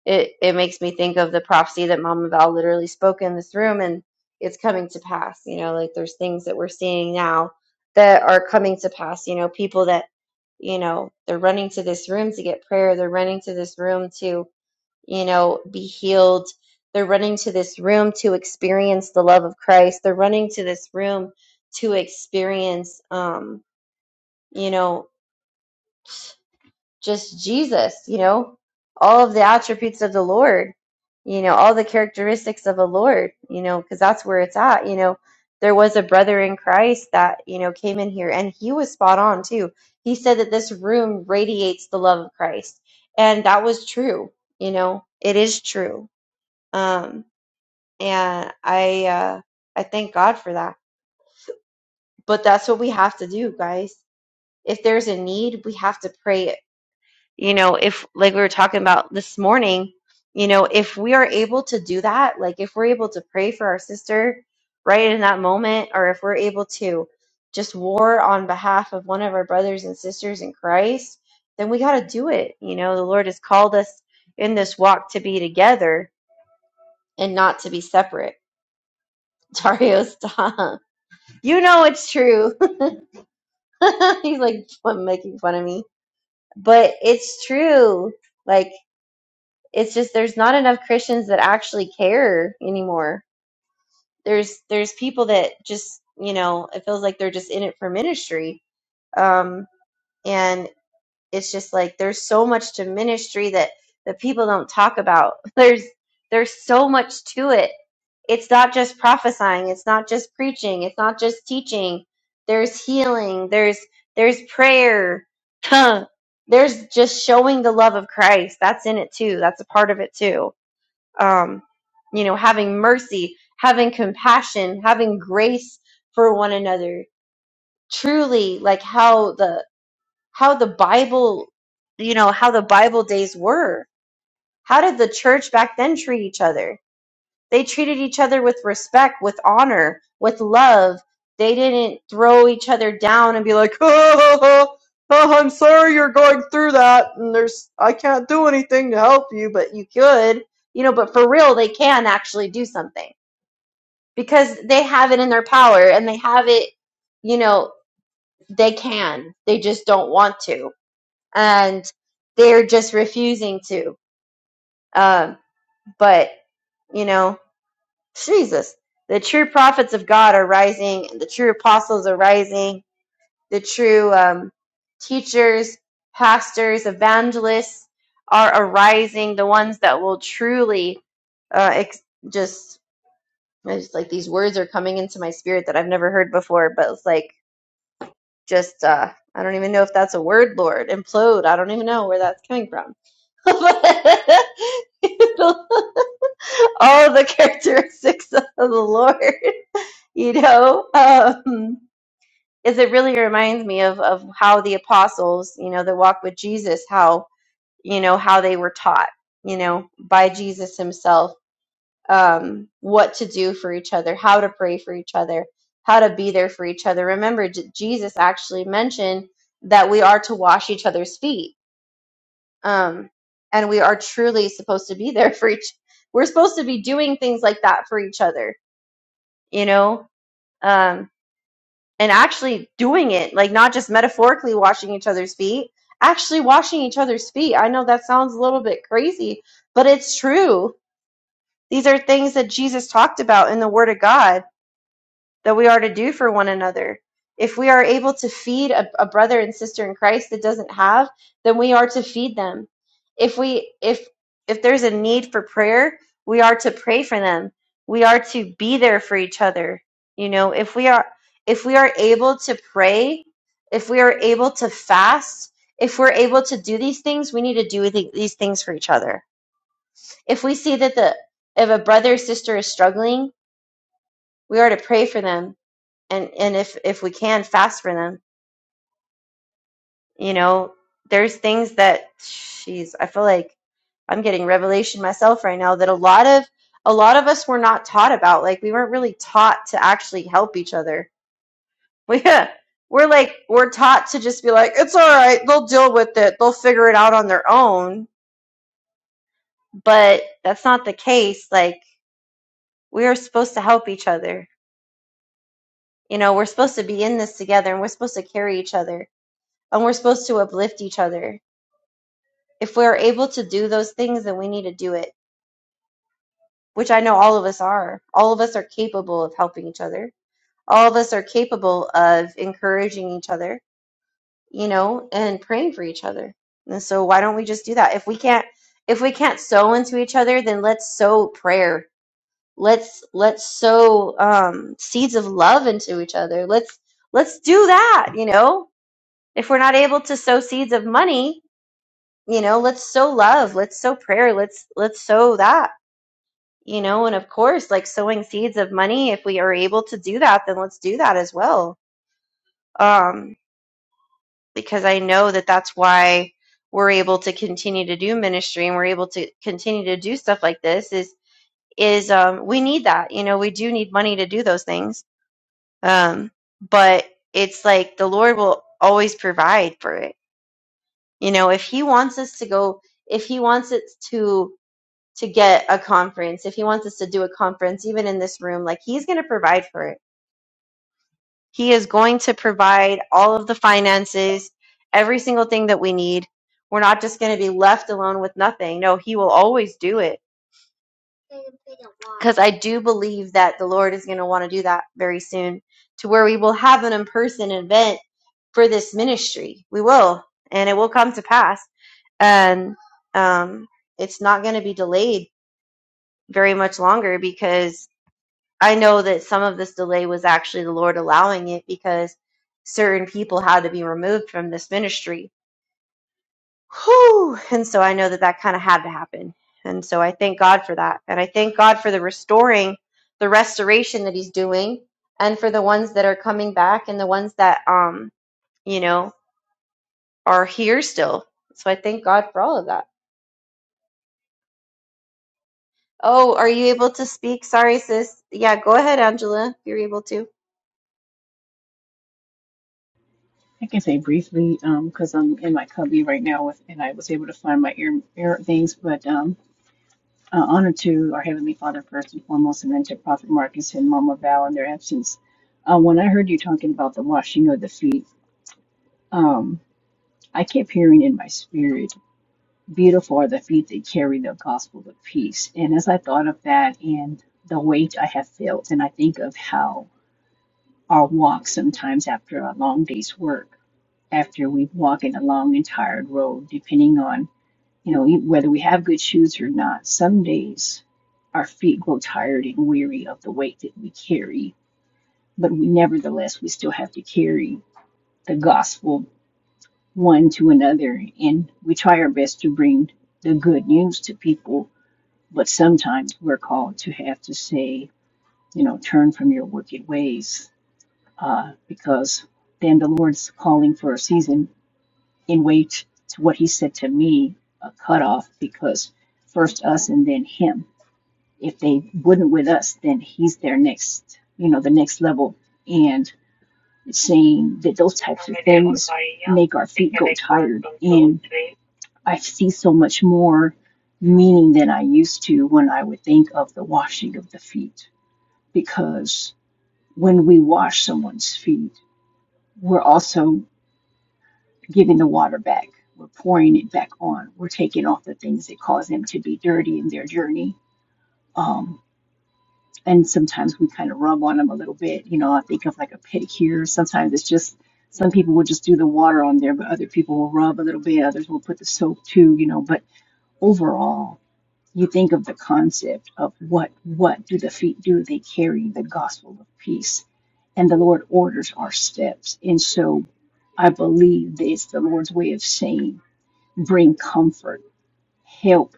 S1: It it makes me think of the prophecy that Mama Val literally spoke in this room and it's coming to pass. You know, like there's things that we're seeing now that are coming to pass, you know, people that you know, they're running to this room to get prayer, they're running to this room to you know, be healed. They're running to this room to experience the love of Christ. They're running to this room to experience, um, you know, just Jesus, you know, all of the attributes of the Lord, you know, all the characteristics of the Lord, you know, because that's where it's at, you know. There was a brother in Christ that, you know, came in here and he was spot on too. He said that this room radiates the love of Christ. And that was true, you know, it is true. Um, and I uh, I thank God for that. But that's what we have to do, guys. If there's a need, we have to pray it. You know, if like we were talking about this morning, you know, if we are able to do that, like if we're able to pray for our sister right in that moment, or if we're able to just war on behalf of one of our brothers and sisters in Christ, then we got to do it. You know, the Lord has called us in this walk to be together and not to be separate. Dario, stop. You know it's true. He's like "I'm making fun of me. But it's true. Like it's just there's not enough Christians that actually care anymore. There's there's people that just, you know, it feels like they're just in it for ministry. Um and it's just like there's so much to ministry that that people don't talk about there's there's so much to it it's not just prophesying it's not just preaching it's not just teaching there's healing there's there's prayer Huh. there's just showing the love of christ that's in it too that's a part of it too um you know having mercy having compassion having grace for one another truly like how the how the Bible, you know, how the Bible days were. How did the church back then treat each other? They treated each other with respect, with honor, with love. They didn't throw each other down and be like, oh, oh, oh, I'm sorry you're going through that, and there's I can't do anything to help you, but you could, you know. But for real, they can actually do something because they have it in their power and they have it, you know, they can. They just don't want to and they're just refusing to. Um, but you know, Jesus, the true prophets of God are rising, and the true apostles are rising. The true um, teachers, pastors, evangelists are arising. The ones that will truly uh, ex- just it's like these words are coming into my spirit that I've never heard before, but it's like just uh, I don't even know if that's a word, Lord. Implode. I don't even know where that's coming from all the characteristics of the Lord, you know, um, is it really reminds me of, of how the apostles, you know, that walked with Jesus, how, you know, how they were taught, you know, by Jesus himself, um, what to do for each other, how to pray for each other, how to be there for each other. Remember, J- Jesus actually mentioned that we are to wash each other's feet um, and we are truly supposed to be there for each we're supposed to be doing things like that for each other you know um, and actually doing it like not just metaphorically washing each other's feet actually washing each other's feet i know that sounds a little bit crazy but it's true these are things that jesus talked about in the word of god that we are to do for one another. If we are able to feed a, a brother and sister in Christ that doesn't have, then we are to feed them. If we if if there's a need for prayer, we are to pray for them. We are to be there for each other. You know, if we are if we are able to pray, if we are able to fast, if we're able to do these things, we need to do the- these things for each other. If we see that the if a brother or sister is struggling, we are to pray for them and and if if we can fast for them you know there's things that jeez, i feel like i'm getting revelation myself right now that a lot of a lot of us were not taught about like we weren't really taught to actually help each other we we're like we're taught to just be like it's all right they'll deal with it they'll figure it out on their own but that's not the case like we are supposed to help each other you know we're supposed to be in this together and we're supposed to carry each other and we're supposed to uplift each other if we're able to do those things, then we need to do it, which I know all of us are. All of us are capable of helping each other. All of us are capable of encouraging each other, you know, and praying for each other. And so why don't we just do that? If we can't if we can't sow into each other, then let's sow prayer. Let's let's sow um, seeds of love into each other. Let's let's do that, you know. If we're not able to sow seeds of money, you know, let's sow love. Let's sow prayer. Let's let's sow that you know and of course like sowing seeds of money if we are able to do that then let's do that as well um because i know that that's why we're able to continue to do ministry and we're able to continue to do stuff like this is is um we need that you know we do need money to do those things um but it's like the lord will always provide for it you know if he wants us to go if he wants us to to get a conference if he wants us to do a conference even in this room like he's going to provide for it He is going to provide all of the finances, every single thing that we need. We're not just going to be left alone with nothing. No, He will always do it. Because I do believe that the Lord is going to want to do that very soon to where we will have an in person event for this ministry. We will, and it will come to pass. And um, it's not going to be delayed very much longer because I know that some of this delay was actually the Lord allowing it because certain people had to be removed from this ministry. Whew. And so I know that that kind of had to happen. And so I thank God for that. And I thank God for the restoring, the restoration that He's doing, and for the ones that are coming back and the ones that, um, you know, are here still. So I thank God for all of that. Oh, are you able to speak? Sorry, sis. Yeah, go ahead, Angela, if you're able to.
S2: can say briefly because I'm in my cubby right now with, and I was able to find my ear, ear things. But um, uh, honor to our Heavenly Father first and foremost, and then to Prophet Marcus and Mama Val in their absence. Uh, when I heard you talking about the washing of the feet, um, I kept hearing in my spirit, "Beautiful are the feet that carry the gospel of peace." And as I thought of that and the weight I have felt, and I think of how our walk sometimes after a long day's work. after we've walked a long and tired road, depending on, you know, e- whether we have good shoes or not. Some days our feet grow tired and weary of the weight that we carry, but we nevertheless, we still have to carry the gospel one to another. And we try our best to bring the good news to people, but sometimes we're called to have to say, you know, turn from your wicked ways, uh, because then the Lord's calling for a season in way to what he said to me, a cutoff, because first us and then him. If they wouldn't with us, then he's their next, you know, the next level. And saying that those types of things make our feet go tired. And I see so much more meaning than I used to when I would think of the washing of the feet. Because when we wash someone's feet, we're also giving the water back. We're pouring it back on. We're taking off the things that cause them to be dirty in their journey. Um, and sometimes we kind of rub on them a little bit. You know, I think of like a pedicure. Sometimes it's just some people will just do the water on there, but other people will rub a little bit. Others will put the soap too. You know, but overall, you think of the concept of what what do the feet do? They carry the gospel of peace, and the Lord orders our steps. And so, I believe that it's the Lord's way of saying bring comfort, help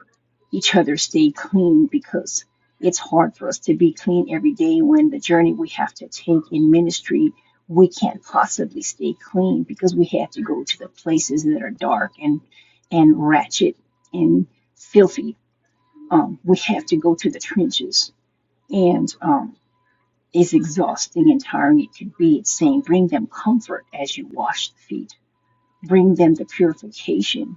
S2: each other stay clean because it's hard for us to be clean every day when the journey we have to take in ministry, we can't possibly stay clean because we have to go to the places that are dark and and ratchet and filthy. Um, we have to go to the trenches and um, as exhausting and tiring it could be, it's saying bring them comfort as you wash the feet. Bring them the purification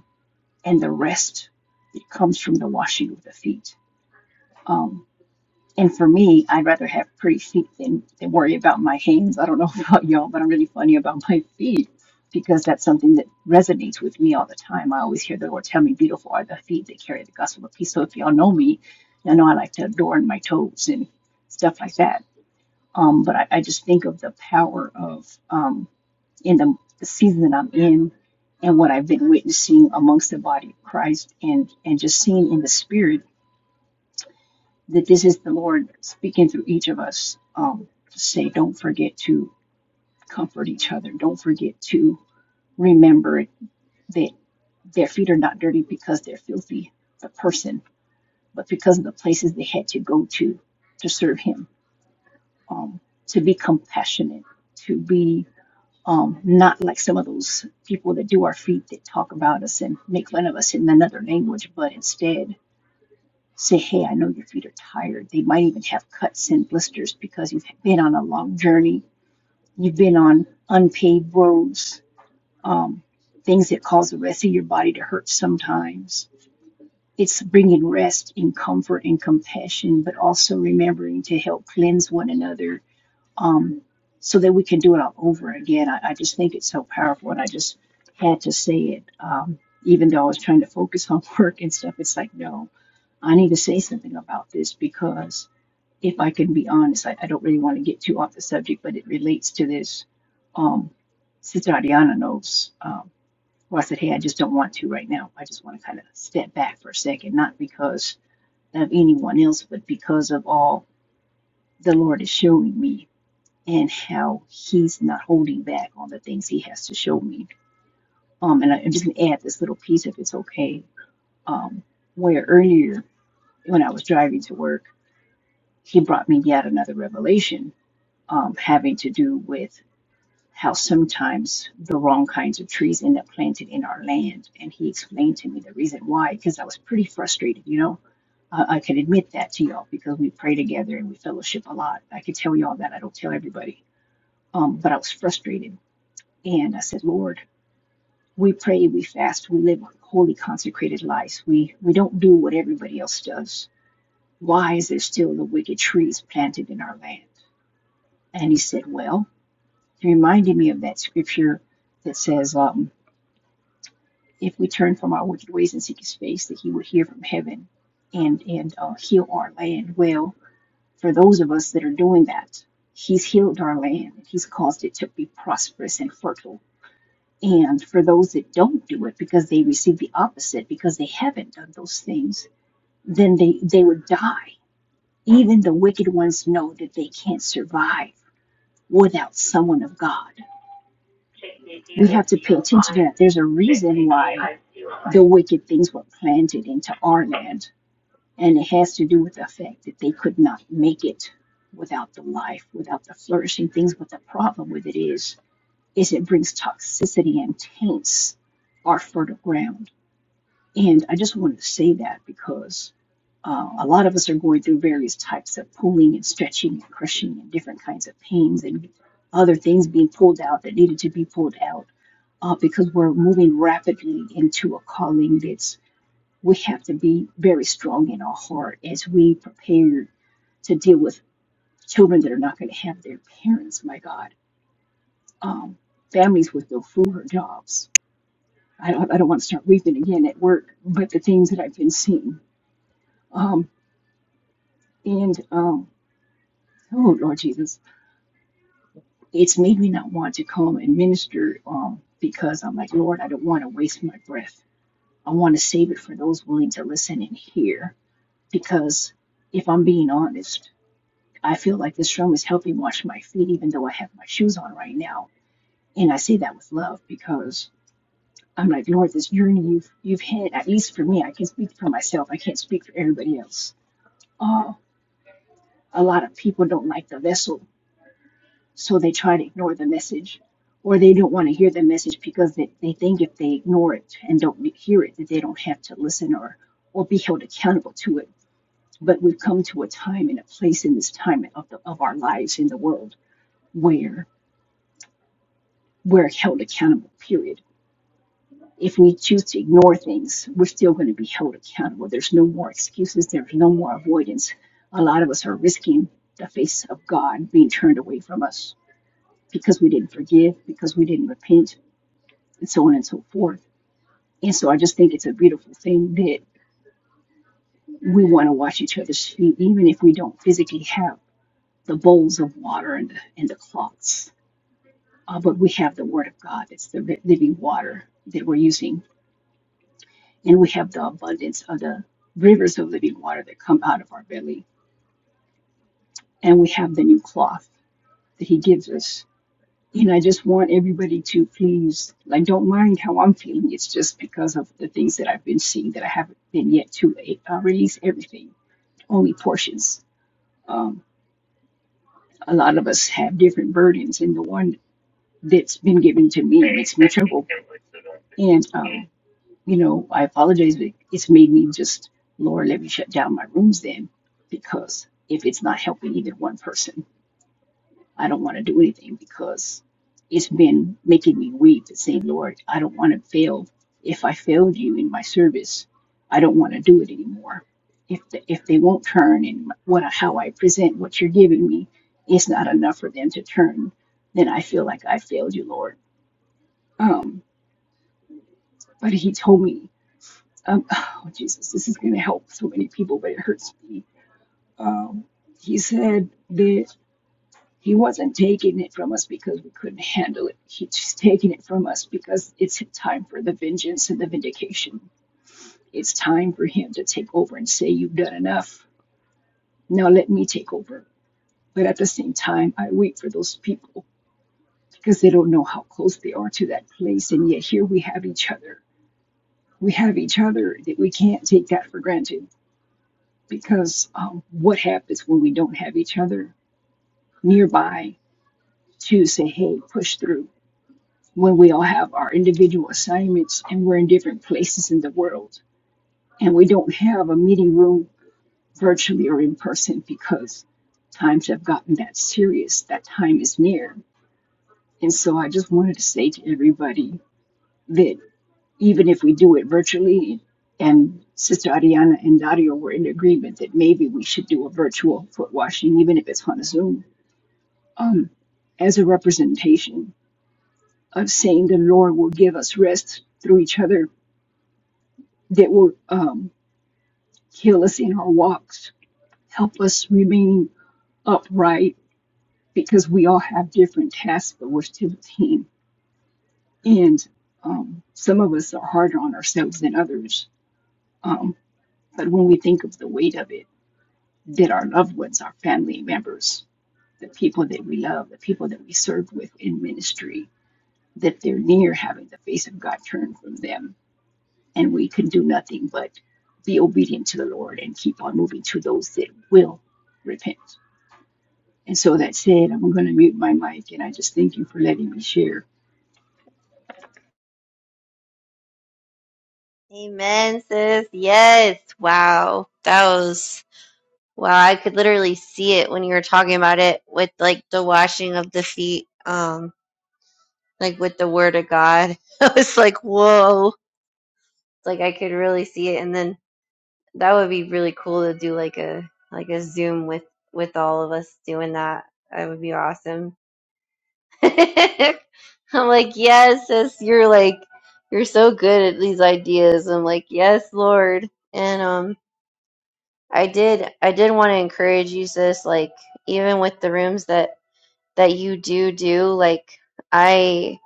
S2: and the rest it comes from the washing of the feet. Um, and for me, I'd rather have pretty feet than, than worry about my hands. I don't know about y'all, but I'm really funny about my feet because that's something that resonates with me all the time. I always hear the Lord tell me, Beautiful are the feet that carry the gospel of peace. So if y'all know me, y'all know I like to adorn my toes and stuff like that. Um, but I, I just think of the power of. um, in the, season that I'm in and what I've been witnessing amongst the body of Christ and, and just seeing in the spirit that this is the Lord speaking through each of us um, to say, don't forget to comfort each other. Don't forget to remember that their feet are not dirty because they're filthy, the person, but because of the places they had to go to to serve Him, um, to be compassionate, to be um, not like some of those people that do our feet that talk about us and make fun of us in another language, but instead say, Hey, I know your feet are tired. They might even have cuts and blisters because you've been on a long journey, you've been on unpaved roads, um, things that cause the rest of your body to hurt sometimes. It's bringing rest and comfort and compassion, but also remembering to help cleanse one another um, so that we can do it all over again. I, I just think it's so powerful, and I just had to say it. Um, even though I was trying to focus on work and stuff, it's like, no, I need to say something about this because if I can be honest, I, I don't really want to get too off the subject, but it relates to this. Um, Sister Adiana knows. Um, well, I said, hey, I just don't want to right now. I just want to kind of step back for a second, not because of anyone else, but because of all the Lord is showing me and how he's not holding back on the things he has to show me. Um, and I, I'm just gonna add this little piece if it's okay. Um, where earlier when I was driving to work, he brought me yet another revelation, um, having to do with how sometimes the wrong kinds of trees end up planted in our land. And he explained to me the reason why, because I was pretty frustrated, you know. I I can admit that to y'all because we pray together and we fellowship a lot. I could tell y'all that. I don't tell everybody. Um, but I was frustrated And I said, Lord, we pray, we fast, we live holy, consecrated lives. We we don't do what everybody else does. Why is there still the wicked trees planted in our land? And he said, Well, he reminded me of that scripture that says, um, if we turn from our wicked ways and seek his face, that he would hear from heaven and and uh, heal our land. Well, for those of us that are doing that, he's healed our land. He's caused it to be prosperous and fertile And for those that don't do it because they receive the opposite, because they haven't done those things, then they, they would die. Even the wicked ones know that they can't survive without someone of God. We have to pay attention to that. There's a reason why the wicked things were planted into our land, and it has to do with the fact that they could not make it without the life, without the flourishing things. But the problem with it is, is it brings toxicity and taints our fertile ground And I just wanted to say that because uh, a lot of us are going through various types of pulling and stretching and crushing and different kinds of pains and other things being pulled out that needed to be pulled out uh, because we're moving rapidly into a calling that's we have to be very strong in our heart as we prepare to deal with children that are not going to have their parents, my God, um, families with no food or jobs. I don't, I don't want to start weeping again at work, but the things that I've been seeing. um, And um, oh Lord Jesus, it's made me not want to come and minister um, because I'm like, Lord, I don't want to waste my breath. I want to save it for those willing to listen and hear. Because if I'm being honest, I feel like this room is helping wash my feet, even though I have my shoes on right now. And I say that with love because I'm like, Lord, this journey you've you've had, at least for me, I can speak for myself. I can't speak for everybody else. Oh, a lot of people don't like the vessel so they try to ignore the message or they don't want to hear the message because they, they think if they ignore it and don't hear it that they don't have to listen or or be held accountable to it but we've come to a time and a place in this time of, the, of our lives in the world where we're held accountable period if we choose to ignore things we're still going to be held accountable there's no more excuses there's no more avoidance a lot of us are risking the face of god being turned away from us because we didn't forgive because we didn't repent and so on and so forth. And so I just think it's a beautiful thing that we want to wash each other's feet, even if we don't physically have the bowls of water and the, and the cloths. Uh, but we have the Word of God. It's the living water that we're using. And we have the abundance of the rivers of living water that come out of our belly. And we have the new cloth that He gives us. And I just want everybody to please, like, don't mind how I'm feeling. It's just because of the things that I've been seeing that I haven't been yet to uh, release everything only portions. Um, a lot of us have different burdens, and the one that's been given to me makes me trouble. And, um, you know, I apologize, but it's made me just, Lord, let me shut down my rooms then, because if it's not helping either one person. I don't want to do anything because it's been making me weep and saying, Lord, I don't want to fail. If I failed you in my service, I don't want to do it anymore. If the, if they won't turn and what how I present what you're giving me is not enough for them to turn, then I feel like I failed you, Lord. Um, but He told me, um, oh Jesus, this is going to help so many people, but it hurts me. Um, he said that. He wasn't taking it from us because we couldn't handle it. He's taking it from us because it's time for the vengeance and the vindication. It's time for him to take over and say, You've done enough. Now let me take over. But at the same time, I wait for those people because they don't know how close they are to that place. And yet here we have each other. We have each other that we can't take that for granted because um, what happens when we don't have each other nearby to say, Hey, push through? when we all have our individual assignments and we're in different places in the world and we don't have a meeting room virtually or in person because times have gotten that serious that time is near and so i just wanted to say to everybody that even if we do it virtually and sister ariana and dario were in agreement that maybe we should do a virtual foot washing even if it's on zoom um, as a representation of saying the lord will give us rest through each other that will um, kill us in our walks, help us remain upright because we all have different tasks, but we're still a team. And um, some of us are harder on ourselves than others. Um, but when we think of the weight of it, that our loved ones, our family members, the people that we love, the people that we serve with in ministry, that they're near having the face of God turned from them and we can do nothing but be obedient to the Lord and keep on moving to those that will repent. And so that said, I'm going to mute my mic, and I just thank you for letting me share.
S1: Amen, sis. Yes. Wow. That was, wow. I could literally see it when you were talking about it with like the washing of the feet, um, like with the word of God. I was like, whoa. Like I could really see it. And then that would be really cool to do like a, like a Zoom with, with all of us doing that. That would be awesome. I'm like, yes, sis. You're like, you're so good at these ideas. I'm like, yes, Lord. And, um. I did I did want to encourage you sis like even with the rooms that that you do do like I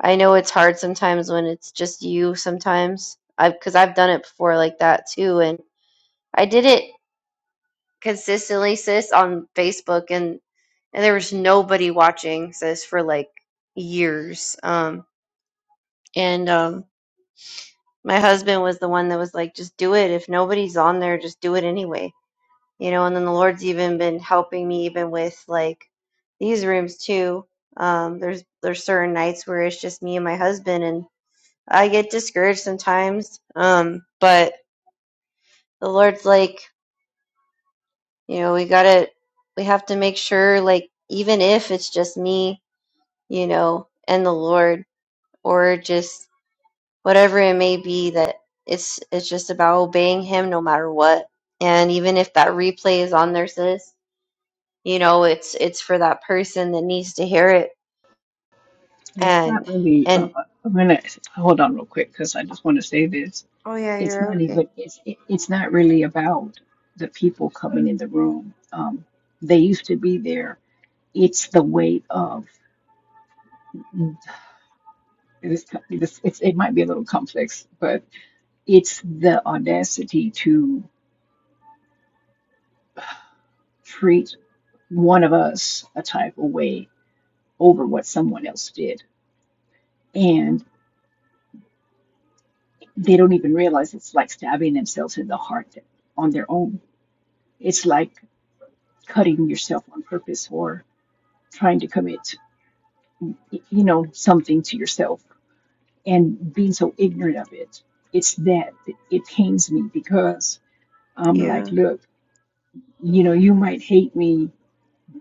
S1: I know it's hard sometimes when it's just you sometimes I because I've done it before like that too and I did it consistently sis on Facebook and and there was nobody watching sis for like years um and um my husband was the one that was like just do it if nobody's on there just do it anyway you know, and then the Lord's even been helping me even with like these rooms too. Um, there's there's certain nights where it's just me and my husband, and I get discouraged sometimes. Um, but the Lord's like, you know, we gotta, we have to make sure, like, even if it's just me, you know, and the Lord, or just whatever it may be, that it's it's just about obeying Him no matter what. And even if that replay is on there, sis, you know it's it's for that person that needs to hear it
S2: It's
S1: and
S2: not really. Uh,
S1: and
S2: uh, I'm gonna hold on real quick because I just want to say this.
S1: oh yeah
S2: It's
S1: you're
S2: not
S1: okay
S2: even. It's it, it's not really about the people coming in the room. Um, they used to be there. It's the weight of this. This it's, it might be a little complex, but it's the audacity to. treat one of us a type of way over what someone else did. And they don't even realize it's like stabbing themselves in the heart on their own. It's like cutting yourself on purpose or trying to commit, you know, something to yourself and being so ignorant of it. It's that it pains me because I'm like,
S1: yeah
S2: look, you know, you might hate me,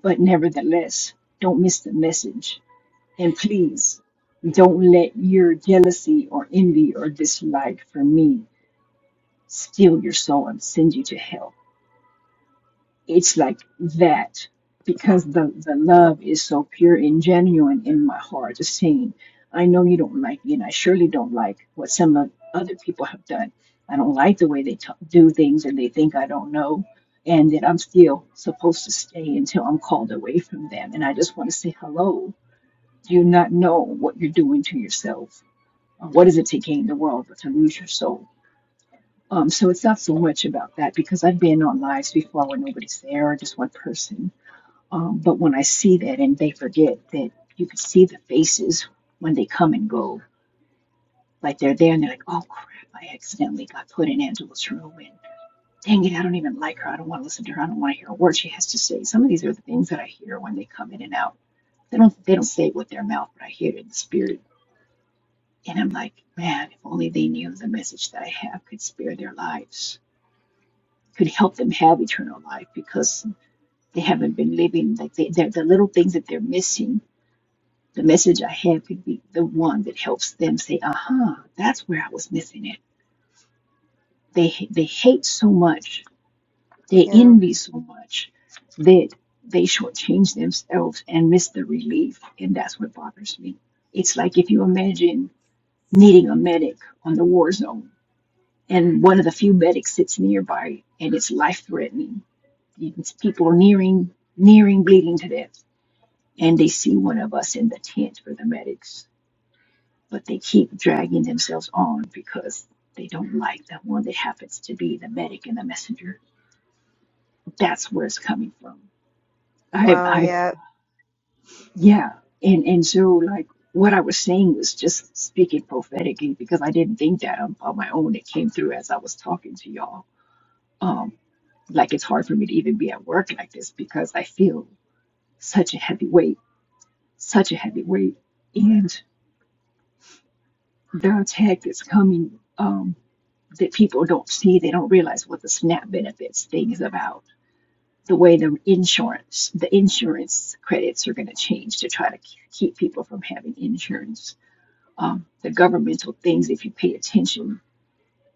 S2: but nevertheless, don't miss the message And please don't let your jealousy or envy or dislike for me steal your soul and send you to hell. It's like that because the, the
S1: okay,
S2: love is so pure and genuine in my heart. Just saying, I know you don't like me, and I surely don't like what some of other people have done. I don't like the way they t- do things and they think I don't know. And that I'm still supposed to stay until I'm called away from them. And I just want to say hello. Do you not know what you're doing to yourself? Uh, What is it to gain the world but to lose your soul? Um, so it's not so much about that because I've been on lives before where nobody's there or just one person. Um, but when I see that and they forget that you can see the faces when they come and go, like they're there and they're like, oh crap, I accidentally got put in Angela's room and dang it, I don't even like her. I don't want to listen to her. I don't want to hear a word she has to say. Some of these are the things that I hear when they come in and out. They don't they don't say it with their mouth, but I hear it in the spirit And I'm like, man, if only they knew the message that I have could spare their lives, could help them have eternal life because they haven't been living. Like they, the little things that they're missing, the message I have could be the one that helps them say, uh huh, that's where I was missing it. They, they hate so much, they
S1: yeah
S2: envy so much that they shortchange themselves and miss the relief. And that's what bothers me. It's like if you imagine needing a medic on the war zone and one of the few medics sits nearby and it's life threatening. People are nearing, nearing bleeding to death, and they see one of us in the tent for the medics, but they keep dragging themselves on because they don't like the one that happens to be the medic and the messenger. That's where it's coming from. I've,
S1: wow
S2: I've,
S1: yeah
S2: yeah, and and so like what I was saying was just speaking prophetically because I didn't think that on, on my own. It came through as I was talking to y'all Um, like it's hard for me to even be at work like this because I feel such a heavy weight, such a heavy weight. And the attack that's coming um, that people don't see, they don't realize what the SNAP benefits thing is about. The way the insurance, the insurance credits are going to change to try to keep people from having insurance. Um, the governmental things, if you pay attention,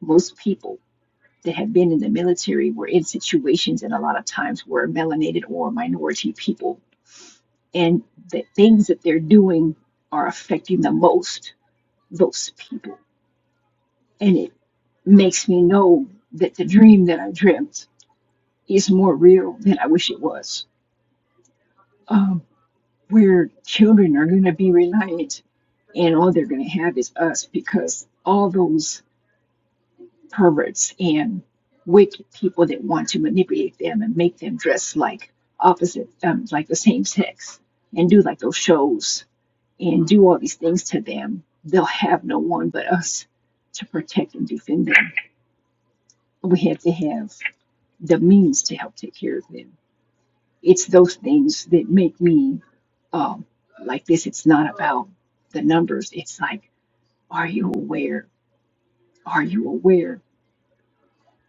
S2: most people that have been in the military were in situations and a lot of times were melanated or minority people and the things that they're doing are affecting the most those people. And it makes me know that the dream that I dreamt is more real than I wish it was. Um, where children are going to be reliant, and all they're going to have is us because all those perverts and wicked people that want to manipulate them and make them dress like opposite, um, like the same sex, and do like those shows and do all these things to them, they'll have no one but us to protect and defend them. We have to have the means to help take care of them. It's those things that make me um, like this. It's not about the numbers. It's like, are you aware? Are you aware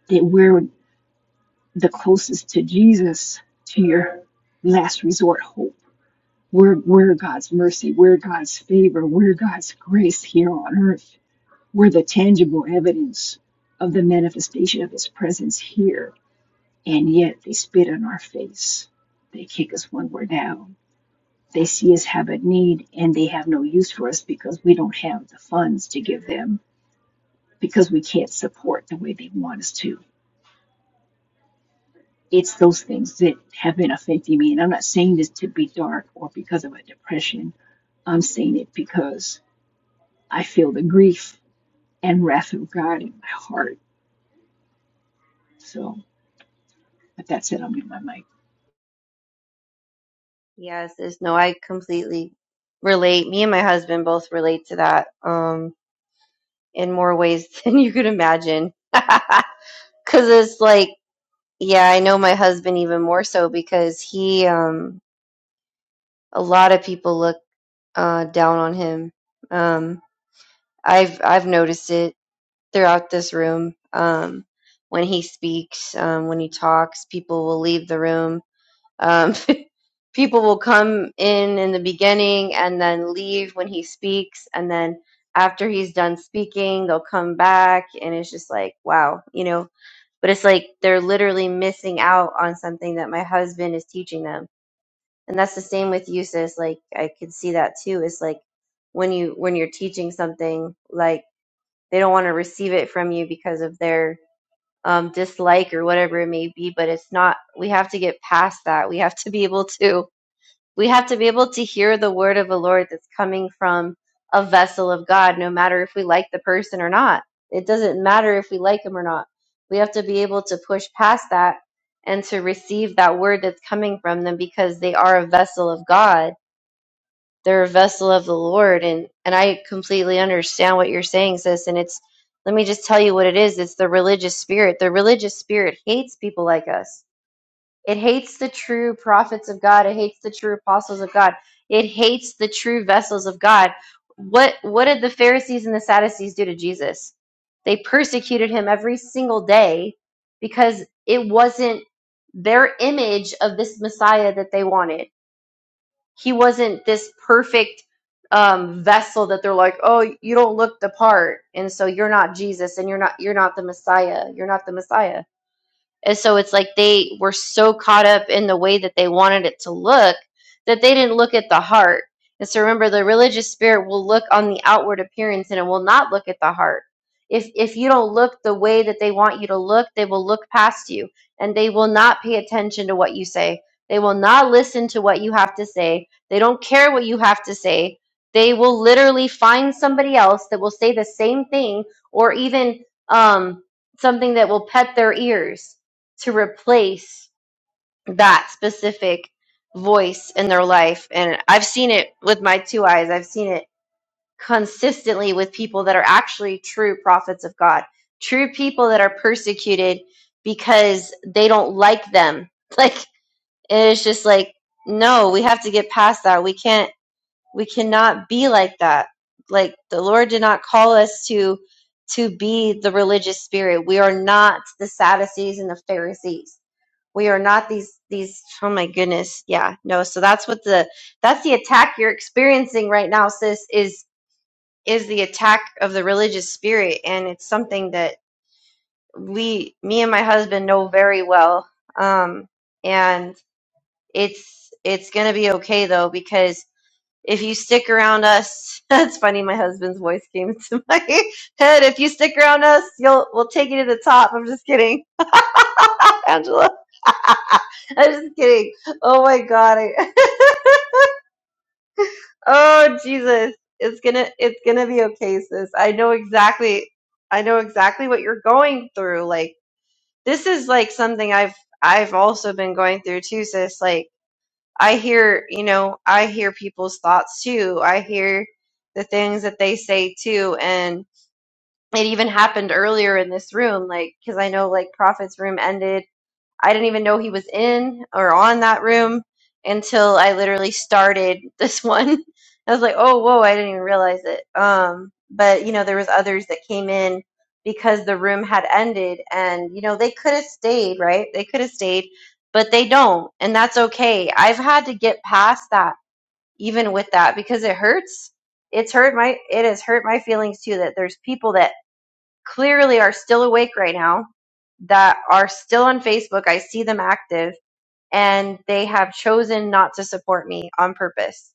S2: that we're the closest to Jesus, to your last resort hope? We're, we're God's mercy. We're God's favor. We're God's grace here on earth We're the tangible evidence of the manifestation of His presence here, and yet they spit in our face. They kick us when we're down. They see us have a need and they have no use for us because we don't have the funds to give them because we can't support the way they want us to. It's those things that have been affecting me. And I'm not saying this to be dark or because of a depression. I'm saying it because I feel the grief and wrath of God in my heart. So, but that's it. I'm in my mic.
S1: yes there's no i completely relate me and my husband both relate to that um in more ways than you could imagine because it's like yeah i know my husband even more so because he um a lot of people look uh down on him um i've i've noticed it throughout this room. Um, when he speaks, um, when he talks, people will leave the room. Um, people will come in in the beginning and then leave when he speaks. And then after he's done speaking, they'll come back. And it's just like, wow, you know. But it's like they're literally missing out on something that my husband is teaching them. And that's the same with you, sis. Like I could see that too. It's like when you when you're teaching something, like they don't want to receive it from you because of their um, dislike or whatever it may be but it's not we have to get past that we have to be able to we have to be able to hear the word of the lord that's coming from a vessel of god no matter if we like the person or not it doesn't matter if we like him or not we have to be able to push past that and to receive that word that's coming from them because they are a vessel of god they're a vessel of the Lord and and I completely understand what you're saying sis and it's let me just tell you what it is it's the religious spirit the religious spirit hates people like us it hates the true prophets of God it hates the true apostles of God it hates the true vessels of God what what did the Pharisees and the Sadducees do to Jesus they persecuted him every single day because it wasn't their image of this Messiah that they wanted he wasn't this perfect um, vessel that they're like, oh, you don't look the part, and so you're not Jesus, and you're not you're not the Messiah. You're not the Messiah and so it's like they were so caught up in the way that they wanted it to look that they didn't look at the heart. And so remember, the religious spirit will look on the outward appearance and it will not look at the heart. If, if you don't look the way that they want you to look, they will look past you and they will not pay attention to what you say. They will not listen to what you have to say. They don't care what you have to say. They will literally find somebody else that will say the same thing or even um, something that will pet their ears to replace that specific voice in their life. And I've seen it with my two eyes. I've seen it consistently with people that are actually true prophets of God, true people that are persecuted because they don't like them. Like, and it's just like, no, we have to get past that. We can't, we cannot be like that. Like, the Lord did not call us to. To be the religious spirit. We are not the Sadducees and the Pharisees we are not these these oh my goodness yeah no so that's what the that's the attack you're experiencing right now sis is is the attack of the religious spirit and it's something that we me and my husband know very well um and it's it's gonna be okay though because if you stick around us that's funny my husband's voice came to my head if you stick around us you'll we'll take you to the top i'm just kidding Angela. I'm just kidding. Oh my god. I- oh Jesus. It's gonna it's gonna be okay, sis. I know exactly I know exactly what you're going through. Like this is like something I've I've also been going through too, sis. Like I hear, you know, I hear people's thoughts too. I hear the things that they say too and it even happened earlier in this room, like, because I know, like, Prophet's room ended I didn't even know he was in or on that room until I literally started this one. I was like, "Oh, whoa, I didn't even realize it." Um, but you know, there was others that came in because the room had ended and you know, they could have stayed, right? They could have stayed, but they don't, and that's okay. I've had to get past that even with that because it hurts. It's hurt my it has hurt my feelings too that there's people that clearly are still awake right now that are still on Facebook. I see them active and they have chosen not to support me on purpose.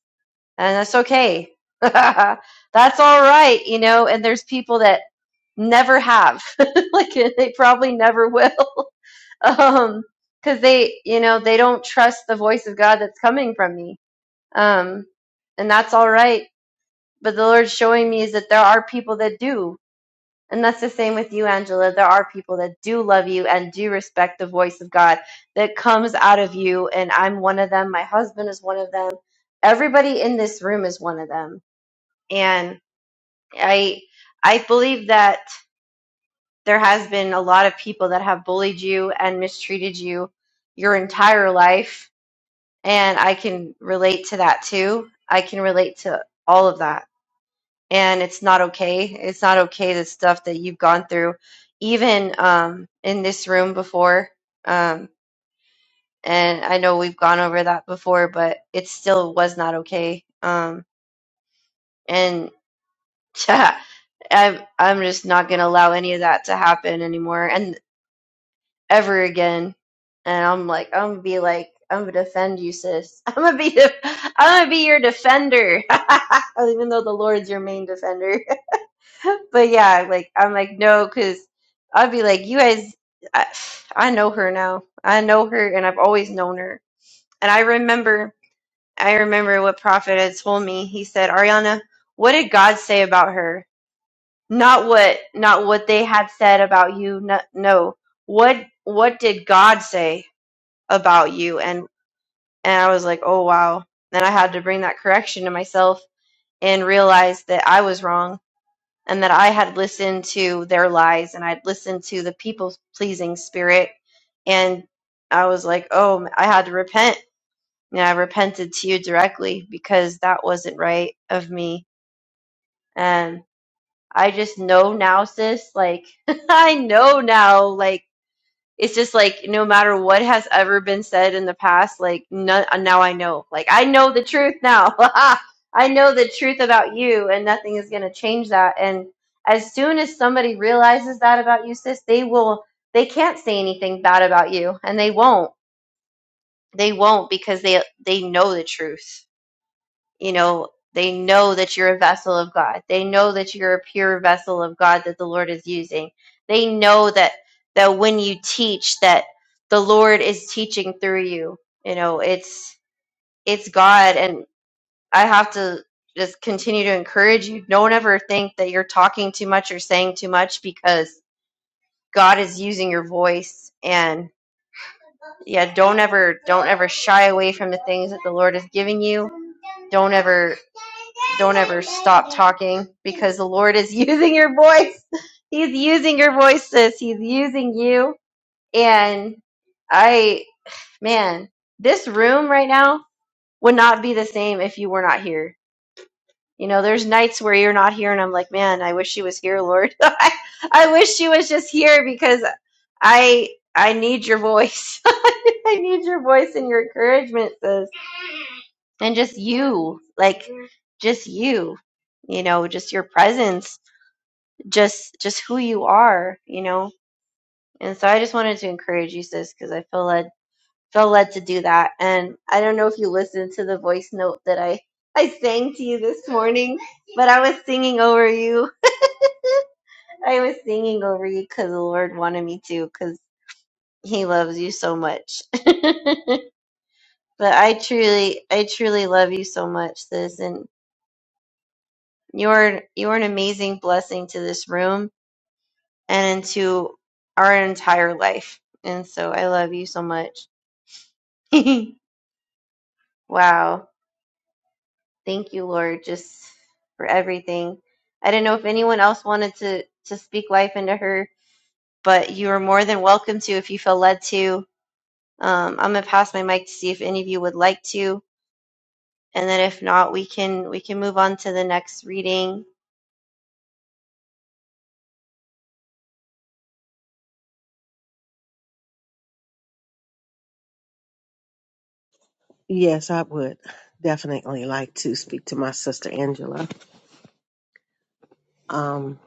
S1: And that's okay. that's all right, you know, and there's people that never have. like they probably never will. um cuz they, you know, they don't trust the voice of God that's coming from me. Um and that's all right. But the Lord's showing me is that there are people that do. And that's the same with you, Angela. There are people that do love you and do respect the voice of God that comes out of you. And I'm one of them. My husband is one of them. Everybody in this room is one of them. And I, I believe that there has been a lot of people that have bullied you and mistreated you your entire life. And I can relate to that too. I can relate to all of that and it's not okay. It's not okay the stuff that you've gone through, even um, in this room before. Um, and I know we've gone over that before, but it still was not okay. Um, and I'm I'm just not gonna allow any of that to happen anymore and ever again. And I'm like, I'm gonna be like, I'm gonna defend you, sis. I'm gonna be, the I'm gonna be your defender, even though the Lord's your main defender. but yeah, like I'm like no, because I'd be like you guys. I, I know her now. I know her, and I've always known her. And I remember, I remember what Prophet had told me. He said, Ariana, what did God say about her? Not what, not what they had said about you. No, no. what, what did God say about you? And and I was like, oh wow. Then I had to bring that correction to myself and realize that I was wrong and that I had listened to their lies and I'd listened to the people pleasing spirit. And I was like, oh, I had to repent. And I repented to you directly because that wasn't right of me. And I just know now, sis. Like, I know now. Like, it's just like no matter what has ever been said in the past, like no, uh, now I know. Like I know the truth now. I know the truth about you, and nothing is going to change that. And as soon as somebody realizes that about you, sis, they will. They can't say anything bad about you, and they won't. They won't because they they know the truth you know they know that you're a vessel of god they know that you're a pure vessel of god that the lord is using they know that that when you teach that the lord is teaching through you you know it's it's god and i have to just continue to encourage you don't ever think that you're talking too much or saying too much because god is using your voice and yeah don't ever don't ever shy away from the things that the lord is giving you don't ever don't ever. stop talking because the Lord is using your voice. He's using your voices. He's using you. And I, man, this room right now would not be the same if you were not here. You know, there's nights where you're not here, and I'm like, man, I wish she was here, Lord. I, I wish she was just here because I, I need your voice. I need your voice and your encouragement, sis. And just you, like, just you, you know, just your presence just just who you are, you know. And so I just wanted to encourage you, sis, because I feel led felt led to do that. And I don't know if you listened to the voice note that I I sang to you this morning, but I was singing over you. I was singing over you because the Lord wanted me to, because He loves you so much. but I truly, I truly love you so much, sis, and you're you're an amazing blessing to this room and into our entire life. And so I love you so much. wow. Thank you, Lord, just for everything. I didn't know if anyone else wanted to to speak life into her, but you are more than welcome to if you feel led to. Um, I'm gonna pass my mic to see if any of you would like to, and then if not, we can we can move on to the next reading.
S4: Yes, I would definitely like to speak to my sister Angela. Um,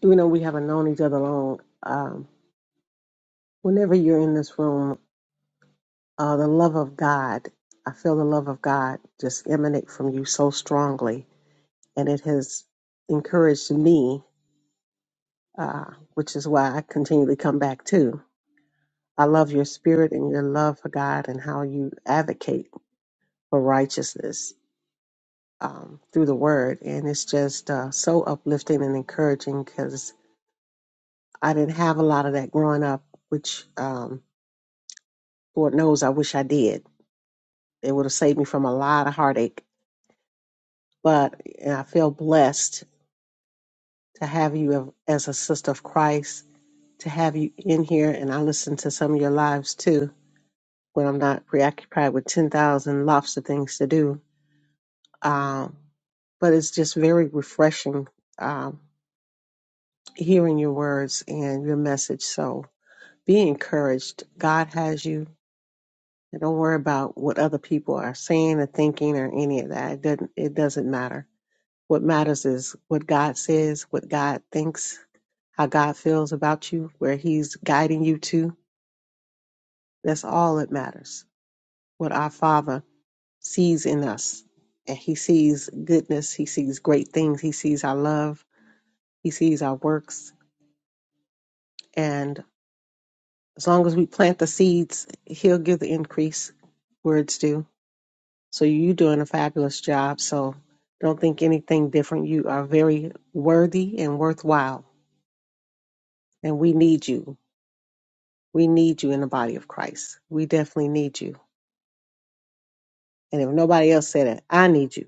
S4: you know, we haven't known each other long. Um, whenever you're in this room, uh, the love of God, I feel the love of God just emanate from you so strongly. and it has encouraged me, uh, which is why I continually come back too. I love your spirit and your love for God and how you advocate for righteousness um, through the Word, and it's just uh, so uplifting and encouraging because I didn't have a lot of that growing up, which um, Lord knows I wish I did. It would have saved me from a lot of heartache, but and I feel blessed to have you as a sister of Christ, to have you in here, and I listen to some of your lives too when I'm not preoccupied with 10,000 lots of things to do. Um, but it's just very refreshing um, hearing your words and your message. So be encouraged. God has you. And don't worry about what other people are saying or thinking or any of that. It doesn't, it doesn't matter. What matters is what God says, what God thinks, how God feels about you, where He's guiding you to. That's all that matters. What our Father sees in us. And he sees goodness, he sees great things, he sees our love, he sees our works. And as long as we plant the seeds, he'll give the increase where it's due. So you're doing a fabulous job. So don't think anything different. You are very worthy and worthwhile. And we need you. We need you in the body of Christ. We definitely need you. And if nobody else said it, I need you.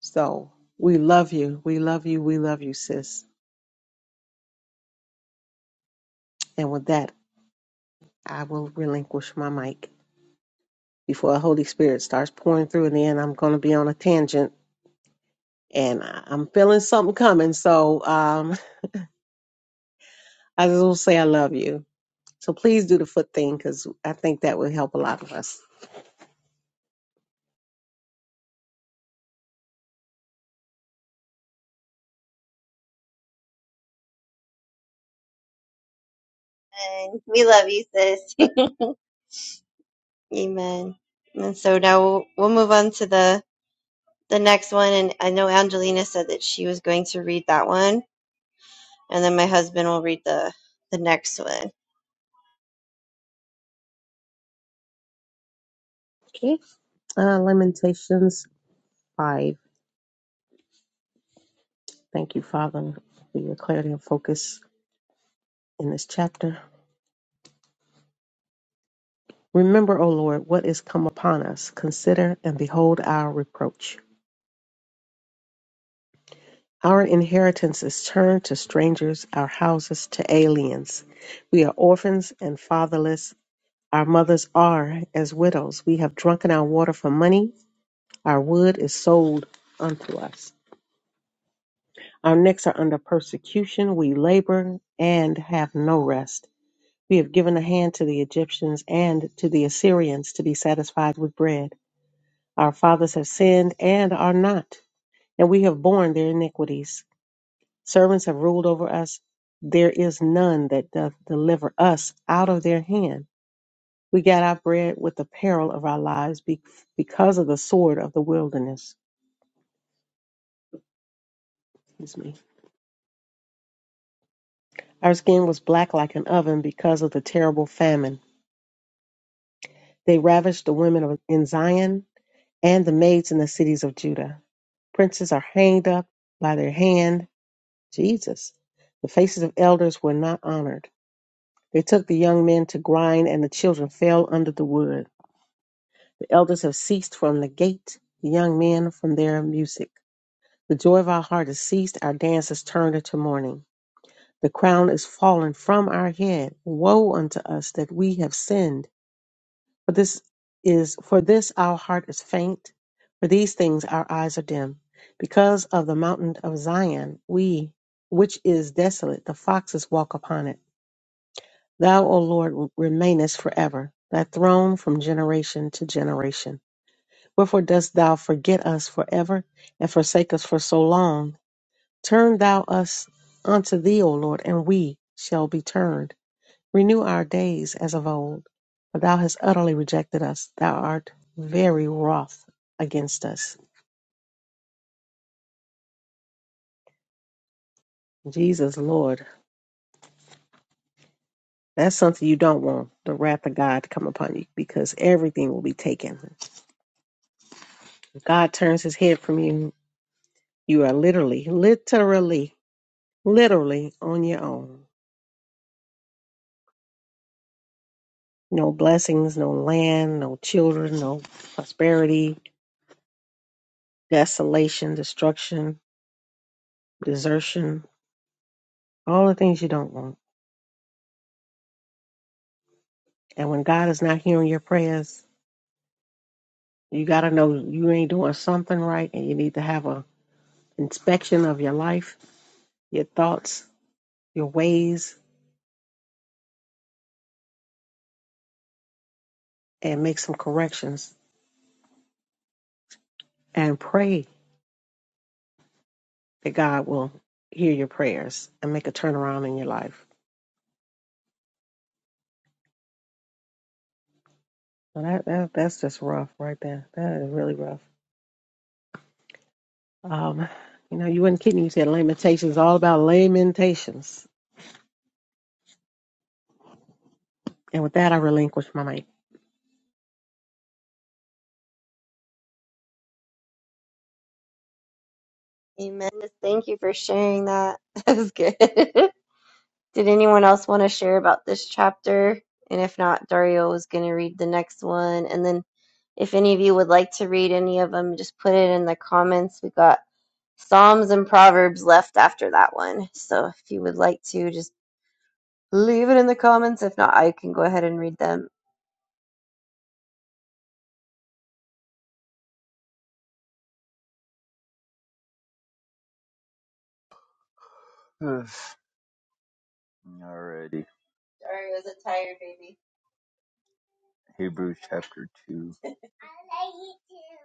S4: So we love you. We love you. We love you, sis. And with that, I will relinquish my mic before the Holy Spirit starts pouring through, and then I'm going to be on a tangent, and I- I'm feeling something coming. So um, I just will say I love you. So please do the foot thing because I think that would help a lot of us.
S1: And we love you, sis. Amen. And so now we'll, we'll move on to the the next one, and I know Angelina said that she was going to read that one, and then my husband will read the the next one.
S4: Okay. Uh, Lamentations 5. Thank you, Father, for your clarity and focus in this chapter. Remember, O Lord, what is come upon us. Consider and behold our reproach. Our inheritance is turned to strangers, our houses to aliens. We are orphans and fatherless. Our mothers are as widows. We have drunken our water for money. Our wood is sold unto us. Our necks are under persecution. We labor and have no rest. We have given a hand to the Egyptians and to the Assyrians to be satisfied with bread. Our fathers have sinned and are not, and we have borne their iniquities. Servants have ruled over us. There is none that doth deliver us out of their hand. We got our bread with the peril of our lives be- because of the sword of the wilderness. Excuse me. Our skin was black like an oven because of the terrible famine. They ravished the women of, in Zion and the maids in the cities of Judah. Princes are hanged up by their hand. Jesus. The faces of elders were not honored. They took the young men to grind, and the children fell under the wood. The elders have ceased from the gate, the young men from their music. The joy of our heart is ceased, our dance is turned into mourning. The crown is fallen from our head. Woe unto us that we have sinned For this is for this our heart is faint, for these things our eyes are dim. Because of the mountain of Zion, we which is desolate, the foxes walk upon it. Thou, O Lord, remainest forever, thy throne from generation to generation. Wherefore dost thou forget us forever and forsake us for so long? Turn thou us unto thee, O Lord, and we shall be turned. Renew our days as of old, for thou hast utterly rejected us. Thou art very wroth against us. Jesus, Lord, that's something you don't want the wrath of God to come upon you because everything will be taken. If God turns his head from you, you are literally, literally, literally on your own. No blessings, no land, no children, no prosperity, desolation, destruction, desertion, all the things you don't want. And when God is not hearing your prayers, You got to know you ain't doing something right, and you need to have a inspection of your life, your thoughts, your ways, and make some corrections. And pray that God will hear your prayers and make a turnaround in your life. Well, that, that that's just rough right there. That is really rough. Um, you know, you weren't kidding. You said lamentations, all about lamentations. And with that, I relinquish my mic.
S1: Amen. Thank you for sharing that. That was good. Did anyone else want to share about this chapter? And if not, Dario was going to read the next one. And then if any of you would like to read any of them, just put it in the comments. We got Psalms and Proverbs left after that one. So if you would like to, just leave it in the comments. If not, I can go ahead and read them.
S3: Alrighty. Hebrews chapter 2.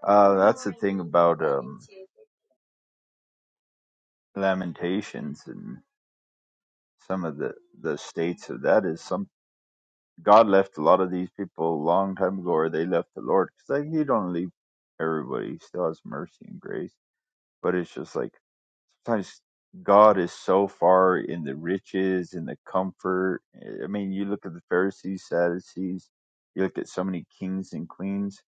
S3: Uh, that's the thing about um, Lamentations and some of the the states of that is some God left a lot of these people a long time ago, or they left the Lord because like He don't leave everybody; He still has mercy and grace. But it's just like sometimes God is so far in the riches in the comfort. I mean, you look at the Pharisees, Sadducees. You look at so many kings and queens.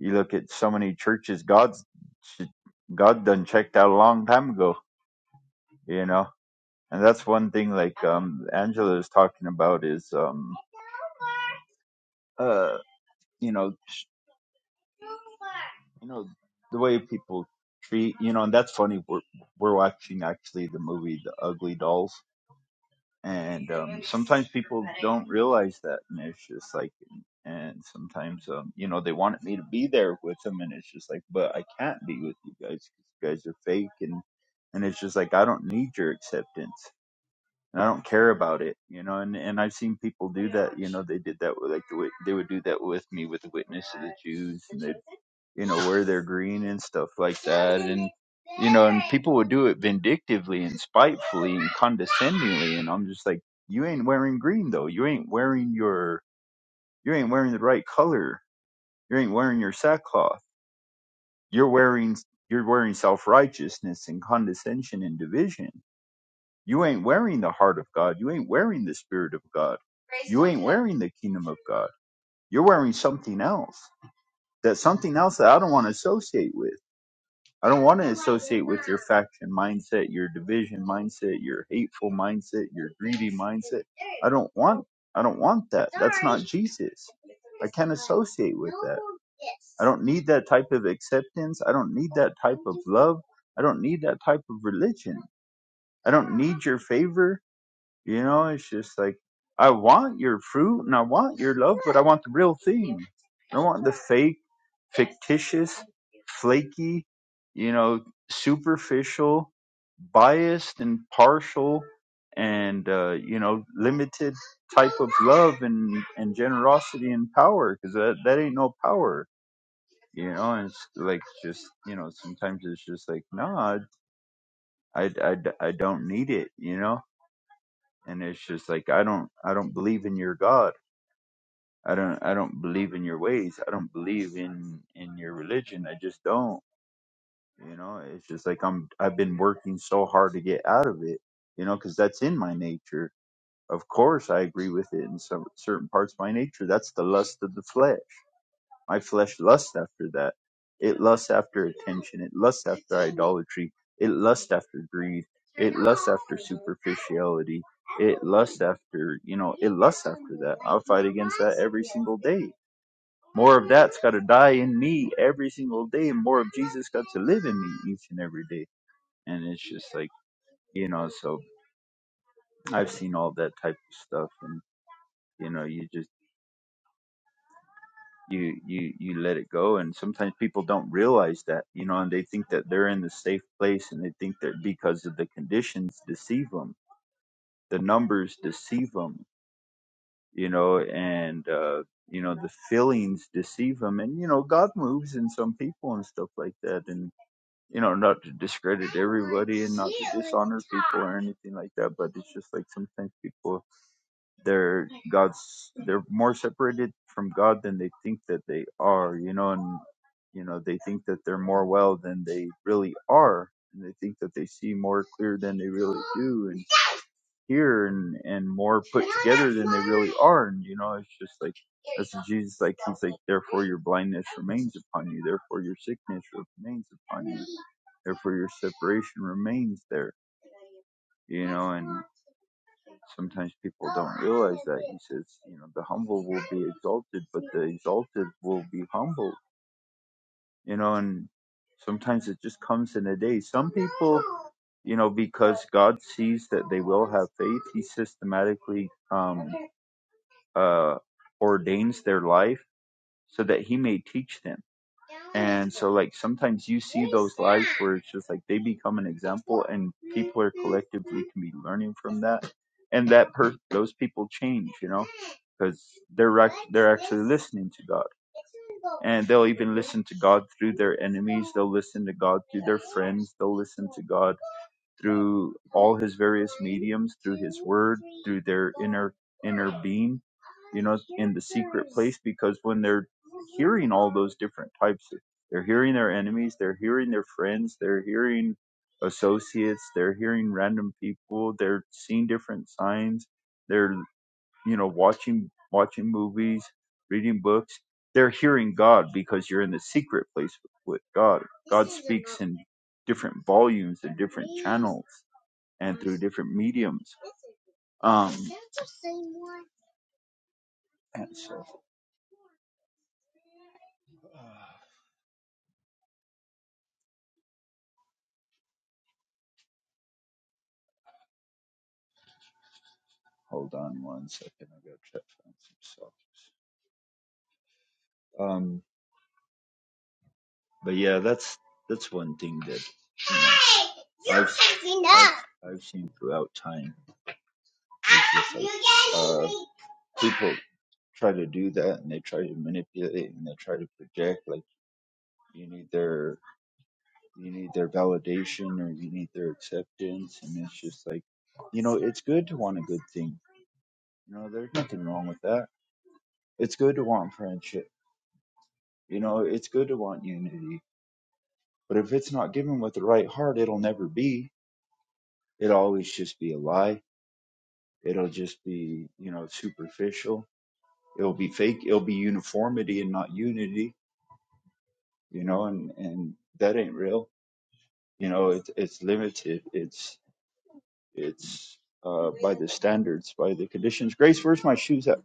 S3: You look at so many churches. God's God done checked out a long time ago. You know and that's one thing like um angela is talking about is um uh you know sh- you know the way people treat you know and that's funny we're we're watching actually the movie the ugly dolls and um sometimes people don't realize that and it's just like and sometimes um you know they wanted me to be there with them and it's just like but i can't be with you guys because you guys are fake and and it's just like i don't need your acceptance and I don't care about it, you know. And and I've seen people do that, you know. They did that with like the they would do that with me with the witness of the Jews, and they, you know, wear their green and stuff like that, and you know, and people would do it vindictively and spitefully and condescendingly, and I'm just like, you ain't wearing green though. You ain't wearing your you ain't wearing the right color. You ain't wearing your sackcloth. You're wearing you're wearing self righteousness and condescension and division you ain't wearing the heart of God. You ain't wearing the spirit of God. You ain't wearing the kingdom of God. You're wearing something else. That something else that I don't want to associate with. I don't want to associate with your faction mindset, your division mindset, your hateful mindset, your greedy mindset. I don't want I don't want that. That's not Jesus. I can't associate with that. I don't need that type of acceptance. I don't need that type of love. I don't need that type of religion. I don't need your favor. You know, it's just like I want your fruit and I want your love, but I want the real thing. I don't want the fake, fictitious, flaky, you know, superficial, biased and partial and uh, you know, limited type of love and and generosity and power because that that ain't no power. You know, and it's like just you know, sometimes it's just like, no, I, I, I I don't need it. You know, and it's just like i don't i don't believe in your god i don't i don't believe in your ways i don't believe in in your religion i just don't you know it's just like i'm i've been working so hard to get out of it you know because that's in my nature of course i agree with it in some certain parts of my nature that's the lust of the flesh my flesh lusts after that. It lusts after attention. It lusts after idolatry. It lusts after greed. It lusts after superficiality. It lusts after, you know, it lusts after that. I'll fight against that every single day. More of that's got to die in me every single day. and More of Jesus got to live in me each and every day. And it's just like, you know, so I've seen all that type of stuff. And, you know, you just, you you you let it go and sometimes people don't realize that you know and they think that they're in the safe place and they think that because of the conditions deceive them the numbers deceive them you know and uh you know the feelings deceive them and you know god moves in some people and stuff like that and you know not to discredit everybody and not to dishonor people or anything like that but it's just like sometimes people they're God's they're more separated from God than they think that they are, you know, and you know, they think that they're more well than they really are. And they think that they see more clear than they really do and hear and, and more put together than they really are. And you know, it's just like that's what Jesus like he's like, Therefore your blindness remains upon you, therefore your sickness remains upon you, therefore your separation remains there you know, and sometimes people don't realize that. He says, you know, the humble will be exalted, but the exalted will be humbled, you know, and sometimes it just comes in a day. Some people, you know, because God sees that they will have faith, He systematically um, uh, ordains their life so that he may teach them. And so, like, sometimes you see those lives where it's just like they become an example, and people are collectively can be learning from that, and that per those people change, you know, because they're rec- they're actually listening to God, and they'll even listen to God through their enemies. They'll listen to God through their friends. They'll listen to God through all his various mediums, through his word, through their inner inner being, you know, in the secret place because when they're hearing all those different types, they're hearing their enemies, they're hearing their friends, they're hearing associates, they're hearing random people, they're seeing different signs, they're you know watching watching movies, reading books, they're hearing God because you're in the secret place with God. God speaks in different volumes and different channels and through different mediums. Um, Is that the same one? and so, uh, hold on one second. I gotta try to find some socks. Um, but yeah, that's that's one thing that I've, I've I've seen throughout time. It's just like, uh, people try to do that and they try to manipulate and they try to project like you need their you need their validation or you need their acceptance and it's just like you know it's good to want a good thing you know there's nothing wrong with that It's good to want friendship. You know, it's good to want unity. But if it's not given with the right heart, it'll never be. It'll always just be a lie. It'll just be, you know, superficial. It'll be fake. It'll be uniformity and not unity, you know, and, and that ain't real. You know, it's it's limited. It's, it's, uh, by the standards, by the conditions. Grace, where's my shoes at?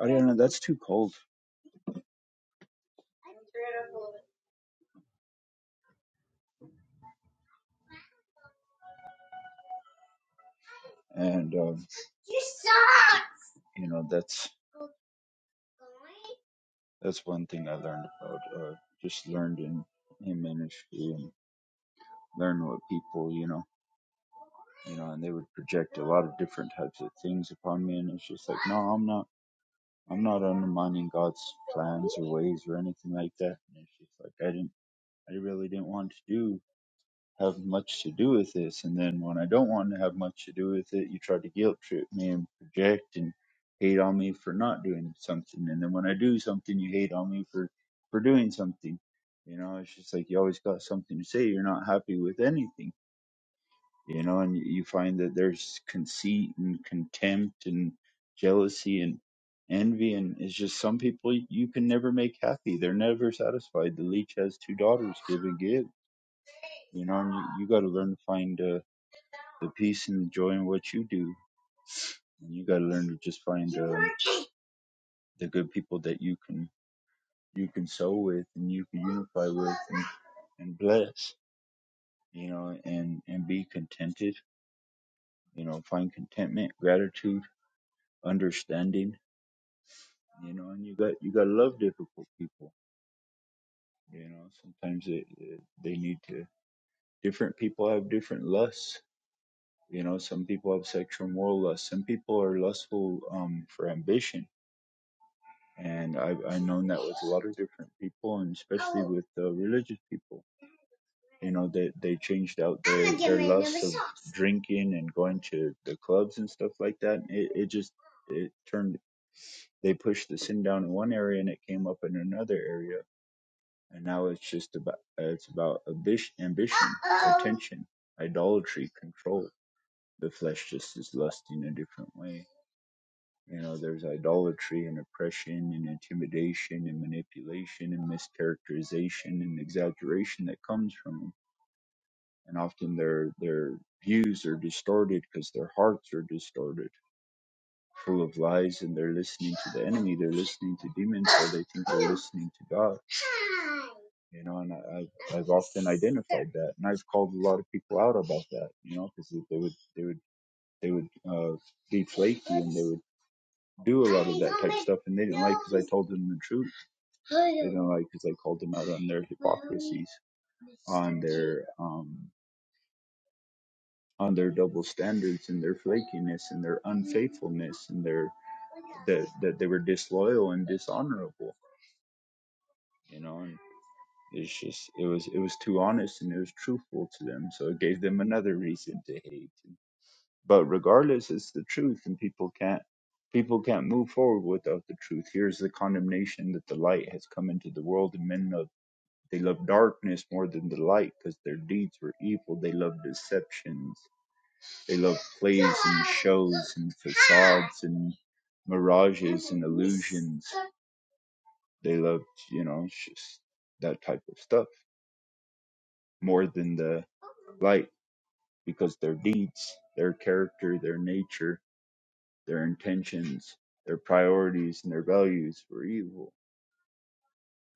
S3: I don't know. That's too cold. And, um, you know, that's, That's one thing I learned about. Uh, just learned in in ministry and learn what people, you know, you know, and they would project a lot of different types of things upon me, and it's just like, no, I'm not, I'm not undermining God's plans or ways or anything like that. And it's just like I didn't, I really didn't want to do have much to do with this. And then when I don't want to have much to do with it, you try to guilt trip me and project and hate on me for not doing something. And then when I do something, you hate on me for, for doing something. You know, it's just like you always got something to say. You're not happy with anything, you know, and you you find that there's conceit and contempt and jealousy and envy. And it's just some people you can never make happy. They're never satisfied. The leech has two daughters, give and give you know, and you, you got to learn to find uh, the peace and the joy in what you do, and you got to learn to just find uh, the good people that you can you can sow with and you can unify with and, and bless. You know, and and be contented. You know, find contentment, gratitude, understanding. You know, and you got you got to love difficult people. You know, sometimes it, it, they need to. Different people have different lusts you know some people have sexual moral lust some people are lustful um, for ambition and I've, I've known that with a lot of different people and especially with uh, religious people you know they, they changed out their, their lust of drinking and going to the clubs and stuff like that it, it just it turned they pushed the sin down in one area and it came up in another area and now it's just about it's about ambition, attention idolatry control the flesh just is lusting a different way You know, there's idolatry and oppression and intimidation and manipulation and mischaracterization and exaggeration that comes from them. And often their their views are distorted because their hearts are distorted, full of lies, and they're listening to the enemy. They're listening to demons, or they think they're listening to God. You know, and I, I've I've often identified that, and I've called a lot of people out about that. You know, because they would they would they would uh, be flaky and they would do a lot of that type of stuff, and they didn't like because I told them the truth. You know, like because I called them out on their hypocrisies, on their um, on their double standards and their flakiness and their unfaithfulness and their that that they were disloyal and dishonorable. You know, and it's just it was it was too honest and it was truthful to them, so it gave them another reason to hate. But regardless, it's the truth, and people can't people can't move forward without the truth. Here's the condemnation that the light has come into the world, and men know They loved darkness more than the light because their deeds were evil. They loved deceptions. They loved plays and shows and facades and mirages and illusions. They loved, you know, it's just that type of stuff more than the light because their deeds, their character, their nature, their intentions, their priorities, and their values were evil.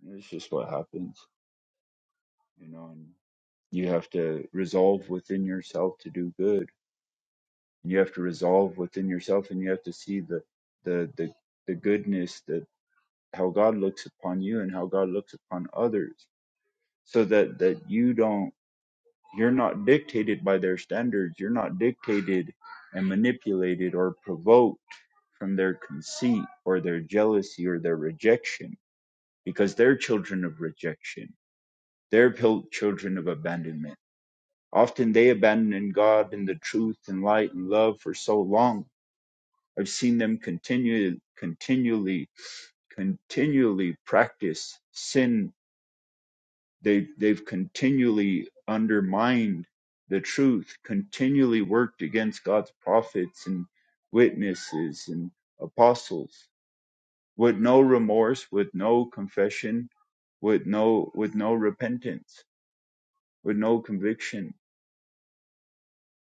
S3: And it's just what happens, you know. And you have to resolve within yourself to do good and you have to resolve within yourself and you have to see the the the, the goodness that how god looks upon you and how god looks upon others so that that you don't you're not dictated by their standards you're not dictated and manipulated or provoked from their conceit or their jealousy or their rejection because they're children of rejection they're pil- children of abandonment often they abandon god and the truth and light and love for so long I've seen them continue, continually, continually practice sin. They, they've continually undermined the truth, continually worked against God's prophets and witnesses and apostles with no remorse, with no confession, with no, with no repentance, with no conviction,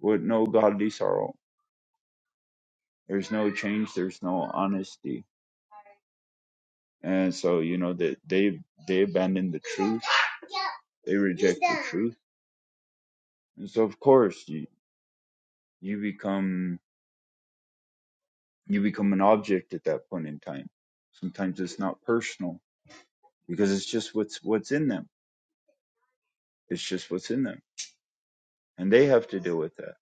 S3: with no godly sorrow. There's no change. There's no honesty. And so, you know, that they, they abandoned the truth They reject the truth. And so of course you you become you become an object at that point in time. Sometimes it's not personal because it's just what's what's in them. It's just what's in them. And they have to deal with that.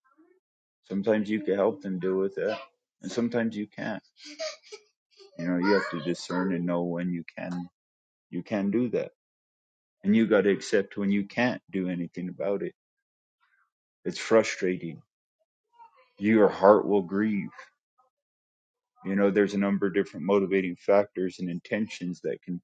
S3: Sometimes you can help them deal with that. And sometimes you can't. You know, you have to discern and know when you can you can do that. And you gotta accept when you can't do anything about it. It's frustrating. Your heart will grieve. You know, there's a number of different motivating factors and intentions that can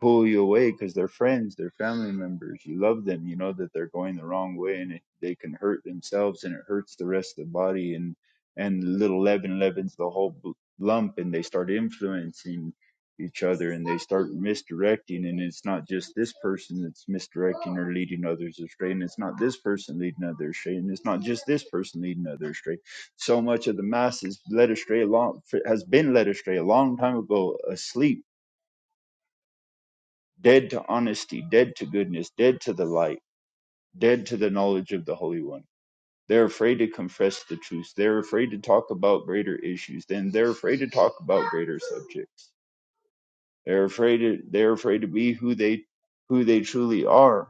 S3: pull you away because they're friends, they're family members. You love them. You know that they're going the wrong way, and it, they can hurt themselves, and it hurts the rest of the body. And and little leaven leavens the whole b- lump, and they start influencing each other, and they start misdirecting. And it's not just this person that's misdirecting or leading others astray, and it's not this person leading others astray, and it's not just this person leading others astray so much of the mass is led astray a long has been led astray a long time ago asleep dead to honesty, dead to goodness, dead to the light, dead to the knowledge of the Holy One. They're afraid to confess the truth. They're afraid to talk about greater issues. Then they're afraid to talk about greater subjects. They're afraid. To, they're afraid to be who they who they truly are.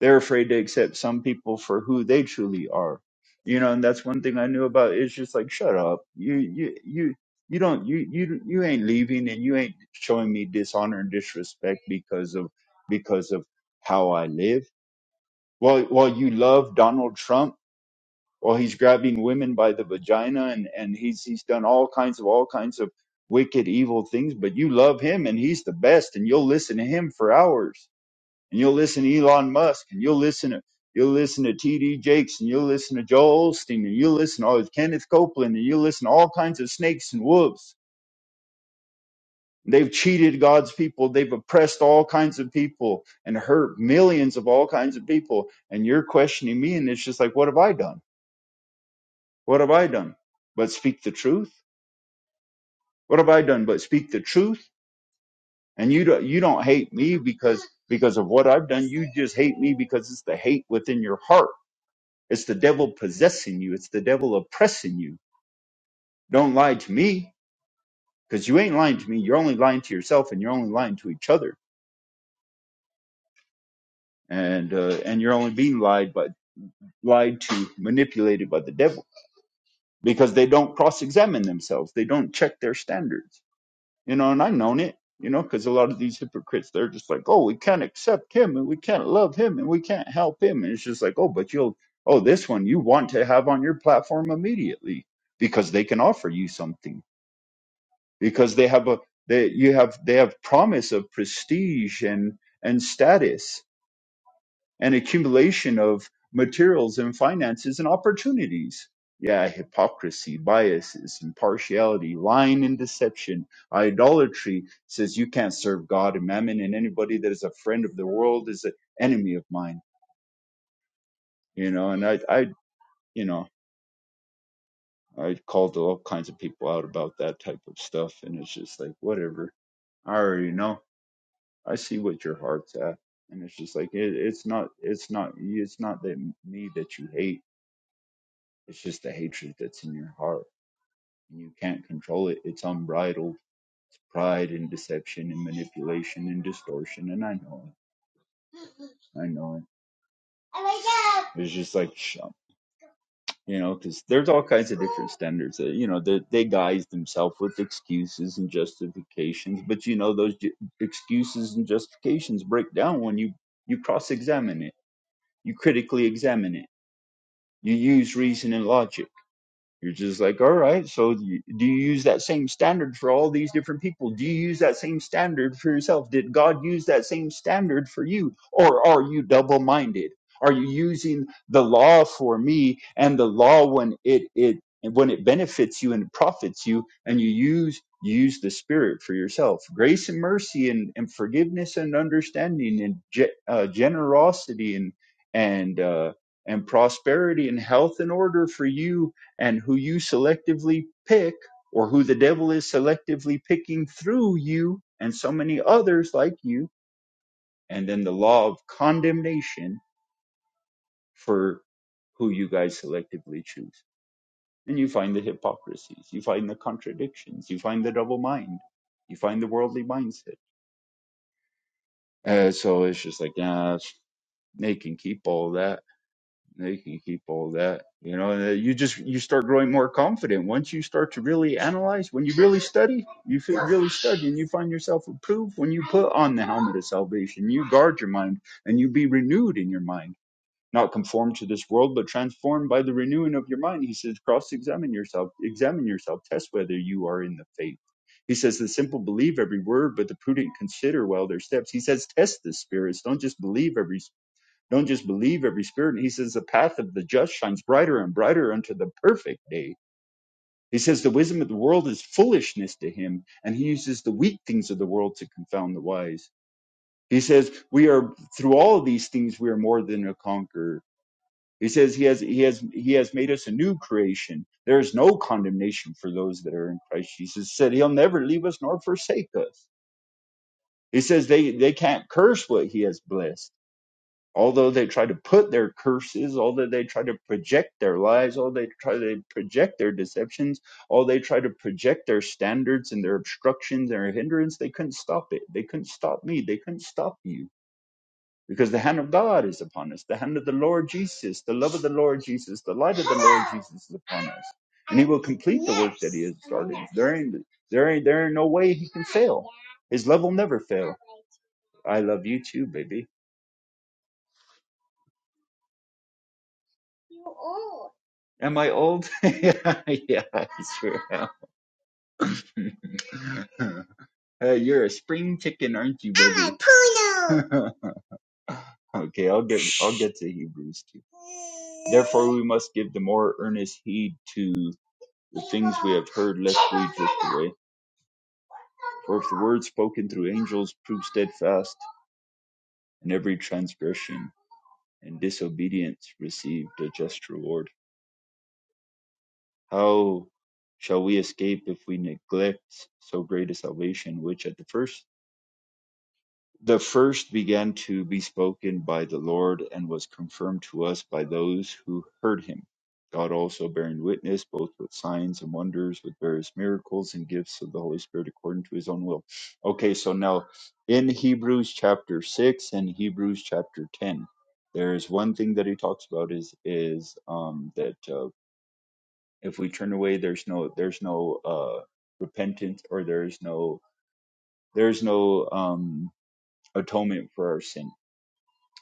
S3: They're afraid to accept some people for who they truly are. You know, and that's one thing I knew about. It's just like, shut up. You, you, you, you don't, you, you, you ain't leaving and you ain't showing me dishonor and disrespect because of, because of how I live. While, while you love Donald Trump, while he's grabbing women by the vagina and, and he's, he's done all kinds of, all kinds of wicked, evil things, but you love him and he's the best and you'll listen to him for hours and you'll listen to Elon Musk, and you'll listen to you'll listen to T.D. Jakes, and you'll listen to Joel Osteen, and you'll listen to all- Kenneth Copeland, and you'll listen to all kinds of snakes and wolves. They've cheated God's people. They've oppressed all kinds of people and hurt millions of all kinds of people. And you're questioning me, and it's just like, what have I done? What have I done? But speak the truth. What have I done? But speak the truth. And you don't you don't hate me because because of what I've done. You just hate me because it's the hate within your heart It's the devil possessing you. It's the devil oppressing you. Don't lie to me because you ain't lying to me. You're only lying to yourself and you're only lying to each other. And, uh, and you're only being lied by, lied to, manipulated by the devil because they don't cross examine themselves. They don't check their standards, you know, and I've known it, you know, because a lot of these hypocrites, they're just like, oh, we can't accept him and we can't love him and we can't help him. And it's just like, oh, but you'll, oh, this one you want to have on your platform immediately because they can offer you something because they have a they you have they have promise of prestige and and status and accumulation of materials and finances and opportunities yeah hypocrisy biases impartiality lying and deception idolatry says you can't serve god and mammon and anybody that is a friend of the world is an enemy of mine you know and i i you know i called all kinds of people out about that type of stuff and it's just like whatever i already know I see what your heart's at, and it's just like it, it's not, it's not, it's not that me that you hate. It's just the hatred that's in your heart, and you can't control it. It's unbridled. It's pride and deception and manipulation and distortion, and I know it. I know it. It's just like, sh- you know, because there's all kinds of different standards that you know that they guise themselves with excuses and justifications, but you know those ju- excuses and justifications break down when you you cross-examine it, you critically examine it You use reason and logic. You're just like, all right, so do you- do you use that same standard for all these different people? Do you use that same standard for yourself? Did God use that same standard for you? Or are you double minded? Are you using the law for me and the law when it, it when it benefits you and it profits you and you use you use the spirit for yourself grace and mercy and, and forgiveness and understanding and ge- uh, generosity and and uh, and prosperity and health and order for you and who you selectively pick, or who the devil is selectively picking through you and so many others like you, and then the law of condemnation for who you guys selectively choose. And you find the hypocrisies, you find the contradictions, you find the double mind, you find the worldly mindset. Uh, so it's just like, yeah, they can keep all that They can keep all that. You know, you just you start growing more confident once you start to really analyze. When you really study, you feel, really study, and you find yourself approved. When you put on the helmet of salvation, you guard your mind and you be renewed in your mind, not conformed to this world, but transformed by the renewing of your mind. He says, cross-examine yourself, examine yourself, test whether you are in the faith. He says the simple believe every word, but the prudent consider well their steps. He says test the spirits, don't just believe every don't just believe every spirit. And he says, The path of the just shines brighter and brighter unto the perfect day. He says, The wisdom of the world is foolishness to him, and he uses the weak things of the world to confound the wise. He says, We are through all of these things we are more than a conqueror. He says he has he has he has made us a new creation. There is no condemnation for those that are in Christ Jesus. He Said he'll never leave us nor forsake us. He says they, they can't curse what he has blessed. although they try to put their curses, although they try to project their lies, although they try to project their deceptions, although they try to project their standards and their obstructions and their hindrance, they couldn't stop it. They couldn't stop me. They couldn't stop you. Because the hand of God is upon us, the hand of the Lord Jesus, the love of the Lord Jesus, the light of the Lord Jesus is upon us. And he will complete the work that he has started. There ain't, there ain't, there ain't no way he can fail. His love will never fail. I love you too, baby. Am I old? yeah, yeah, I sure am. hey, you're a spring chicken, aren't you, baby? I'm a poodle. okay, I'll get I'll get to Hebrews too. Therefore, we must give the more earnest heed to the things we have heard, lest we drift away. For if the word spoken through angels proved steadfast, and every transgression and disobedience received a just reward. How shall we escape if we neglect so great a salvation, which at the first the first began to be spoken by the Lord and was confirmed to us by those who heard him? God also bearing witness, both with signs and wonders, with various miracles and gifts of the Holy Spirit according to his own will. Okay, so now in Hebrews chapter 6 and Hebrews chapter 10, there is one thing that he talks about is is um, that uh, if we turn away there's no there's no uh repentance or there's no there's no um atonement for our sin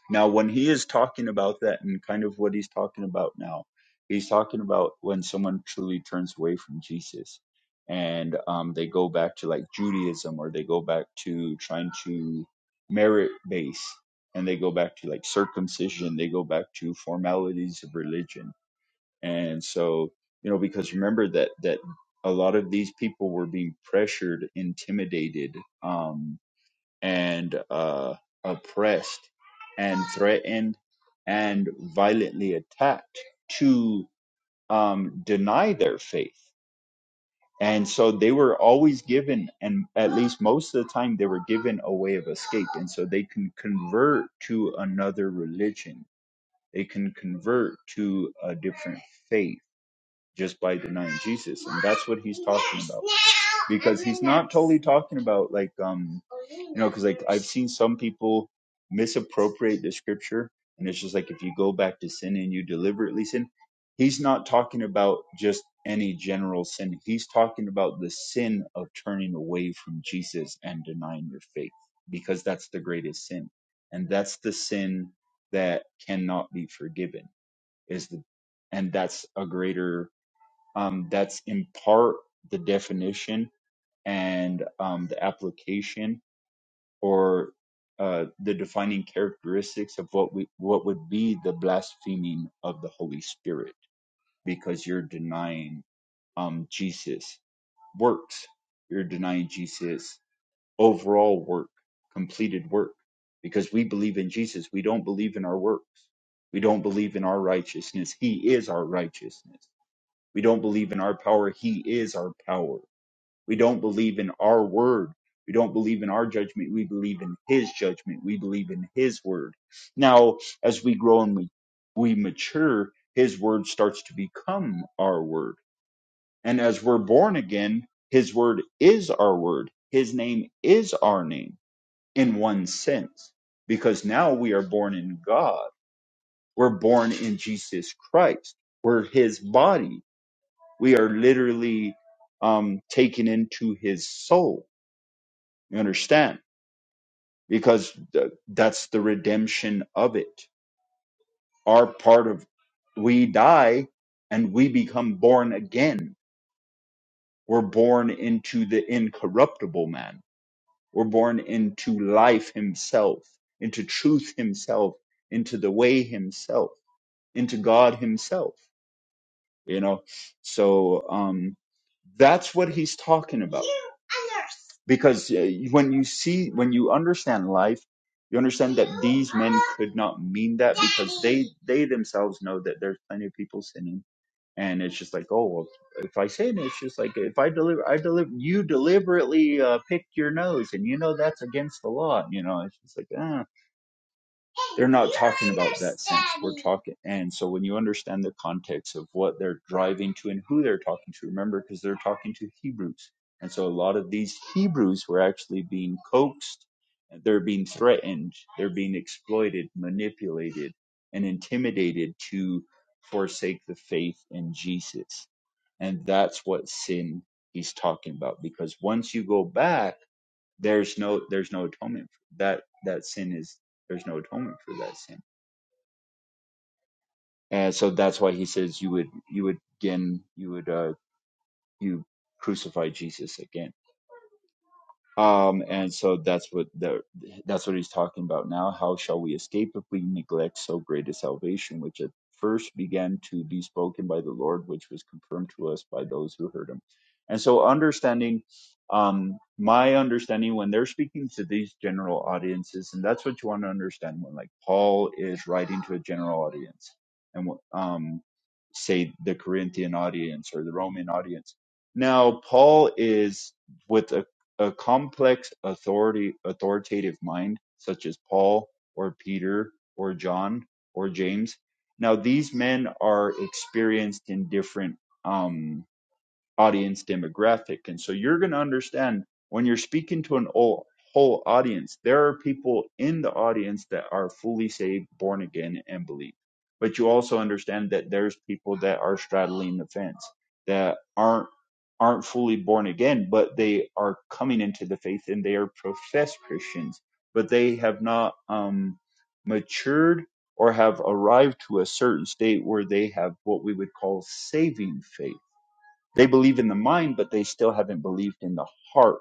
S3: now when he is talking about that and kind of what he's talking about now he's talking about when someone truly turns away from jesus and um they go back to like judaism or they go back to trying to merit base and they go back to like circumcision they go back to formalities of religion and so you know because remember that that a lot of these people were being pressured intimidated um and uh oppressed and threatened and violently attacked to um deny their faith and so they were always given and at least most of the time they were given a way of escape and so they can convert to another religion they can convert to a different faith just by denying Jesus. And that's what he's talking about. Because he's not totally talking about like um you know cuz like I've seen some people misappropriate the scripture and it's just like if you go back to sin and you deliberately sin, he's not talking about just any general sin. He's talking about the sin of turning away from Jesus and denying your faith because that's the greatest sin. And that's the sin that cannot be forgiven is the and that's a greater um, that's in part the definition and um, the application or uh, the defining characteristics of what we what would be the blaspheming of the Holy Spirit because you're denying um, Jesus works you're denying Jesus overall work completed work because we believe in Jesus we don't believe in our works we don't believe in our righteousness he is our righteousness we don't believe in our power he is our power we don't believe in our word. We don't believe in our judgment. We believe in his judgment. We believe in his word. Now, as we grow and we, we mature, his word starts to become our word. And as we're born again, his word is our word. His name is our name in one sense, because now we are born in God. We're born in Jesus Christ. We're his body. We are literally um, taken into his soul you understand? Because th- that's the redemption of it. Our part of we die and we become born again. We're born into the incorruptible man. We're born into life himself, into truth himself, into the way himself, into God himself, you know? So, um, that's what he's talking about. because uh, when you see when you understand life you understand that these men could not mean that because they they themselves know that there's plenty of people sinning and it's just like oh well if i sin it's just like if i deliver i deliver you deliberately uh, picked your nose and you know that's against the law you know it's just like ah. They're not talking about that sense. We're talking, and so when you understand the context of what they're driving to and who they're talking to, remember, because they're talking to Hebrews, and so a lot of these Hebrews were actually being coaxed, they're being threatened, they're being exploited, manipulated, and intimidated to forsake the faith in Jesus, and that's what sin he's talking about. Because once you go back there's no there's no atonement for that that sin is there's no atonement for that sin and so that's why he says you would you would again you would uh you crucify jesus again Um, and so that's what the, that's what he's talking about now. How shall we escape if we neglect so great a salvation, which at first began to be spoken by the Lord, which was confirmed to us by those who heard him? And so, understanding, um, my understanding when they're speaking to these general audiences, and that's what you want to understand when, like, Paul is writing to a general audience, and um, say the Corinthian audience or the Roman audience. Now, Paul is with a complex authority authoritative mind, such as Paul or Peter or John or James. Now these men are experienced in different um audience demographic. And so you're going to understand when you're speaking to an whole, whole audience, there are people in the audience that are fully saved, born again, and believe. But you also understand that there's people that are straddling the fence that aren't aren't fully born again, but they are coming into the faith and they are professed Christians, but they have not um, matured or have arrived to a certain state where they have what we would call saving faith they believe in the mind, but they still haven't believed in the heart.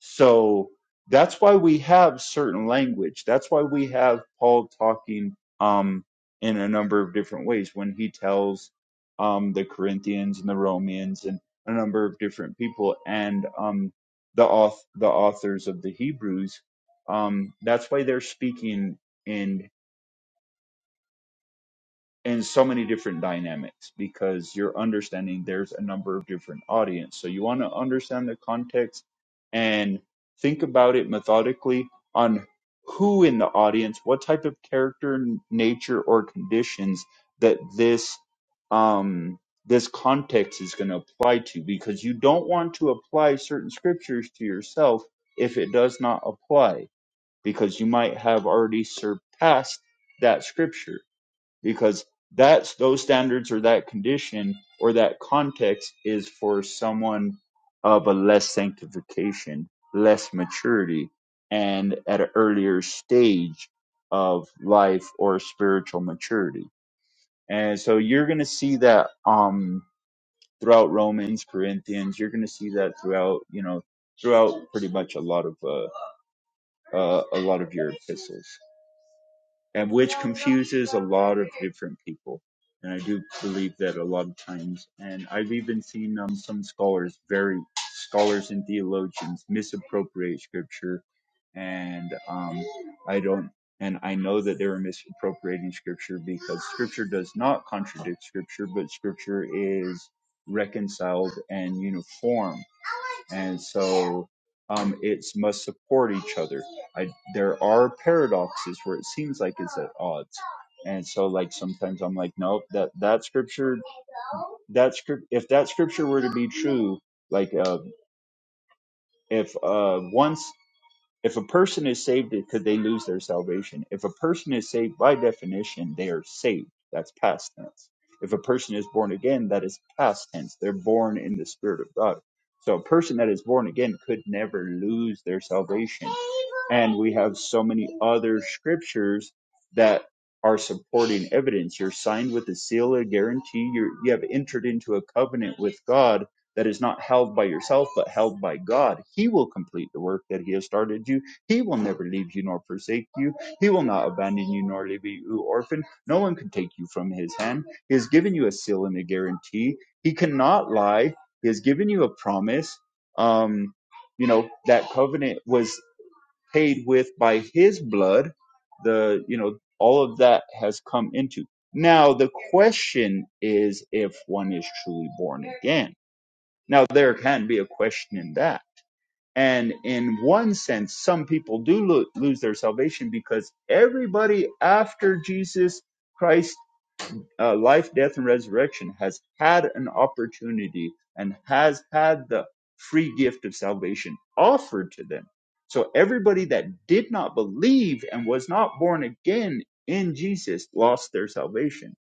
S3: So that's why we have certain language. That's why we have Paul talking um, in a number of different ways when he tells um, the Corinthians and the Romans and a number of different people and um, the auth- the authors of the Hebrews. Um, that's why they're speaking in in so many different dynamics because you're understanding there's a number of different audience. So you want to understand the context and think about it methodically on who in the audience, what type of character, n- nature, or conditions that this um, this context is going to apply to, because you don't want to apply certain scriptures to yourself if it does not apply, because you might have already surpassed that scripture because that's those standards or that condition or that context is for someone of a less sanctification, less maturity, and at an earlier stage of life or spiritual maturity. And so you're going to see that um, throughout Romans, Corinthians. You're going to see that throughout, you know, throughout pretty much a lot of uh, uh, a lot of your epistles and which confuses a lot of different people. And I do believe that a lot of times. And I've even seen um, some scholars, very scholars and theologians, misappropriate scripture and um, I don't and I know that they were misappropriating scripture because scripture does not contradict scripture, but scripture is reconciled and uniform, and so um, it's must support each other. I, there are paradoxes where it seems like it's at odds. And so, like sometimes I'm like, nope that that scripture, that script, if that scripture were to be true, like uh, if uh, once. If a person is saved, it could they lose their salvation? If a person is saved, by definition, they are saved. That's past tense. If a person is born again, that is past tense. They're born in the Spirit of God. So a person that is born again could never lose their salvation. And we have so many other scriptures that are supporting evidence. You're signed with a seal, a guarantee. You're, you have entered into a covenant with God that is not held by yourself, but held by God. He will complete the work that He has started you. He will never leave you nor forsake you. He will not abandon you nor leave you orphan. No one can take you from His hand. He has given you a seal and a guarantee. He cannot lie. He has given you a promise. Um, you know that covenant was paid with by His blood. The you know all of that has come into. Now the question is if one is truly born again now, there can be a question in that. And in one sense, some people do lo- lose their salvation because everybody after Jesus Christ's uh, life, death, and resurrection has had an opportunity and has had the free gift of salvation offered to them. So everybody that did not believe and was not born again in Jesus lost their salvation.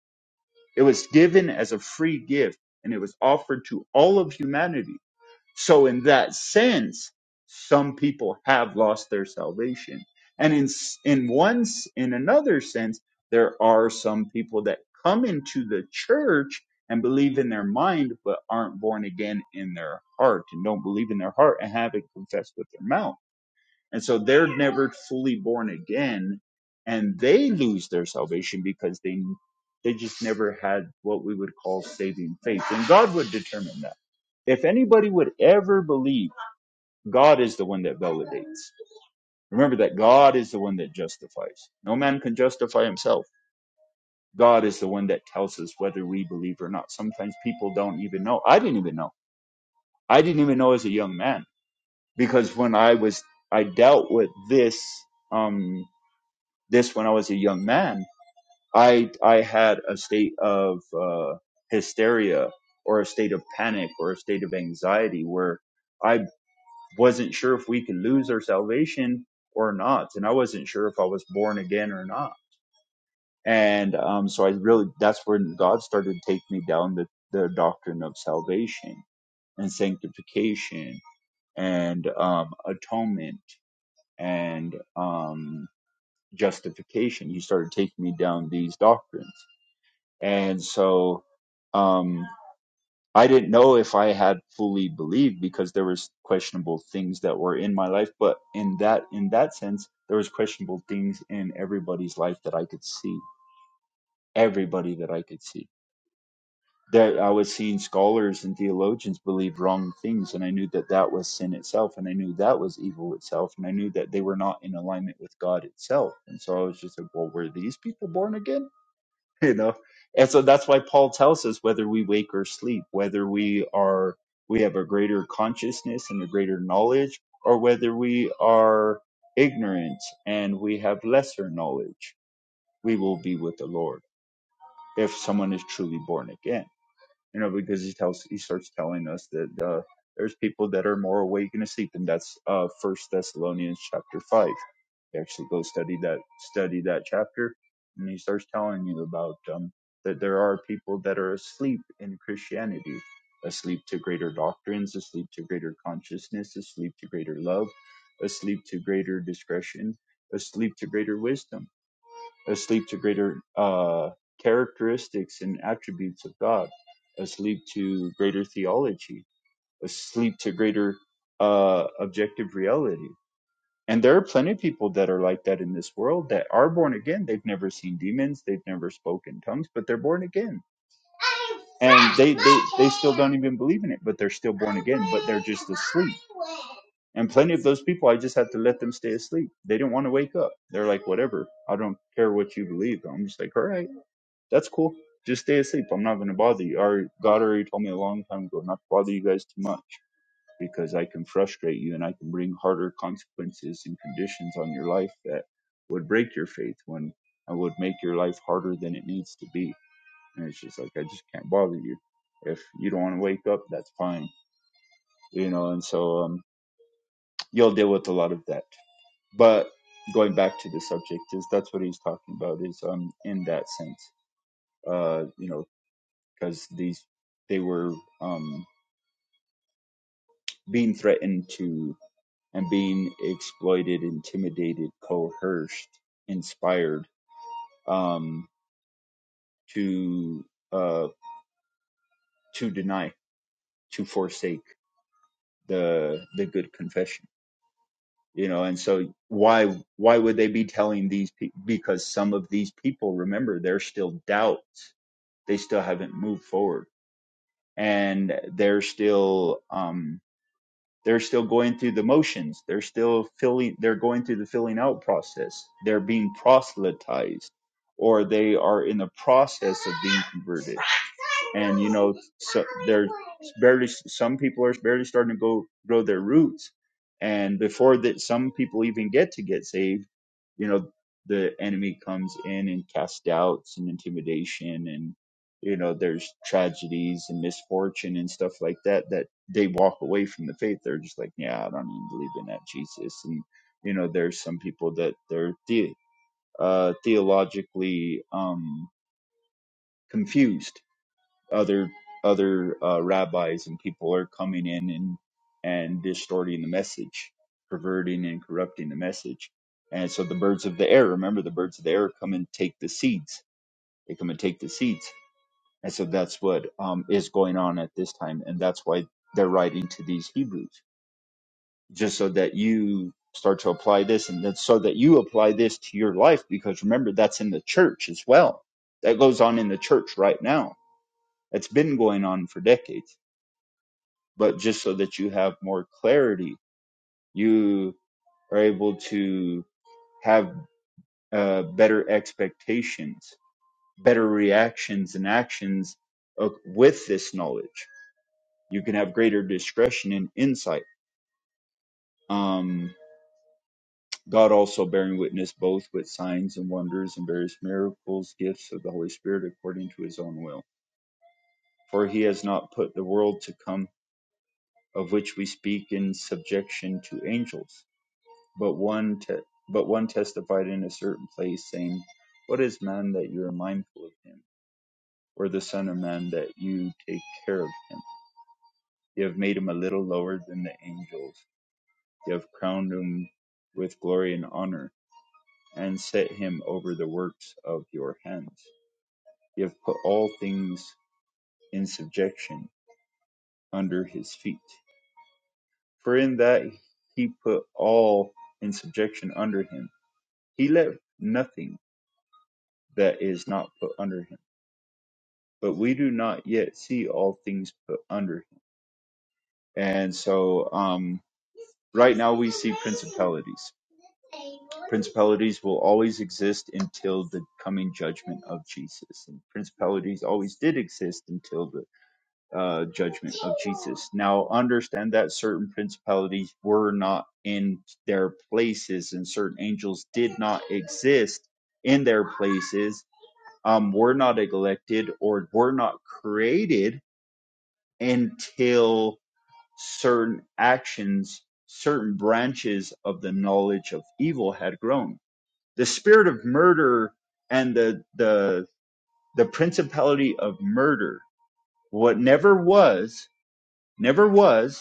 S3: It was given as a free gift and it was offered to all of humanity so, in that sense, some people have lost their salvation, and in s- in one s- in another sense, there are some people that come into the church and believe in their mind, but aren't born again in their heart and don't believe in their heart and haven't confessed with their mouth. And so they're never fully born again and they lose their salvation because they they just never had what we would call saving faith. And God would determine that. If anybody would ever believe, God is the one that validates. Remember that God is the one that justifies. No man can justify himself. God is the one that tells us whether we believe or not. Sometimes people don't even know. I didn't even know. I didn't even know as a young man because when I was I dealt with this. Um, this when I was a young man. I I had a state of uh, hysteria or a state of panic or a state of anxiety where I wasn't sure if we could lose our salvation or not, and I wasn't sure if I was born again or not. And um, so I really that's when God started to take me down the the doctrine of salvation and sanctification and um, atonement and um, justification. He started taking me down these doctrines and so um i didn't know if i had fully believed because there was questionable things that were in my life but in that in that sense there was questionable things in everybody's life that i could see everybody that i could see that i was seeing scholars and theologians believe wrong things and i knew that that was sin itself and i knew that was evil itself and i knew that they were not in alignment with god itself and so i was just like well were these people born again you know and so that's why paul tells us whether we wake or sleep whether we are we have a greater consciousness and a greater knowledge or whether we are ignorant and we have lesser knowledge we will be with the lord if someone is truly born again you know, because he tells he starts telling us that uh, there's people that are more awake and asleep, and that's uh First Thessalonians chapter five. You actually go study that study that chapter, and he starts telling you about um that there are people that are asleep in Christianity, asleep to greater doctrines, asleep to greater consciousness, asleep to greater love, asleep to greater discretion, asleep to greater wisdom asleep to greater uh, characteristics and attributes of God, asleep to greater theology, asleep to greater uh, objective reality. And there are plenty of people that are like that in this world that are born again. They've never seen demons, they've never spoken tongues, but they're born again and they they they still don't even believe in it but they're still born again but they're just asleep and plenty of those people i just had to let them stay asleep they didn't want to wake up they're like whatever i don't care what you believe i'm just like all right that's cool just stay asleep i'm not going to bother you Our god already told me a long time ago not to bother you guys too much because i can frustrate you and i can bring harder consequences and conditions on your life that would break your faith when i would make your life harder than it needs to be and it's just like, I just can't bother you. If you don't want to wake up, that's fine. You know, and so um, you'll deal with a lot of that. But going back to the subject is that's what he's talking about is um in that sense uh you know because these they were um being threatened to and being exploited intimidated coerced inspired um to uh to deny to forsake the the good confession you know and so why why would they be telling these people because some of these people remember there's still doubts they still haven't moved forward and they're still um they're still going through the motions. They're still filling, they're going through the filling out process. They're being proselytized or they are in the process of being converted. And, you know, so they're barely, some people are barely starting to go grow their roots. And before that, some people even get to get saved, you know, the enemy comes in and casts doubts and intimidation and you know there's tragedies and misfortune and stuff like that that they walk away from the faith they're just like yeah i don't even believe in that jesus and you know there's some people that they're the, uh, theologically um, confused other other uh, rabbis and people are coming in and and distorting the message perverting and corrupting the message and so the birds of the air remember the birds of the air come and take the seeds they come and take the seeds and so that's what um, is going on at this time and that's why they're writing to these hebrews just so that you start to apply this and then so that you apply this to your life because remember that's in the church as well that goes on in the church right now it has been going on for decades but just so that you have more clarity you are able to have uh, better expectations better reactions and actions of, with this knowledge you can have greater discretion and insight Um, God also bearing witness both with signs and wonders and various miracles, gifts of the Holy Spirit according to his own will. For he has not put the world to come, of which we speak in subjection to angels, but one te- but one testified in a certain place, saying, What is man that you are mindful of him, or the son of man that you take care of him? You have made him a little lower than the angels, you have crowned him with glory and honor, and set him over the works of your hands You have put all things in subjection under his feet. For in that he put all in subjection under him, he left nothing that is not put under him. But we do not yet see all things put under him. And so, um, right now we see principalities. Principalities will always exist until the coming judgment of Jesus. And principalities always did exist until the uh, judgment of Jesus. Now, understand that certain principalities were not in their places, and certain angels did not exist in their places, um, were not elected, or were not created until certain actions, certain branches of the knowledge of evil had grown. The spirit of murder and the the the principality of murder, what never was, never was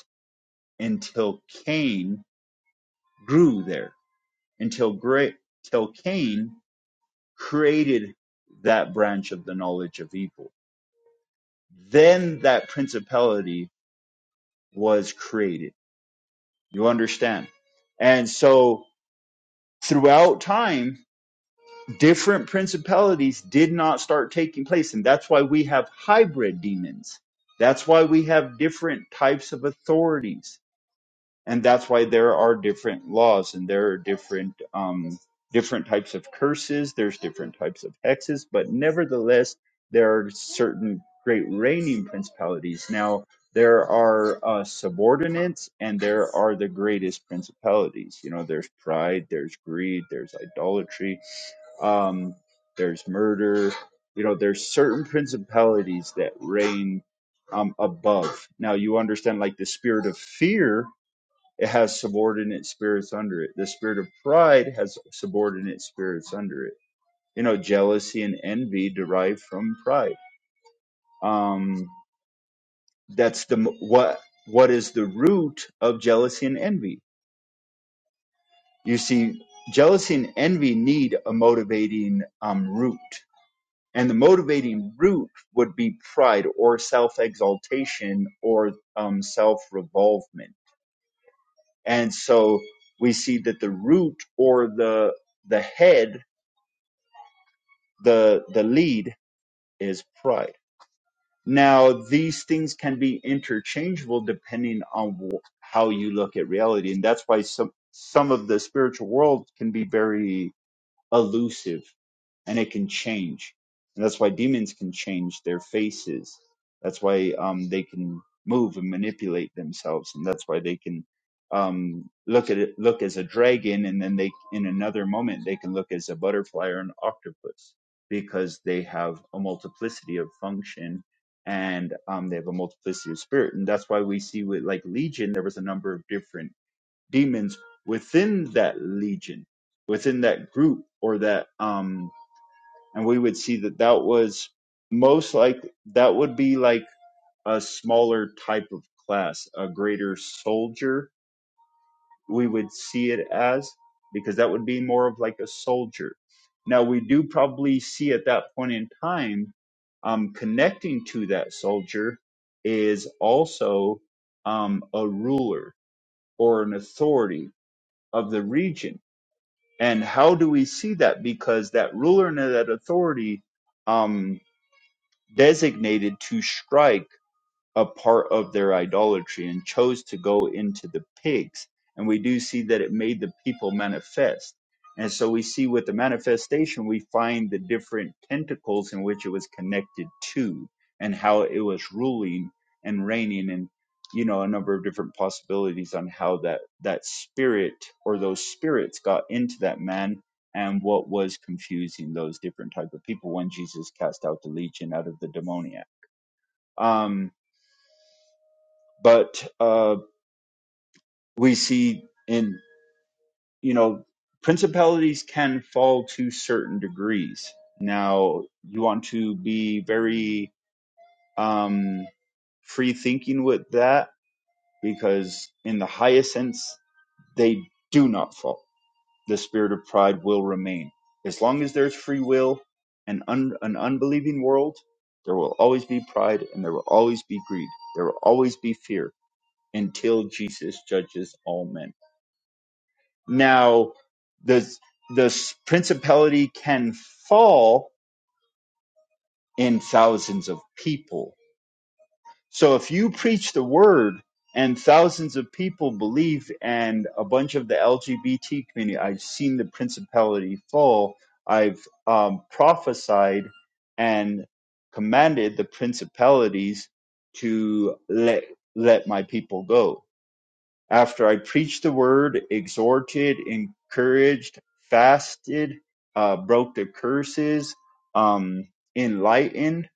S3: until Cain grew there, until great, till Cain created that branch of the knowledge of evil. Then that principality was created. You understand? And so throughout time, different principalities did not start taking place. And that's why we have hybrid demons. That's why we have different types of authorities and that's why there are different laws and there are different um different types of curses there's different types of hexes but nevertheless there are certain great reigning principalities now there are uh, subordinates and there are the greatest principalities you know there's pride there's greed there's idolatry um there's murder you know there's certain principalities that reign um above now you understand like the spirit of fear it has subordinate spirits under it. The spirit of pride has subordinate spirits under it. You know, jealousy and envy derive from pride. Um, that's the what what is the root of jealousy and envy? You see, jealousy and envy need a motivating um, root, and the motivating root would be pride or self exaltation or um, self revolvement. And so we see that the root or the the head the the lead is pride now these things can be interchangeable depending on wh- how you look at reality and that's why some some of the spiritual world can be very elusive and it can change. And that's why demons can change their faces. That's why um, they can move and manipulate themselves, and that's why they can um, look at it, look as a dragon, and then they in another moment they can look as a butterfly or an octopus because they have a multiplicity of function and um, they have a multiplicity of spirit, and that's why we see with like Legion there was a number of different demons within that legion, within that group or that um and we would see that that was most like that would be like a smaller type of class, a greater soldier we would see it as because that would be more of like a soldier. Now we do probably see at that point in time um connecting to that soldier is also um a ruler or an authority of the region And how do we see that? Because that ruler and that authority um, designated to strike a part of their idolatry and chose to go into the pigs. And we do see that it made the people manifest. And so we see with the manifestation, we find the different tentacles in which it was connected to and how it was ruling and reigning and, you know, a number of different possibilities on how that, that spirit or those spirits got into that man and what was confusing those different type of people when Jesus cast out the legion out of the demoniac. Um but uh, we see in you know principalities can fall to certain degrees now you want to be very um, free thinking with that because in the highest sense they do not fall the spirit of pride will remain as long as there's free will and un- an unbelieving world there will always be pride and there will always be greed there will always be fear until jesus judges all men Now, the the principality can fall in thousands of people. So if you preach the word and thousands of people believe, and a bunch of the LGBT community, I've seen the principality fall. I've um, prophesied and commanded the principalities to let let my people go After I preached the word, exhorted, encouraged, fasted, uh, broke the curses, um, enlightened.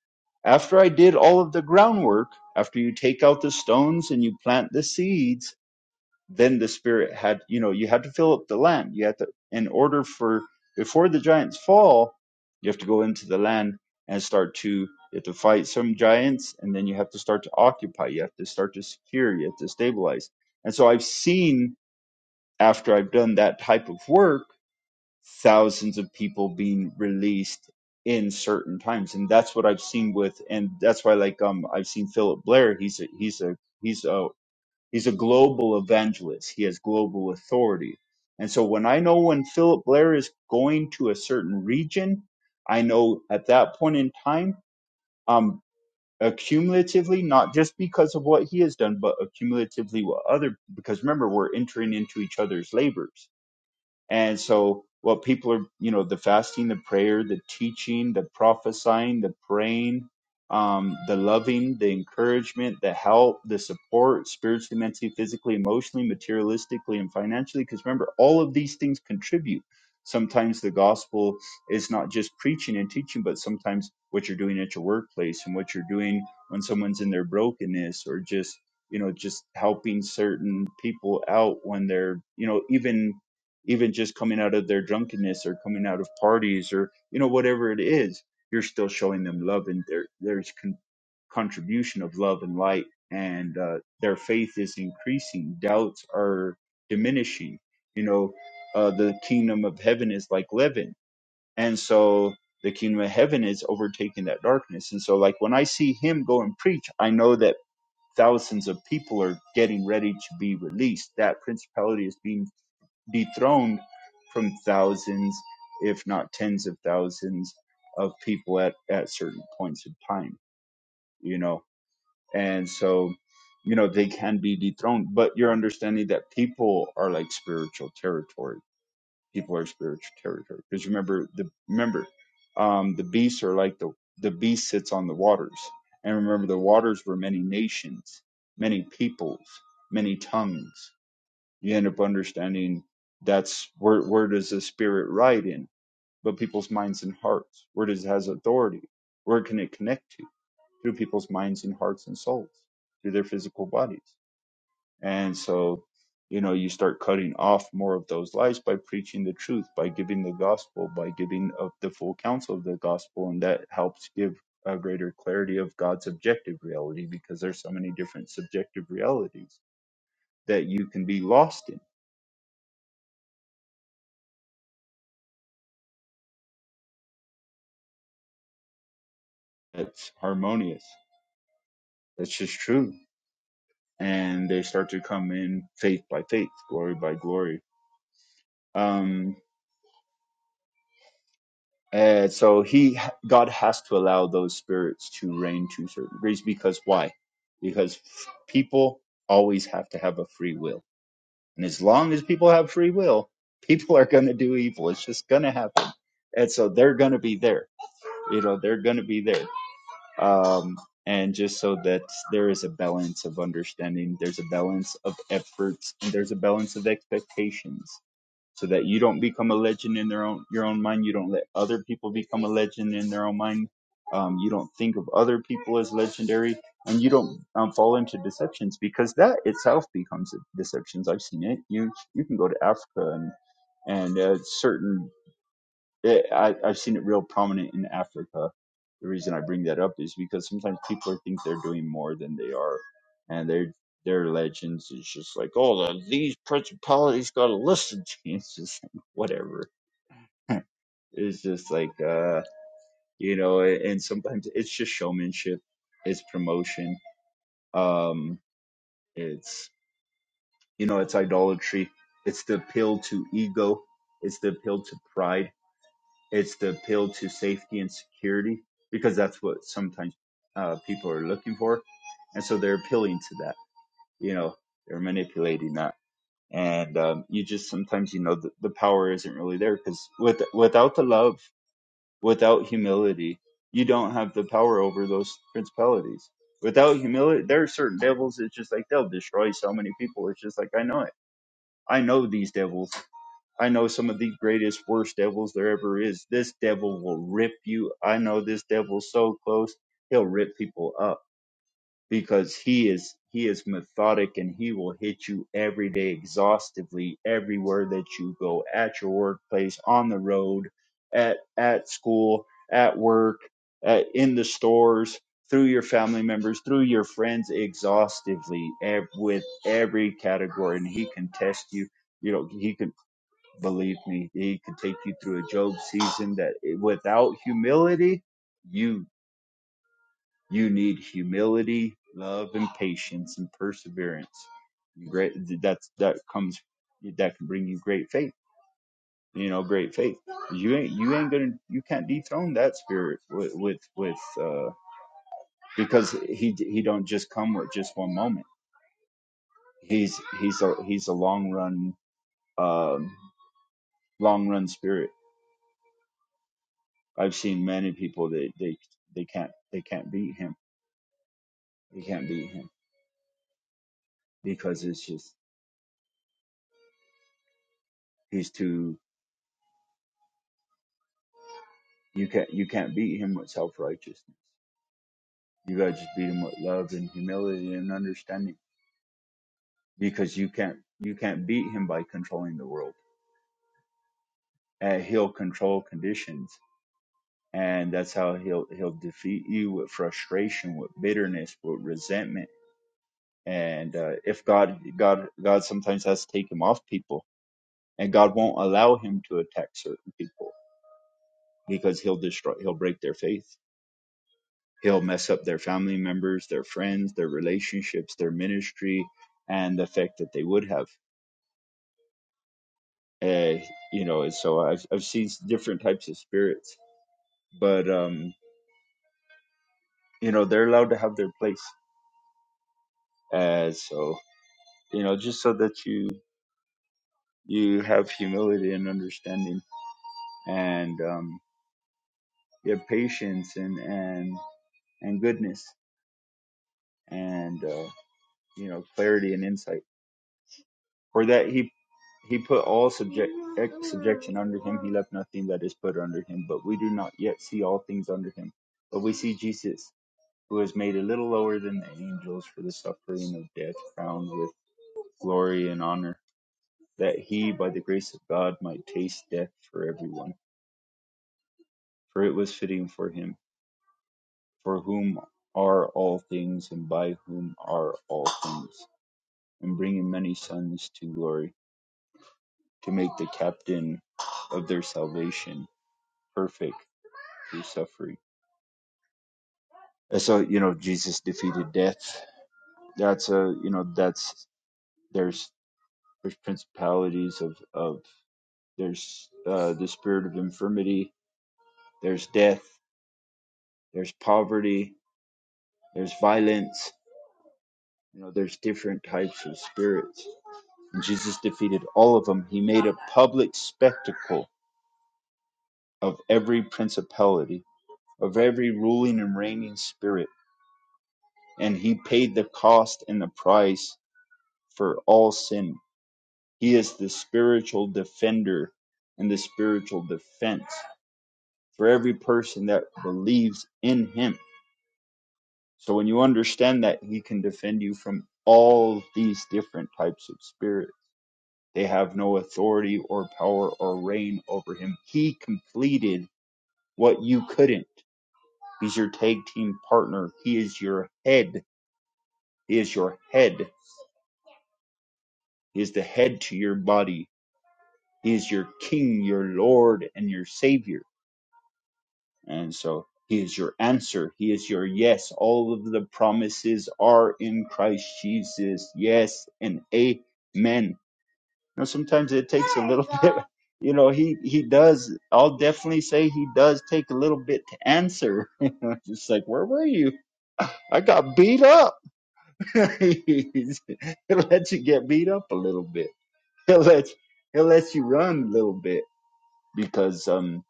S3: After I did all of the groundwork, after you take out the stones and you plant the seeds, then the spirit had you know you had to fill up the land you had to in order for before the giants fall you have to go into the land and start to you have to fight some giants and then you have to start to occupy you have to start to secure you have to stabilize and so i've seen after i've done that type of work thousands of people being released in certain times and that's what i've seen with and that's why like um i've seen philip blair he's a he's a he's a He's a global evangelist. He has global authority. And so when I know when Philip Blair is going to a certain region, I know at that point in time, um, accumulatively, not just because of what he has done, but accumulatively what other, because remember, we're entering into each other's labors and so, what people are, you know, the fasting, the prayer, the teaching, the prophesying, the praying, um, the loving, the encouragement, the help, the support, spiritually, mentally, physically, emotionally, materialistically, and financially. Because remember, all of these things contribute. Sometimes the gospel is not just preaching and teaching, but sometimes what you're doing at your workplace and what you're doing when someone's in their brokenness or just, you know, just helping certain people out when they're, you know, even even just coming out of their drunkenness or coming out of parties or you know whatever it is you're still showing them love and there there's con- contribution of love and light and uh, their faith is increasing doubts are diminishing you know uh, the kingdom of heaven is like leaven and so the kingdom of heaven is overtaking that darkness and so like when i see him go and preach i know that thousands of people are getting ready to be released that principality is being dethroned from thousands, if not tens of thousands, of people at, at certain points in time, you know. And so, you know, they can be dethroned, but you're understanding that people are like spiritual territory. People are spiritual territory. Because remember the remember, um the beasts are like the the beast sits on the waters. And remember the waters were many nations, many peoples, many tongues you end up understanding that's where where does the spirit ride in but people's minds and hearts where does it has authority where can it connect to through people's minds and hearts and souls through their physical bodies and so you know you start cutting off more of those lies by preaching the truth by giving the gospel by giving of the full counsel of the gospel and that helps give a greater clarity of god's objective reality because there's so many different subjective realities that you can be lost in that's harmonious. That's just true. And they start to come in faith by faith, glory by glory. Um, and so he, God has to allow those spirits to reign to certain degrees because why? Because people always have to have a free will. And as long as people have free will, people are going to do evil. It's just going to happen. And so they're going to be there. You know, they're going to be there. um, and just so that there is a balance of understanding, there's a balance of efforts, and there's a balance of expectations, so that you don't become a legend in their own your own mind. You don't let other people become a legend in their own mind. Um, you don't think of other people as legendary, and you don't um, fall into deceptions because that itself becomes a deceptions. I've seen it. You you can go to Africa and and uh, certain it, I, I've seen it real prominent in Africa. The reason I bring that up is because sometimes people think they're doing more than they are, and they're their their legends is just like, oh, the, these principalities got to listen to you. It's just like, whatever. It's just like, uh, you know, and sometimes it's just showmanship, it's promotion, um, it's you know, it's idolatry, it's the appeal to ego, it's the appeal to pride It's the appeal to safety and security because that's what sometimes uh, people are looking for, and so they're appealing to that. You know, they're manipulating that, and um, you just sometimes you know the, the power isn't really there because with without the love, without humility, you don't have the power over those principalities. Without humility, there are certain devils. It's just like they'll destroy so many people. It's just like I know it. I know these devils. I know some of the greatest, worst devils there ever is. This devil will rip you. I know this devil's so close, he'll rip people up because he is he is methodic and he will hit you every day exhaustively everywhere that you go at your workplace on the road at at school at work at, in the stores through your family members through your friends exhaustively ev- with every category and he can test you you know he can Believe me, he could take you through a Job season that without humility, you you need humility, love, and patience and perseverance. Great, that's that comes that can bring you great faith. You know, great faith. You ain't you ain't gonna you can't dethrone that spirit with with with uh, because he he don't just come with just one moment. He's he's a he's a long run um, long run spirit I've seen many people that they they can't they can't beat him. They can't beat him because it's just he's too you can't you can't beat him with self righteousness. You gotta just beat him with love and humility and understanding because you can't you can't beat him by controlling the world. And he'll control conditions and that's how he'll he'll defeat you with frustration, with bitterness, with resentment. And uh, if God God God sometimes has to take him off people and God won't allow him to attack certain people because he'll destroy he'll break their faith he'll mess up their family members their friends their relationships their ministry and the effect that they would have uh, you know and so I've, I've seen different types of spirits but um you know they're allowed to have their place uh so you know just so that you you have humility and understanding and um you have patience and and and goodness and uh you know clarity and insight For that he he put all subject ex- subjection under him. He left nothing that is put under him. But we do not yet see all things under him. But we see Jesus, who was made a little lower than the angels for the suffering of death, crowned with glory and honor, that he, by the grace of God, might taste death for everyone. For it was fitting for him, for whom are all things, and by whom are all things, and bringing many sons to glory, to make the captain of their salvation perfect through suffering. And so, you know, Jesus defeated death. That's a, you know, that's there's there's principalities of of there's uh, the spirit of infirmity. There's death. There's poverty. There's violence. You know, there's different types of spirits. And Jesus defeated all of them. He made a public spectacle of every principality, of every ruling and reigning spirit, and he paid the cost and the price for all sin He is the spiritual defender and the spiritual defense for every person that believes in him. So when you understand that, he can defend you from all these different types of spirits. They have no authority or power or reign over him. He completed what you couldn't. He's your tag team partner. He is your head. He is your head. He is the head to your body. He is your king, your lord, and your savior And so he is your answer. He is your yes. All of the promises are in Christ Jesus. Yes and amen. Now sometimes it takes a little bit, you know, he, he does, I'll definitely say he does take a little bit to answer. It's like, where were you? I got beat up. he'll let you get beat up a little bit. He'll let he'll let you run a little bit because um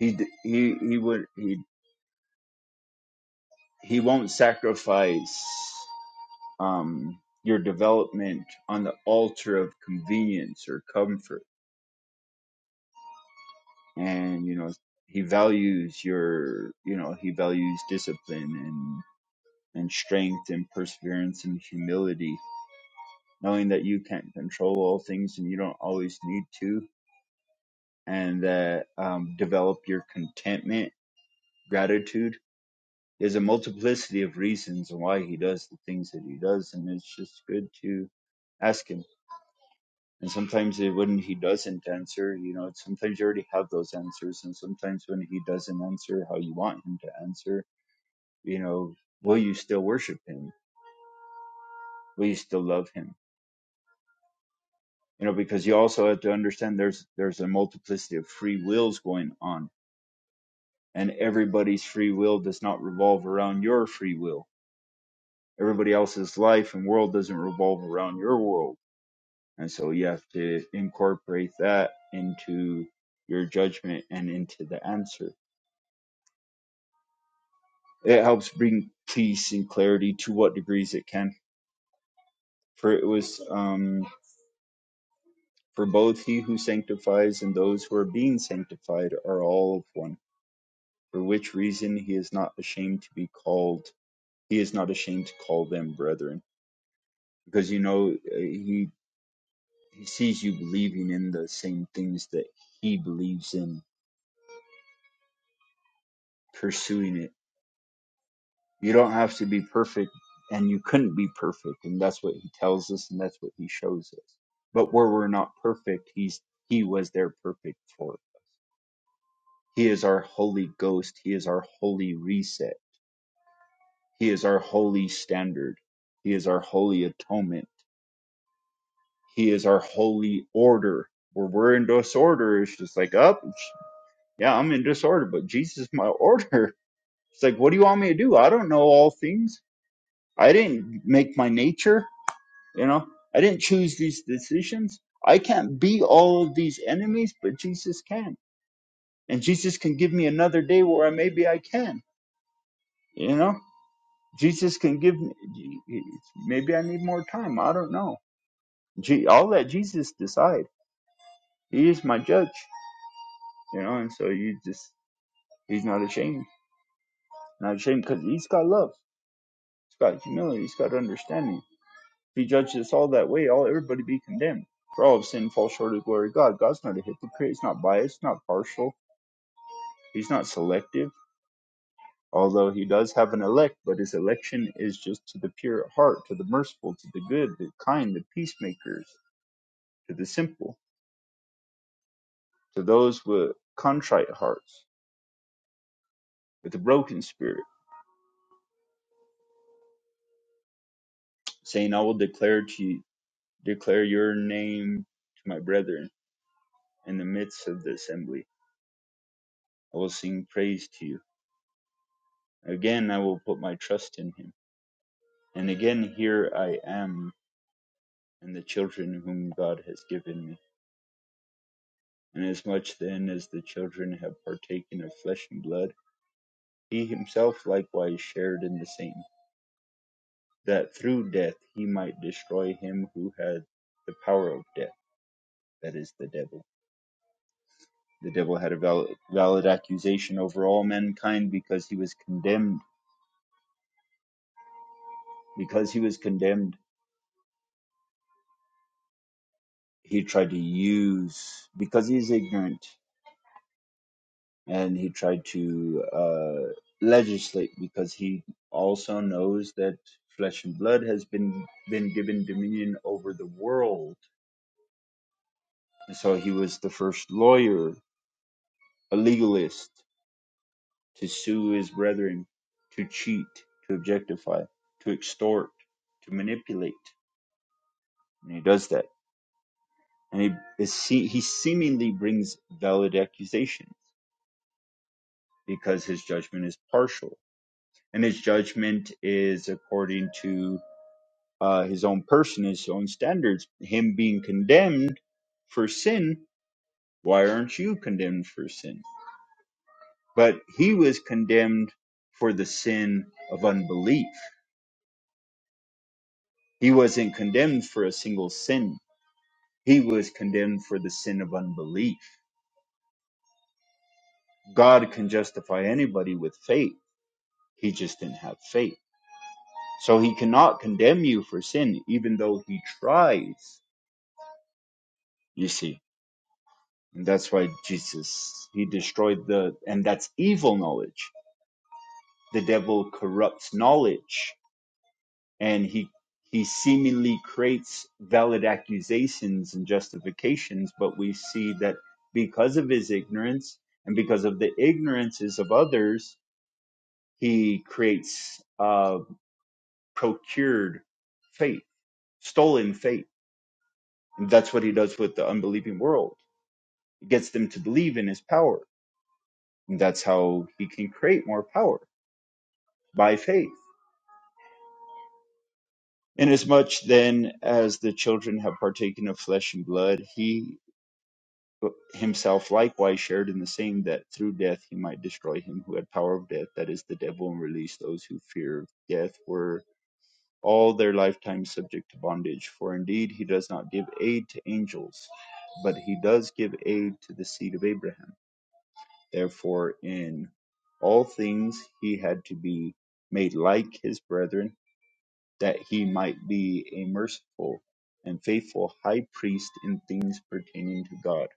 S3: he d- he he would he he won't sacrifice um, your development on the altar of convenience or comfort and you know he values your you know he values discipline and and strength and perseverance and humility knowing that you can't control all things and you don't always need to and that um, develop your contentment gratitude there's a multiplicity of reasons why he does the things that he does and it's just good to ask him. And sometimes it- when he doesn't answer, you know, sometimes you already have those answers. And sometimes when he doesn't answer how you want him to answer, you know, will you still worship him? Will you still love him? You know, because you also have to understand there's there's a multiplicity of free wills going on, and everybody's free will does not revolve around your free will. Everybody else's life and world doesn't revolve around your world, and so you have to incorporate that into your judgment and into the answer it helps bring peace and clarity to what degrees it can. For it was um, for both he who sanctifies and those who are being sanctified are all of one. For which reason he is not ashamed to be called. He is not ashamed to call them brethren, because you know uh, he he sees you believing in the same things that he believes in, pursuing it You don't have to be perfect, and you couldn't be perfect, and that's what he tells us, and that's what he shows us. But where we're not perfect, he's he was there perfect for. it. He is our holy ghost. He is our holy reset. He is our holy standard. He is our holy atonement. He is our holy order. Where we're in disorder, it's just like up. oh, yeah, I'm in disorder, but Jesus is my order. It's like, what do you want me to do? I don't know all things. I didn't make my nature. You know, I didn't choose these decisions. I can't be all of these enemies, but Jesus can. And Jesus can give me another day where maybe I can. You know, Jesus can give me, maybe I need more time. I don't know. Je- I'll let Jesus decide. He is my judge, you know, and so you just, he's not ashamed. Not ashamed because he's got love. He's got humility. He's got understanding. If he judged us all that way, all everybody be condemned. For all of sin, fall short of the glory of God. God's not a hypocrite. He's not biased, not partial He's not selective, although he does have an elect, but his election is just to the pure at heart, to the merciful, to the good, the kind, the peacemakers, to the simple, to those with contrite hearts, with a broken spirit, saying, I will declare to you, declare your name to my brethren in the midst of the assembly. I will sing praise to you. Again I will put my trust in him. And again here I am and the children whom God has given me. Inasmuch then as the children have partaken of flesh and blood, he himself likewise shared in the same, that through death he might destroy him who had the power of death, that is, the devil. The devil had a valid, valid accusation over all mankind because he was condemned. Because he was condemned, he tried to use, because he is ignorant, and he tried to uh, legislate because he also knows that flesh and blood has been been given dominion over the world. And so he was the first lawyer, a legalist, to sue his brethren, to cheat, to objectify, to extort, to manipulate, and he does that. And he is se- he seemingly brings valid accusations because his judgment is partial, and his judgment is according to uh, his own person, his own standards. Him being condemned for sin, why aren't you condemned for sin? But he was condemned for the sin of unbelief. He wasn't condemned for a single sin, he was condemned for the sin of unbelief. God can justify anybody with faith, he just didn't have faith. So he cannot condemn you for sin, even though he tries, you see. And that's why Jesus, he destroyed the, and that's evil knowledge. The devil corrupts knowledge and he, he seemingly creates valid accusations and justifications, but we see that because of his ignorance and because of the ignorances of others, he creates uh, procured faith, stolen faith. And that's what he does with the unbelieving world. He gets them to believe in his power. And that's how he can create more power by faith. Inasmuch then as the children have partaken of flesh and blood, he himself likewise shared in the same, that through death he might destroy him who had power of death, that is, the devil, and release those who fear death were all their lifetime subject to bondage. For indeed he does not give aid to angels, but he does give aid to the seed of Abraham. Therefore, in all things he had to be made like his brethren that he might be a merciful and faithful high priest in things pertaining to God,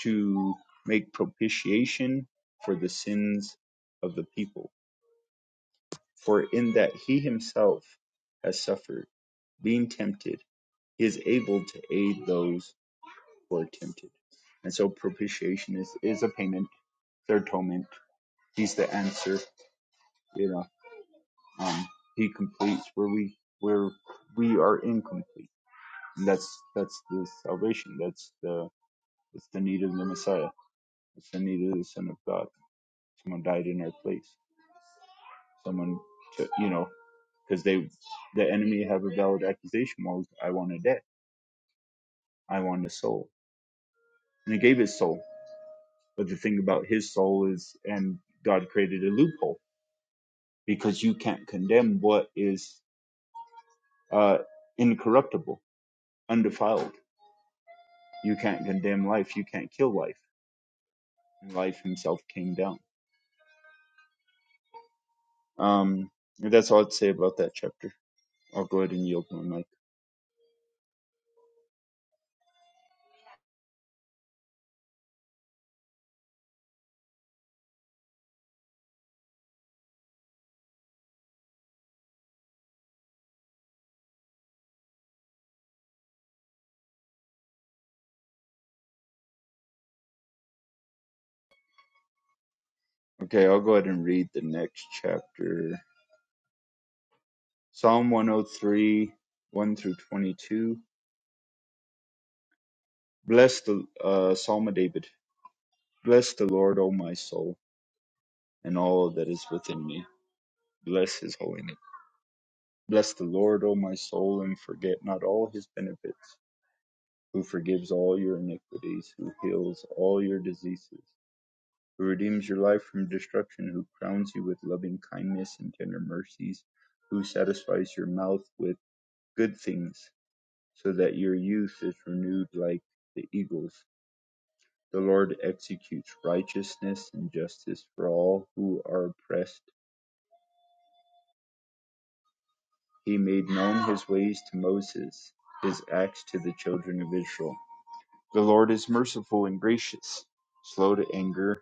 S3: to make propitiation for the sins of the people. For in that he himself has suffered, being tempted, he is able to aid those who are tempted. And so propitiation is, is a payment, their atonement. He's the answer, you know. Um, he completes where we where we are incomplete And that's that's the salvation. That's the that's the need of the Messiah. It's the need of the Son of God. Someone died in our place. Someone to you know because they the enemy have a valid accusation. Well, I want a debt. I want a soul, and he gave his soul. But the thing about his soul is, and God created a loophole because you can't condemn what is uh, incorruptible, undefiled. You can't condemn life. You can't kill life. And life himself came down Um, and that's all I'd say about that chapter. I'll go ahead and yield my mic. Okay, I'll go ahead and read the next chapter. Psalm 103, 1 through 22. Bless the uh, Psalm of David. Bless the Lord, O my soul, and all that is within me. Bless his holy name. Bless the Lord, O my soul, and forget not all his benefits, who forgives all your iniquities, who heals all your diseases who redeems your life from destruction, who crowns you with loving kindness and tender mercies, who satisfies your mouth with good things, so that your youth is renewed like the eagles. The Lord executes righteousness and justice for all who are oppressed. He made known his ways to Moses, his acts to the children of Israel. The Lord is merciful and gracious, slow to anger,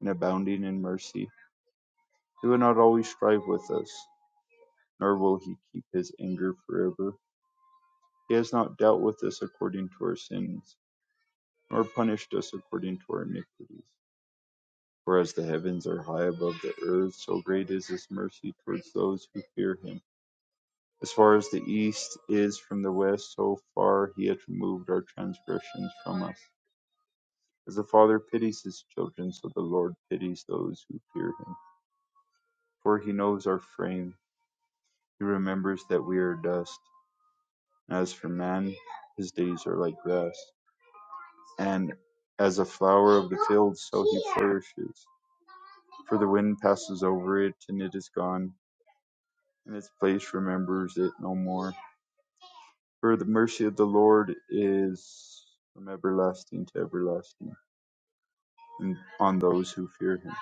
S3: and abounding in mercy. He will not always strive with us, nor will he keep his anger forever. He has not dealt with us according to our sins, nor punished us according to our iniquities. For as the heavens are high above the earth, so great is his mercy towards those who fear him. As far as the east is from the west, so far he hath removed our transgressions from us. As the Father pities his children, so the Lord pities those who fear him. For he knows our frame, he remembers that we are dust. And as for man, his days are like grass. and as a flower of the field, so he flourishes. For the wind passes over it, and it is gone, and its place remembers it no more. For the mercy of the Lord is from everlasting to everlasting, and on those who fear him,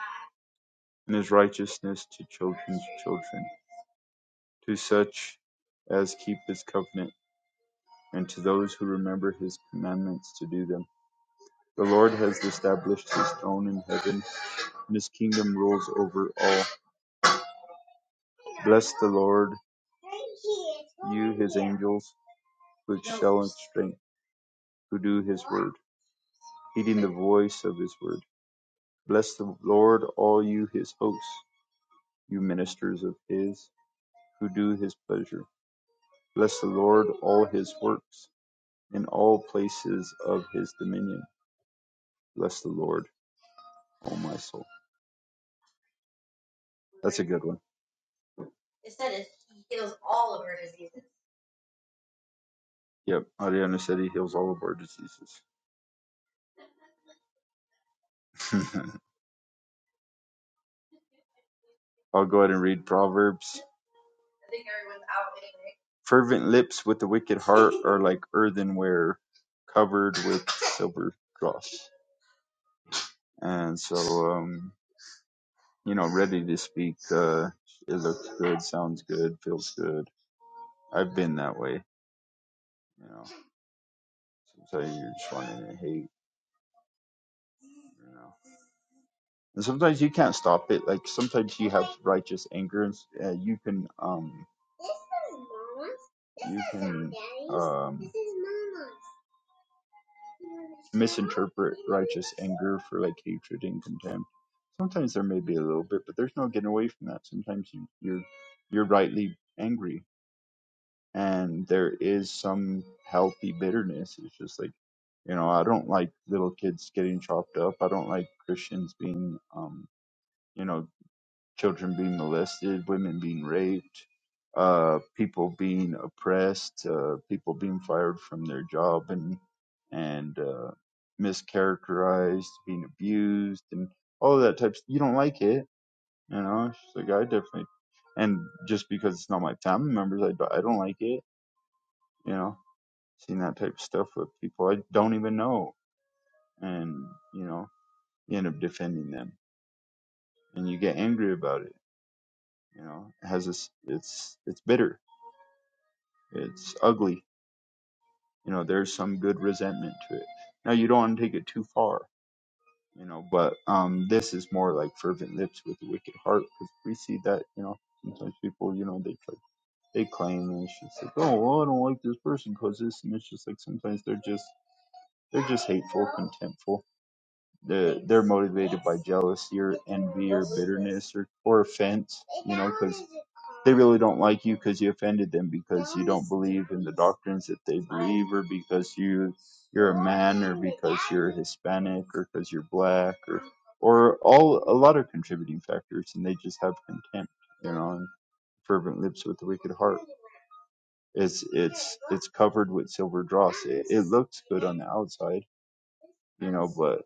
S3: and his righteousness to children's children, to such as keep his covenant, and to those who remember his commandments to do them. The Lord has established his throne in heaven, and his kingdom rules over all. Bless the Lord, you his angels, which shall in strength, who do his word, heeding the voice of his word. Bless the Lord, all you his hosts, you ministers of his, who do his pleasure. Bless the Lord, all his works, in all places of his dominion. Bless the Lord, O my soul. That's a good one. Yep, Ariana said he heals all of our diseases. I'll go ahead and read Proverbs Fervent lips with a wicked heart are like earthenware covered with silver dross. And so, um, you know, ready to speak, uh, it looks good, sounds good, feels good. I've been that way, you know. Sometimes you're just wanting to hate, you know. And sometimes you can't stop it. Like sometimes you have righteous anger, and s- uh, you can, um, you can, um, misinterpret righteous anger for like hatred and contempt. Sometimes there may be a little bit, but there's no getting away from that. Sometimes you, you're you're rightly angry, and there is some healthy bitterness. It's just like you know, I don't like little kids getting chopped up. I don't like Christians being um you know children being molested, women being raped, uh, people being oppressed, uh, people being fired from their job and and uh, mischaracterized, being abused, and all that types. You don't like it, you know? She's like, I definitely, and just because it's not my family members, I don't- I don't like it, you know. Seen that type of stuff with people I don't even know, and you know, you end up defending them, and you get angry about it. You know, it has this, it's it's bitter It's ugly. You know, there's some good resentment to it. Now you don't want to take it too far, you know, but um this is more like fervent lips with a wicked heart because we see that, you know, sometimes people, you know, they cl- they claim and it's just like, oh, well, I don't like this person because this, and it's just like sometimes they're just they're just hateful, contemptful they're they're motivated by jealousy or envy or bitterness or, or offense you know because they really don't like you because you offended them because you don't believe in the doctrines that they believe or because you you're a man or because you're hispanic or because you're black or or all a lot of contributing factors and they just have contempt you know and fervent lips with a wicked heart it's it's it's covered with silver dross it, it looks good on the outside you know but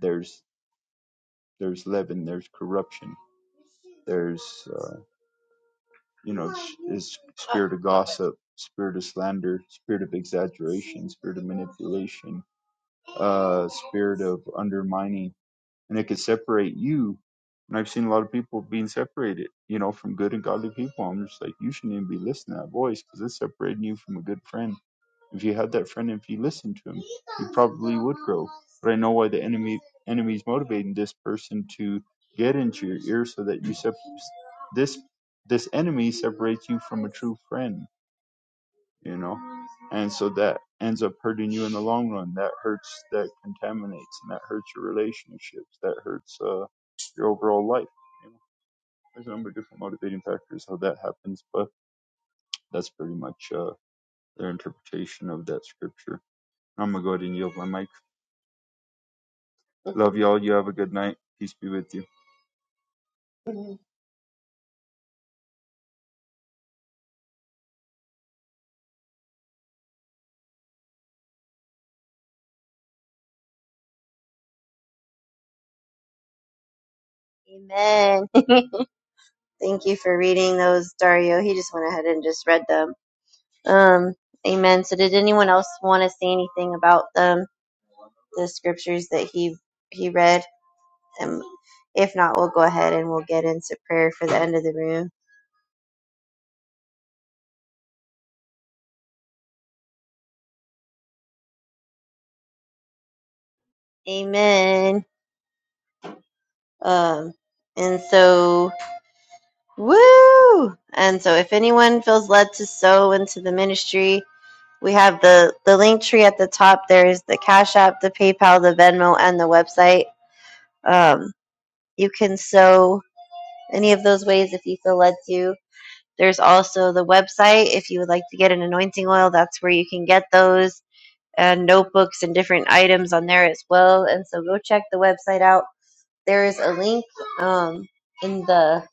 S3: there's there's leaven, there's corruption, there's uh, you know is spirit of gossip, spirit of slander, spirit of exaggeration, spirit of manipulation, uh, spirit of undermining, and it could separate you. And I've seen a lot of people being separated, you know, from good and godly people. I'm just like, you shouldn't even be listening to that voice because it's separating you from a good friend. If you had that friend, if you listened to him, you probably would grow but I know why the enemy enemy is motivating this person to get into your ear so that you sep- this this enemy separates you from a true friend, you know, and so that ends up hurting you in the long run. That hurts, that contaminates, and that hurts your relationships. That hurts uh, your overall life. You know, there's a number of different motivating factors how that happens, but that's pretty much uh, their interpretation of that scripture. I'm gonna go ahead and yield my mic. Love y'all. You have a good night. Peace be with you.
S1: Amen. Thank you for reading those, Dario. He just went ahead and just read them. Um, amen. So, did anyone else want to say anything about them, the scriptures that he he read? Um, if not, we'll go ahead and we'll get into prayer for the end of the room. Amen. Um, and so, woo! And so, if anyone feels led to sow into the ministry, we have the the link tree at the top. There is the Cash App, the PayPal, the Venmo, and the website. Um, you can sow any of those ways if you feel led to. There's also the website if you would like to get an anointing oil, that's where you can get those and notebooks and different items on there as well. And so go check the website out. There is a link um, in the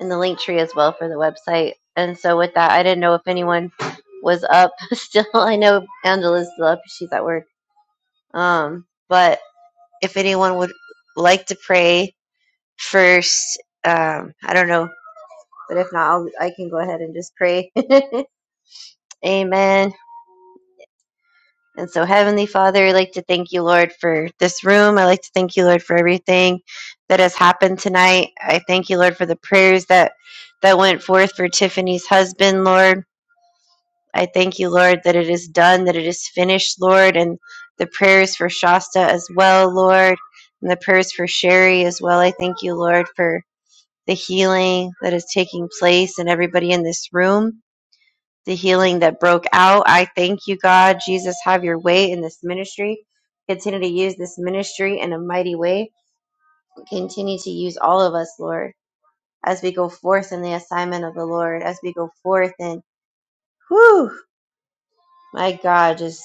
S1: in the link tree as well for the website. And so with that, I didn't know if anyone was up still. I know Angela's still up; she's at work. Um, but if anyone would like to pray first, um, I don't know But if not, I'll, I can go ahead and just pray. Amen. And so, Heavenly Father, I'd like to thank you, Lord, for this room. I like to thank you, Lord, for everything that has happened tonight. I thank you, Lord, for the prayers that that went forth for Tiffany's husband, Lord. I thank you, Lord, that it is done, that it is finished, Lord, and the prayers for Shasta as well, Lord, and the prayers for Sherry as well. I thank you, Lord, for the healing that is taking place in everybody in this room. the healing that broke out. I thank you, God. Jesus, have your way in this ministry. Continue to use this ministry in a mighty way. Continue to use all of us, Lord, as we go forth in the assignment of the Lord, as we go forth and, whew, my God, just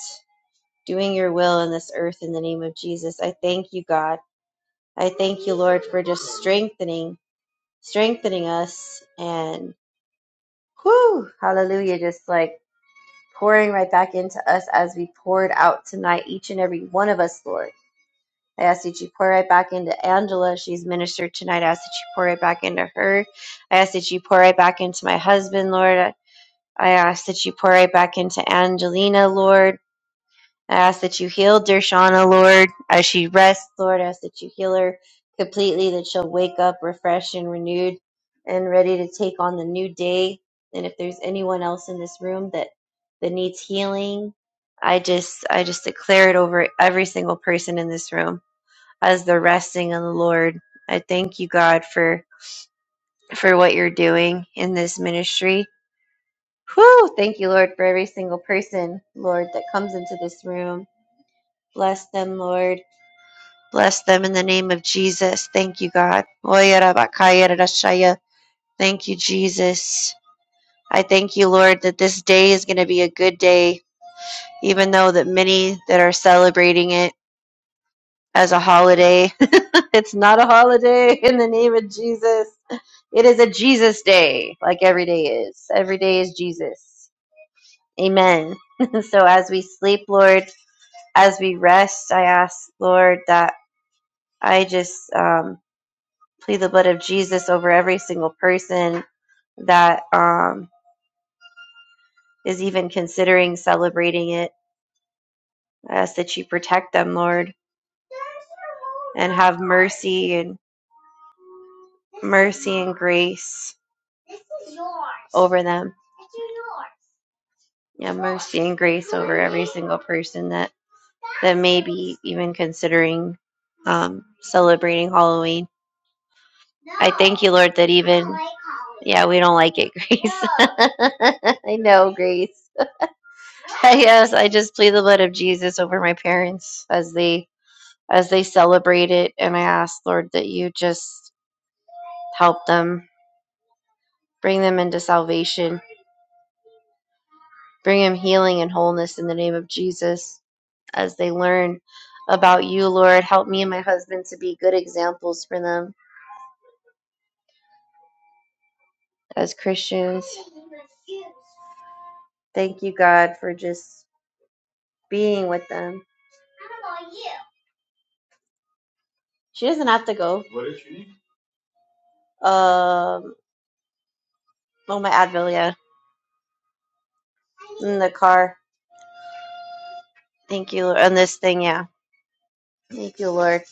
S1: doing your will in this earth in the name of Jesus. I thank you, God. I thank you, Lord, for just strengthening, strengthening us and, whew, hallelujah, just like pouring right back into us as we poured out tonight, each and every one of us, Lord. I ask that you pour right back into Angela. She's ministered tonight. I ask that you pour right back into her. I ask that you pour right back into my husband, Lord. I I ask that you pour right back into Angelina, Lord. I ask that you heal Dershana, Lord, as she rests, Lord. I ask that you heal her completely, that she'll wake up refreshed and renewed and ready to take on the new day. And if there's anyone else in this room that, that needs healing, I just I just declare it over every single person in this room as they're resting in the Lord. I thank you, God, for for what you're doing in this ministry. Whew, thank you, Lord, for every single person, Lord, that comes into this room. Bless them, Lord Bless them in the name of Jesus. Thank you, God. Thank you, Jesus. I thank you, Lord, that this day is going to be a good day, even though that many that are celebrating it as a holiday, it's not a holiday in the name of Jesus. It is a Jesus day, like every day is. Every day is Jesus. Amen. so as we sleep, Lord, as we rest, I ask, Lord, that I just um, plead the blood of Jesus over every single person that um, is even considering celebrating it. I ask that you protect them, Lord, and have mercy and mercy and grace over them. Yeah, and grace over every single person that even considering um, celebrating Halloween. Thank you, Lord, that even yeah, we don't like it, Grace. I know, Grace. Yes, I just plead the blood of Jesus over my parents as they as they celebrate it. And I ask, Lord, that you just help them, bring them into salvation, bring them healing and wholeness in the name of Jesus as they learn about you, Lord. Help me and my husband to be good examples for them as Christians. Thank you, God, for just being with them. She doesn't have to go. What did she? need? Um, oh, my Advil, yeah, in the car. Thank you, Lord. On this thing, yeah. Thank you, Lord,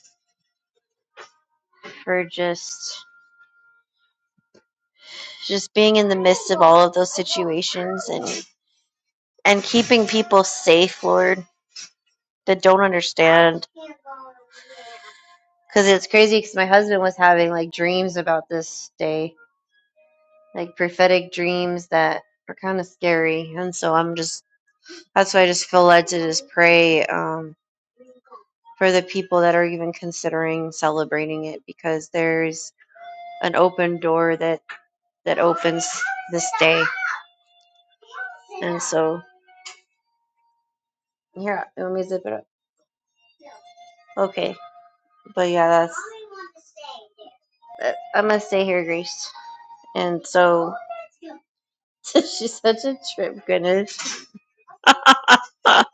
S1: for just just being in the midst of all of those situations and and keeping people safe lord that don't understand because it's crazy because my husband was having like dreams about this day like prophetic dreams that are kind of scary and so i'm just that's why i just feel led to just pray um, for the people that are even considering celebrating it because there's an open door that that opens this day and so yeah let me zip it up okay but yeah that's. Uh, I must stay here, Grace. And so she's such a trip, goodness.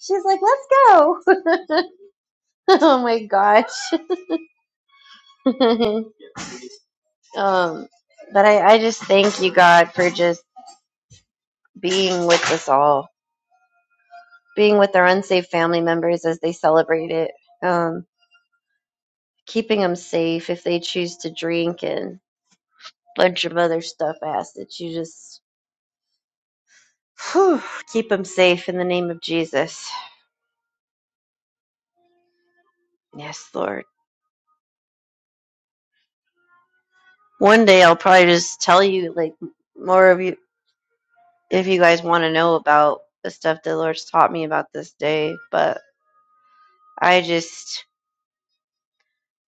S1: she's like, let's go. oh my gosh. um, but I, I just thank you, God, for just being with us all, being with our unsaved family members as they celebrate it, um, keeping them safe if they choose to drink and bunch of other stuff, ass that you just whew, keep them safe in the name of Jesus. Yes, Lord. One day I'll probably just tell you like more of you if you guys want to know about the stuff the Lord's taught me about this day, but I just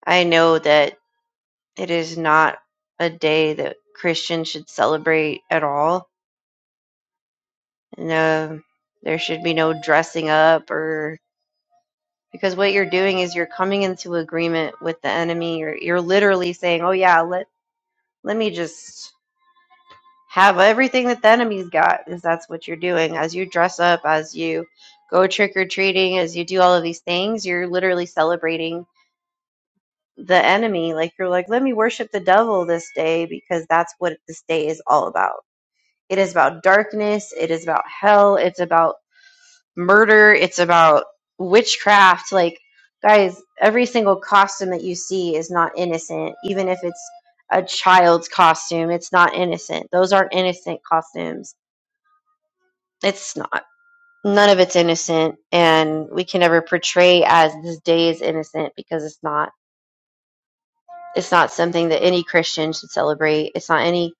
S1: I know that it is not a day that Christians should celebrate at all. No, there should be no dressing up or because what you're doing is you're coming into agreement with the enemy You're you're literally saying, "Oh yeah, let let me just have everything that the enemy's got because that's what you're doing as you dress up as you go trick-or-treating as you do all of these things you're literally celebrating the enemy like you're like let me worship the devil this day because that's what this day is all about it is about darkness it is about hell it's about murder it's about witchcraft like guys every single costume that you see is not innocent even if it's a child's costume it's not innocent those aren't innocent costumes It's not. None of it's innocent, and we can never portray as this day is innocent because it's not. It's not something that any Christian should celebrate. It's not any.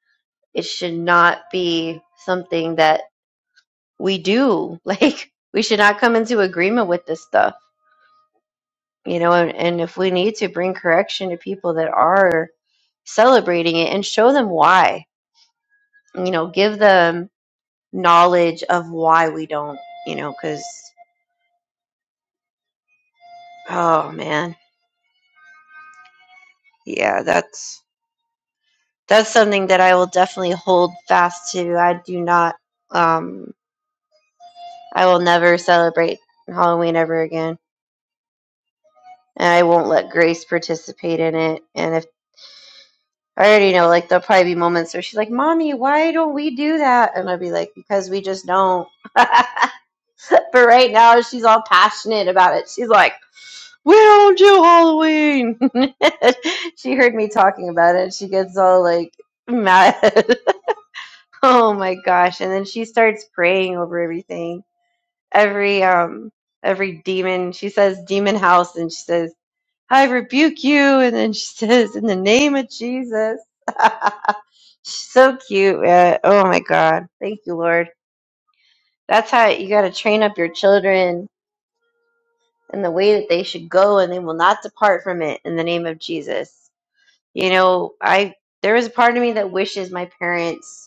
S1: It should not be something that we do. Like we should not come into agreement with this stuff, you know. And, and if we need to bring correction to people that are celebrating it and show them why, you know, give them knowledge of why we don't, you know, because oh man, yeah, that's that's something that I will definitely hold fast to. I do not, um, I will never celebrate Halloween ever again. And I won't let Grace participate in it. And if I already know, like, there'll probably be moments where she's like, Mommy, why don't we do that? And I'll be like, Because we just don't. but right now, she's all passionate about it. She's like, we don't do Halloween. she heard me talking about it. She gets all like mad. Oh my gosh. And then she starts praying over everything. Every um every demon. She says demon house and she says, I rebuke you and then she says, In the name of Jesus. so cute, man. Oh my god. Thank you, Lord. That's how you gotta train up your children in the way that they should go and they will not depart from it in the name of Jesus. You know, I there is a part of me that wishes my parents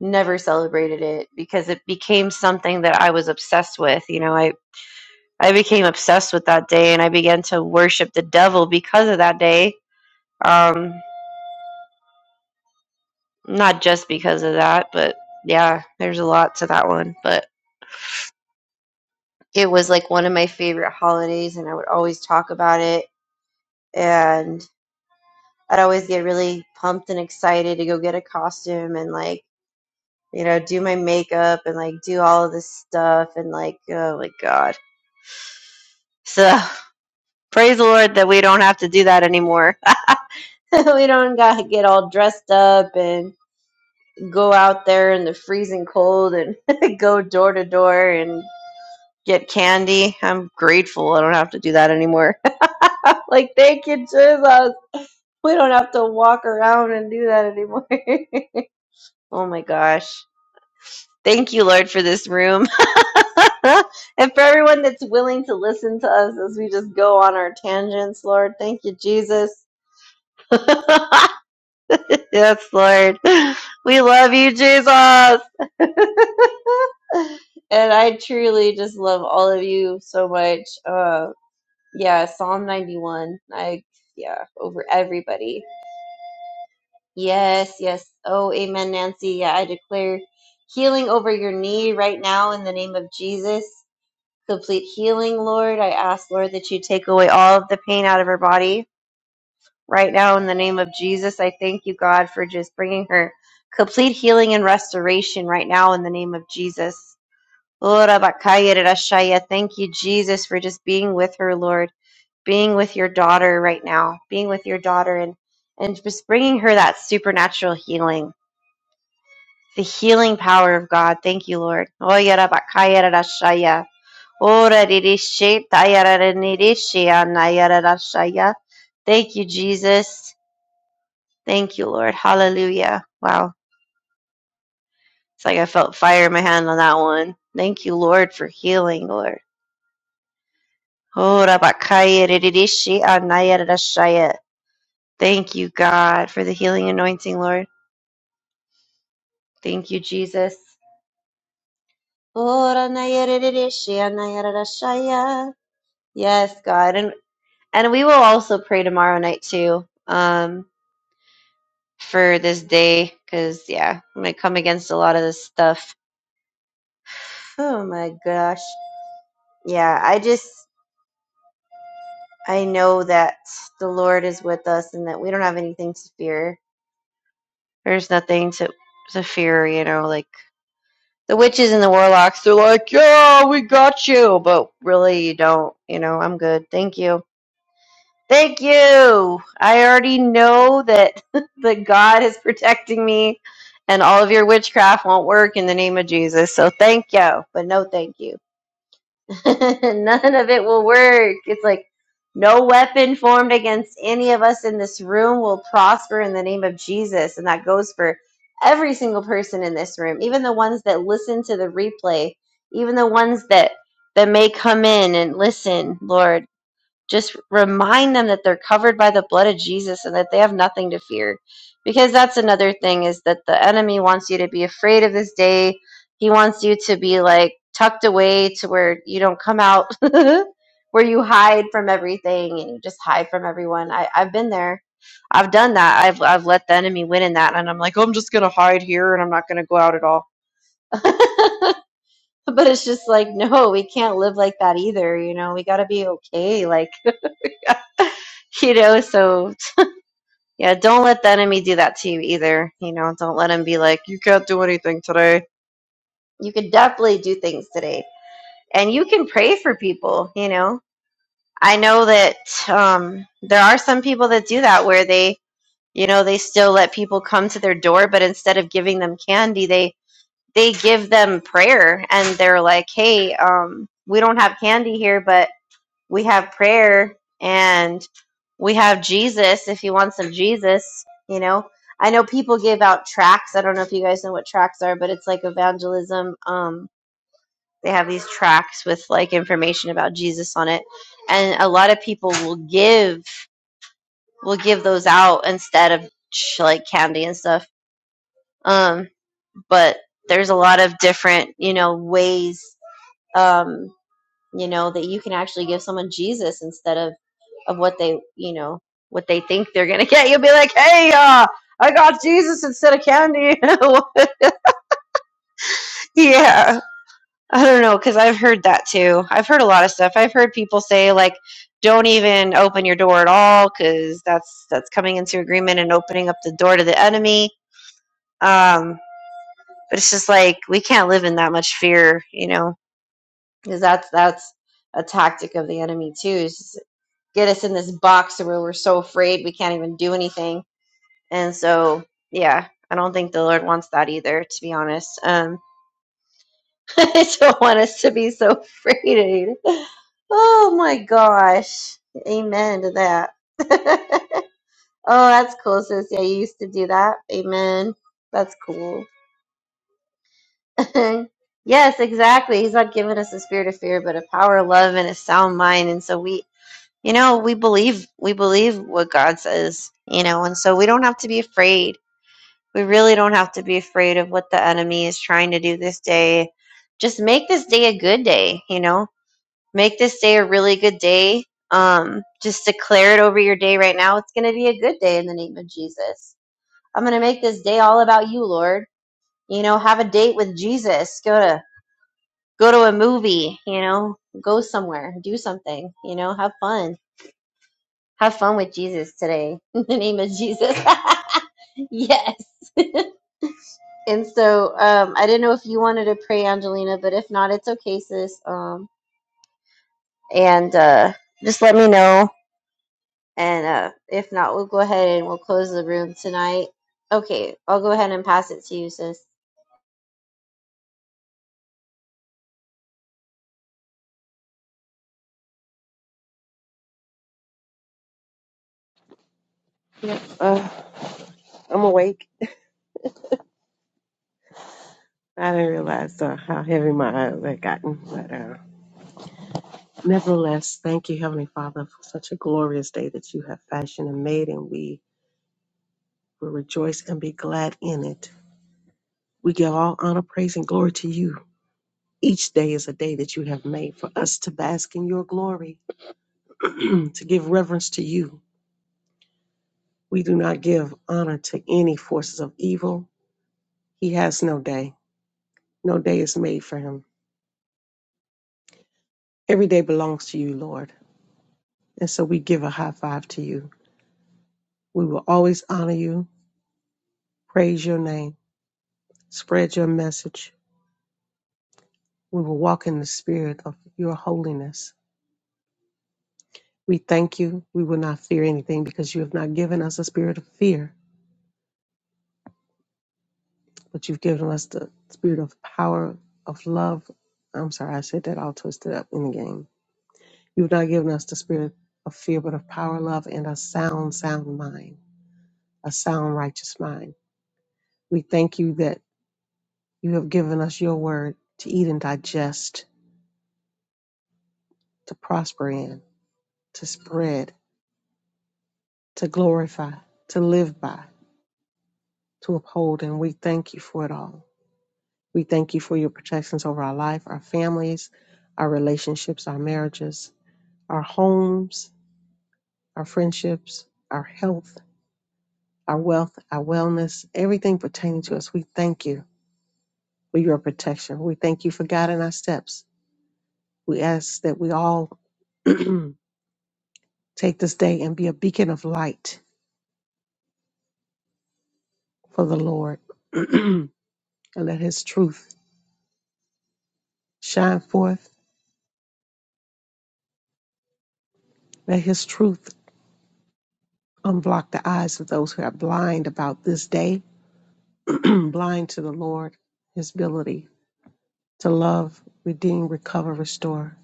S1: never celebrated it because it became something that I was obsessed with. You know, I I became obsessed with that day and I began to worship the devil because of that day. Um not just because of that, but yeah, there's a lot to that one, but it was like one of my favorite holidays and I would always talk about it and I'd always get really pumped and excited to go get a costume and like, you know, do my makeup and like do all of this stuff and like oh my god. So praise the Lord that we don't have to do that anymore. we don't got to get all dressed up and go out there in the freezing cold and go door to door and get candy. I'm grateful I don't have to do that anymore. like, thank you, Jesus. We don't have to walk around and do that anymore. oh my gosh. Thank you, Lord, for this room. and for everyone that's willing to listen to us as we just go on our tangents, Lord. Thank you, Jesus. Yes, Lord. We love you, Jesus. and I truly just love all of you so much. Uh, yeah, Psalm 91. I, yeah, over everybody. Yes, yes. Oh, amen, Nancy. Yeah, I declare healing over your knee right now in the name of Jesus. Complete healing, Lord. I ask, Lord, that you take away all of the pain out of her body right now in the name of Jesus. I thank you, God, for just bringing her complete healing and restoration right now in the name of Jesus. Ora bakaya rashaya. Thank you, Jesus, for just being with her, Lord, being with your daughter right now, being with your daughter and, and just bringing her that supernatural healing, the healing power of God. Thank you, Lord. Oya ra rashaya. Ora de de she, taya rashaya. Thank you, Jesus. Thank you, Lord. Hallelujah. Wow. It's like I felt fire in my hand on that one. Thank you, Lord, for healing, Lord. Oh, rabakaya rididishi anaya radashaya. Thank you, God, for the healing anointing, Lord. Thank you, Jesus. Oh, ranaya rididishi anaya radashaya. Yes, God. And and we will also pray tomorrow night too. Um for this day because yeah i'm gonna come against a lot of this stuff oh my gosh yeah i just I know that the Lord is with us and that we don't have anything to fear. There's nothing to to fear, you know, like the witches and the warlocks, they're like, Yeah, we got you but really you don't, you know, I'm good. Thank you. Thank you. I already know that that God is protecting me and all of your witchcraft won't work in the name of Jesus. So thank you. But no thank you. None of it will work. It's like no weapon formed against any of us in this room will prosper in the name of Jesus. And that goes for every single person in this room, even the ones that listen to the replay, even the ones that that may come in and listen, Lord just remind them that they're covered by the blood of Jesus and that they have nothing to fear. Because that's another thing is that the enemy wants you to be afraid of this day. He wants you to be like tucked away to where you don't come out, where you hide from everything and you just hide from everyone. I, I've been there. I've done that. I've I've let the enemy win in that and I'm like but it's just like no, we can't live like that either, you know. We got to be okay like you know so Yeah, don't let the enemy do that to you either. You know, don't let him be like, you can't do anything today. You can definitely do things today. And you can pray for people, you know. I know that um, there are some people that do that where they, you know, they still let people come to their door, but instead of giving them candy, they they give them prayer and they're like, hey, um, we don't have candy here, but we have prayer and we have Jesus if you want some Jesus, you know. I know people give out tracts. I don't know if you guys know what tracts are, but it's like evangelism. Um they have these tracts with like information about Jesus on it. And a lot of people will give will give those out instead of sh- like candy and stuff. Um but there's a lot of different, you know, ways Um, you know that you can actually give someone jesus instead of of what they you know what they think they're gonna get you'll be like hey uh i got jesus instead of candy yeah i don't know because i've heard that too i've heard a lot of stuff i've heard people say like don't even open your door at all because that's that's coming into agreement and opening up the door to the enemy um but it's just like we can't live in that much fear you know because that's that's a tactic of the enemy too get us in this box where we're so afraid we can't even do anything. And so, yeah, I don't think the Lord wants that either, to be honest. Um, I don't want us to be so afraid. Oh my gosh. Amen to that. oh, that's cool, sis. Yeah, you used to do that. Amen. That's cool. yes, exactly. He's not giving us a spirit of fear, but a power of love and a sound mind. And so we you know we believe we believe what god says you know and so we don't have to be afraid we really don't have to be afraid of what the enemy is trying to do this day just make this day a good day you know make this day a really good day um just declare it over your day right now it's going to be a good day in the name of jesus i'm going to make this day all about you lord you know have a date with jesus go to go to a movie you know go somewhere do something you know have fun have fun with Jesus today in the name of Jesus. yes. And so um, I didn't know if you wanted to pray, Angelina, but if not, it's okay, sis. Um, and uh, just let me know. And uh, if not, we'll go ahead and we'll close the room tonight. Okay, I'll go ahead and pass it to you, sis.
S4: Yep. Uh, I'm awake. I didn't realize uh, how heavy my eyes had gotten. But uh, nevertheless, thank you, Heavenly Father, for such a glorious day that you have fashioned and made, and we will rejoice and be glad in it. We give all honor, praise, and glory to you. Each day is a day that you have made for us to bask in your glory, to give reverence to you, We do not give honor to any forces of evil. He has no day. No day is made for him. Every day belongs to you, Lord. And so we give a high five to you. We will always honor you, praise your name, spread your message. We will walk in the spirit of your holiness. We thank you. We will not fear anything because you have not given us a spirit of fear, but you've given us the spirit of power, of love. I'm sorry, I said that all twisted up in the game You've not given us the spirit of fear, but of power, love, and a sound, sound mind, a sound, righteous mind. We thank you that you have given us your word to eat and digest, to prosper in, to spread, to glorify, to live by, to uphold. And we thank you for it all. We thank you for your protections over our life, our families, our relationships, our marriages, our homes, our friendships, our health, our wealth, our wellness, everything pertaining to us. We thank you for your protection. We thank you for guiding our steps. We ask that we all take this day and be a beacon of light for the Lord and let His truth shine forth. Let His truth unblock the eyes of those who are blind about this day, blind to the Lord, His ability to love, redeem, recover, restore,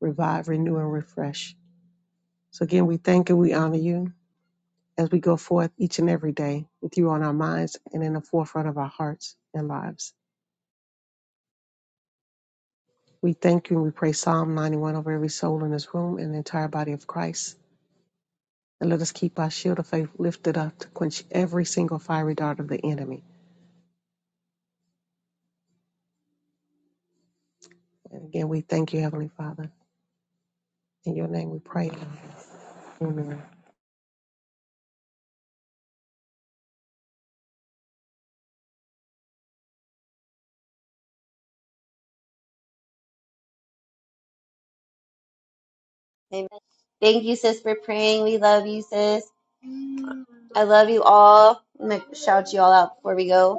S4: revive, renew, and refresh. So again, we thank and we honor you. as we go forth each and every day with you on our minds and in the forefront of our hearts and lives. We thank you and we pray Psalm 91 over every soul in this room and the entire body of Christ. And let us keep our shield of faith lifted up to quench every single fiery dart of the enemy. And again, we thank you, Heavenly Father. In your name we pray. Amen.
S1: Amen. Thank you, sis, for praying. We love you, sis. I love you all. I'm going to shout you all out before we go.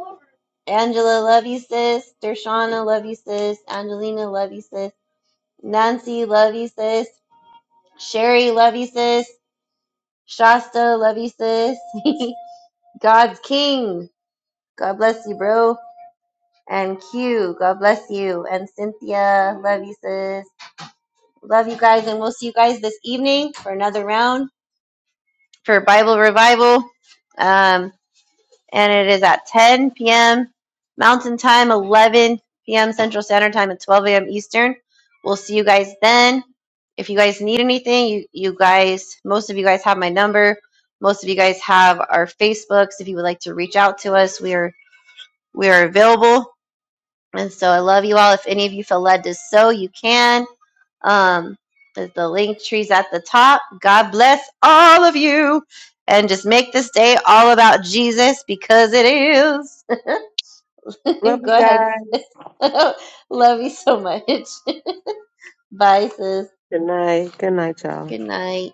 S1: Angela, love you, sis. Dershana, love you, sis. Angelina, love you, sis. Nancy, love you, sis. Sherry, love you, sis. Shasta, love you, sis. God's King, God bless you, bro. And Q, God bless you. And Cynthia, love you, sis. Love you guys, and we'll see you guys this evening for another round for Bible Revival. Um, and it is at 10 p.m. Mountain Time, 11 p.m. Central Standard Time, and 12 a.m. Eastern. We'll see you guys then. If you guys need anything, you, you guys, most of you guys have my number. Most of you guys have our Facebooks. If you would like to reach out to us, we are we are available. And so I love you all. If any of you feel led to sow, you can. Um, there's the link trees at the top. God bless all of you. And just make this day all about Jesus because it is.
S4: Love you
S1: Go ahead, sis.
S4: guys.
S1: Love you so much. Bye, sis.
S4: Good night. Good night, y'all.
S1: Good night.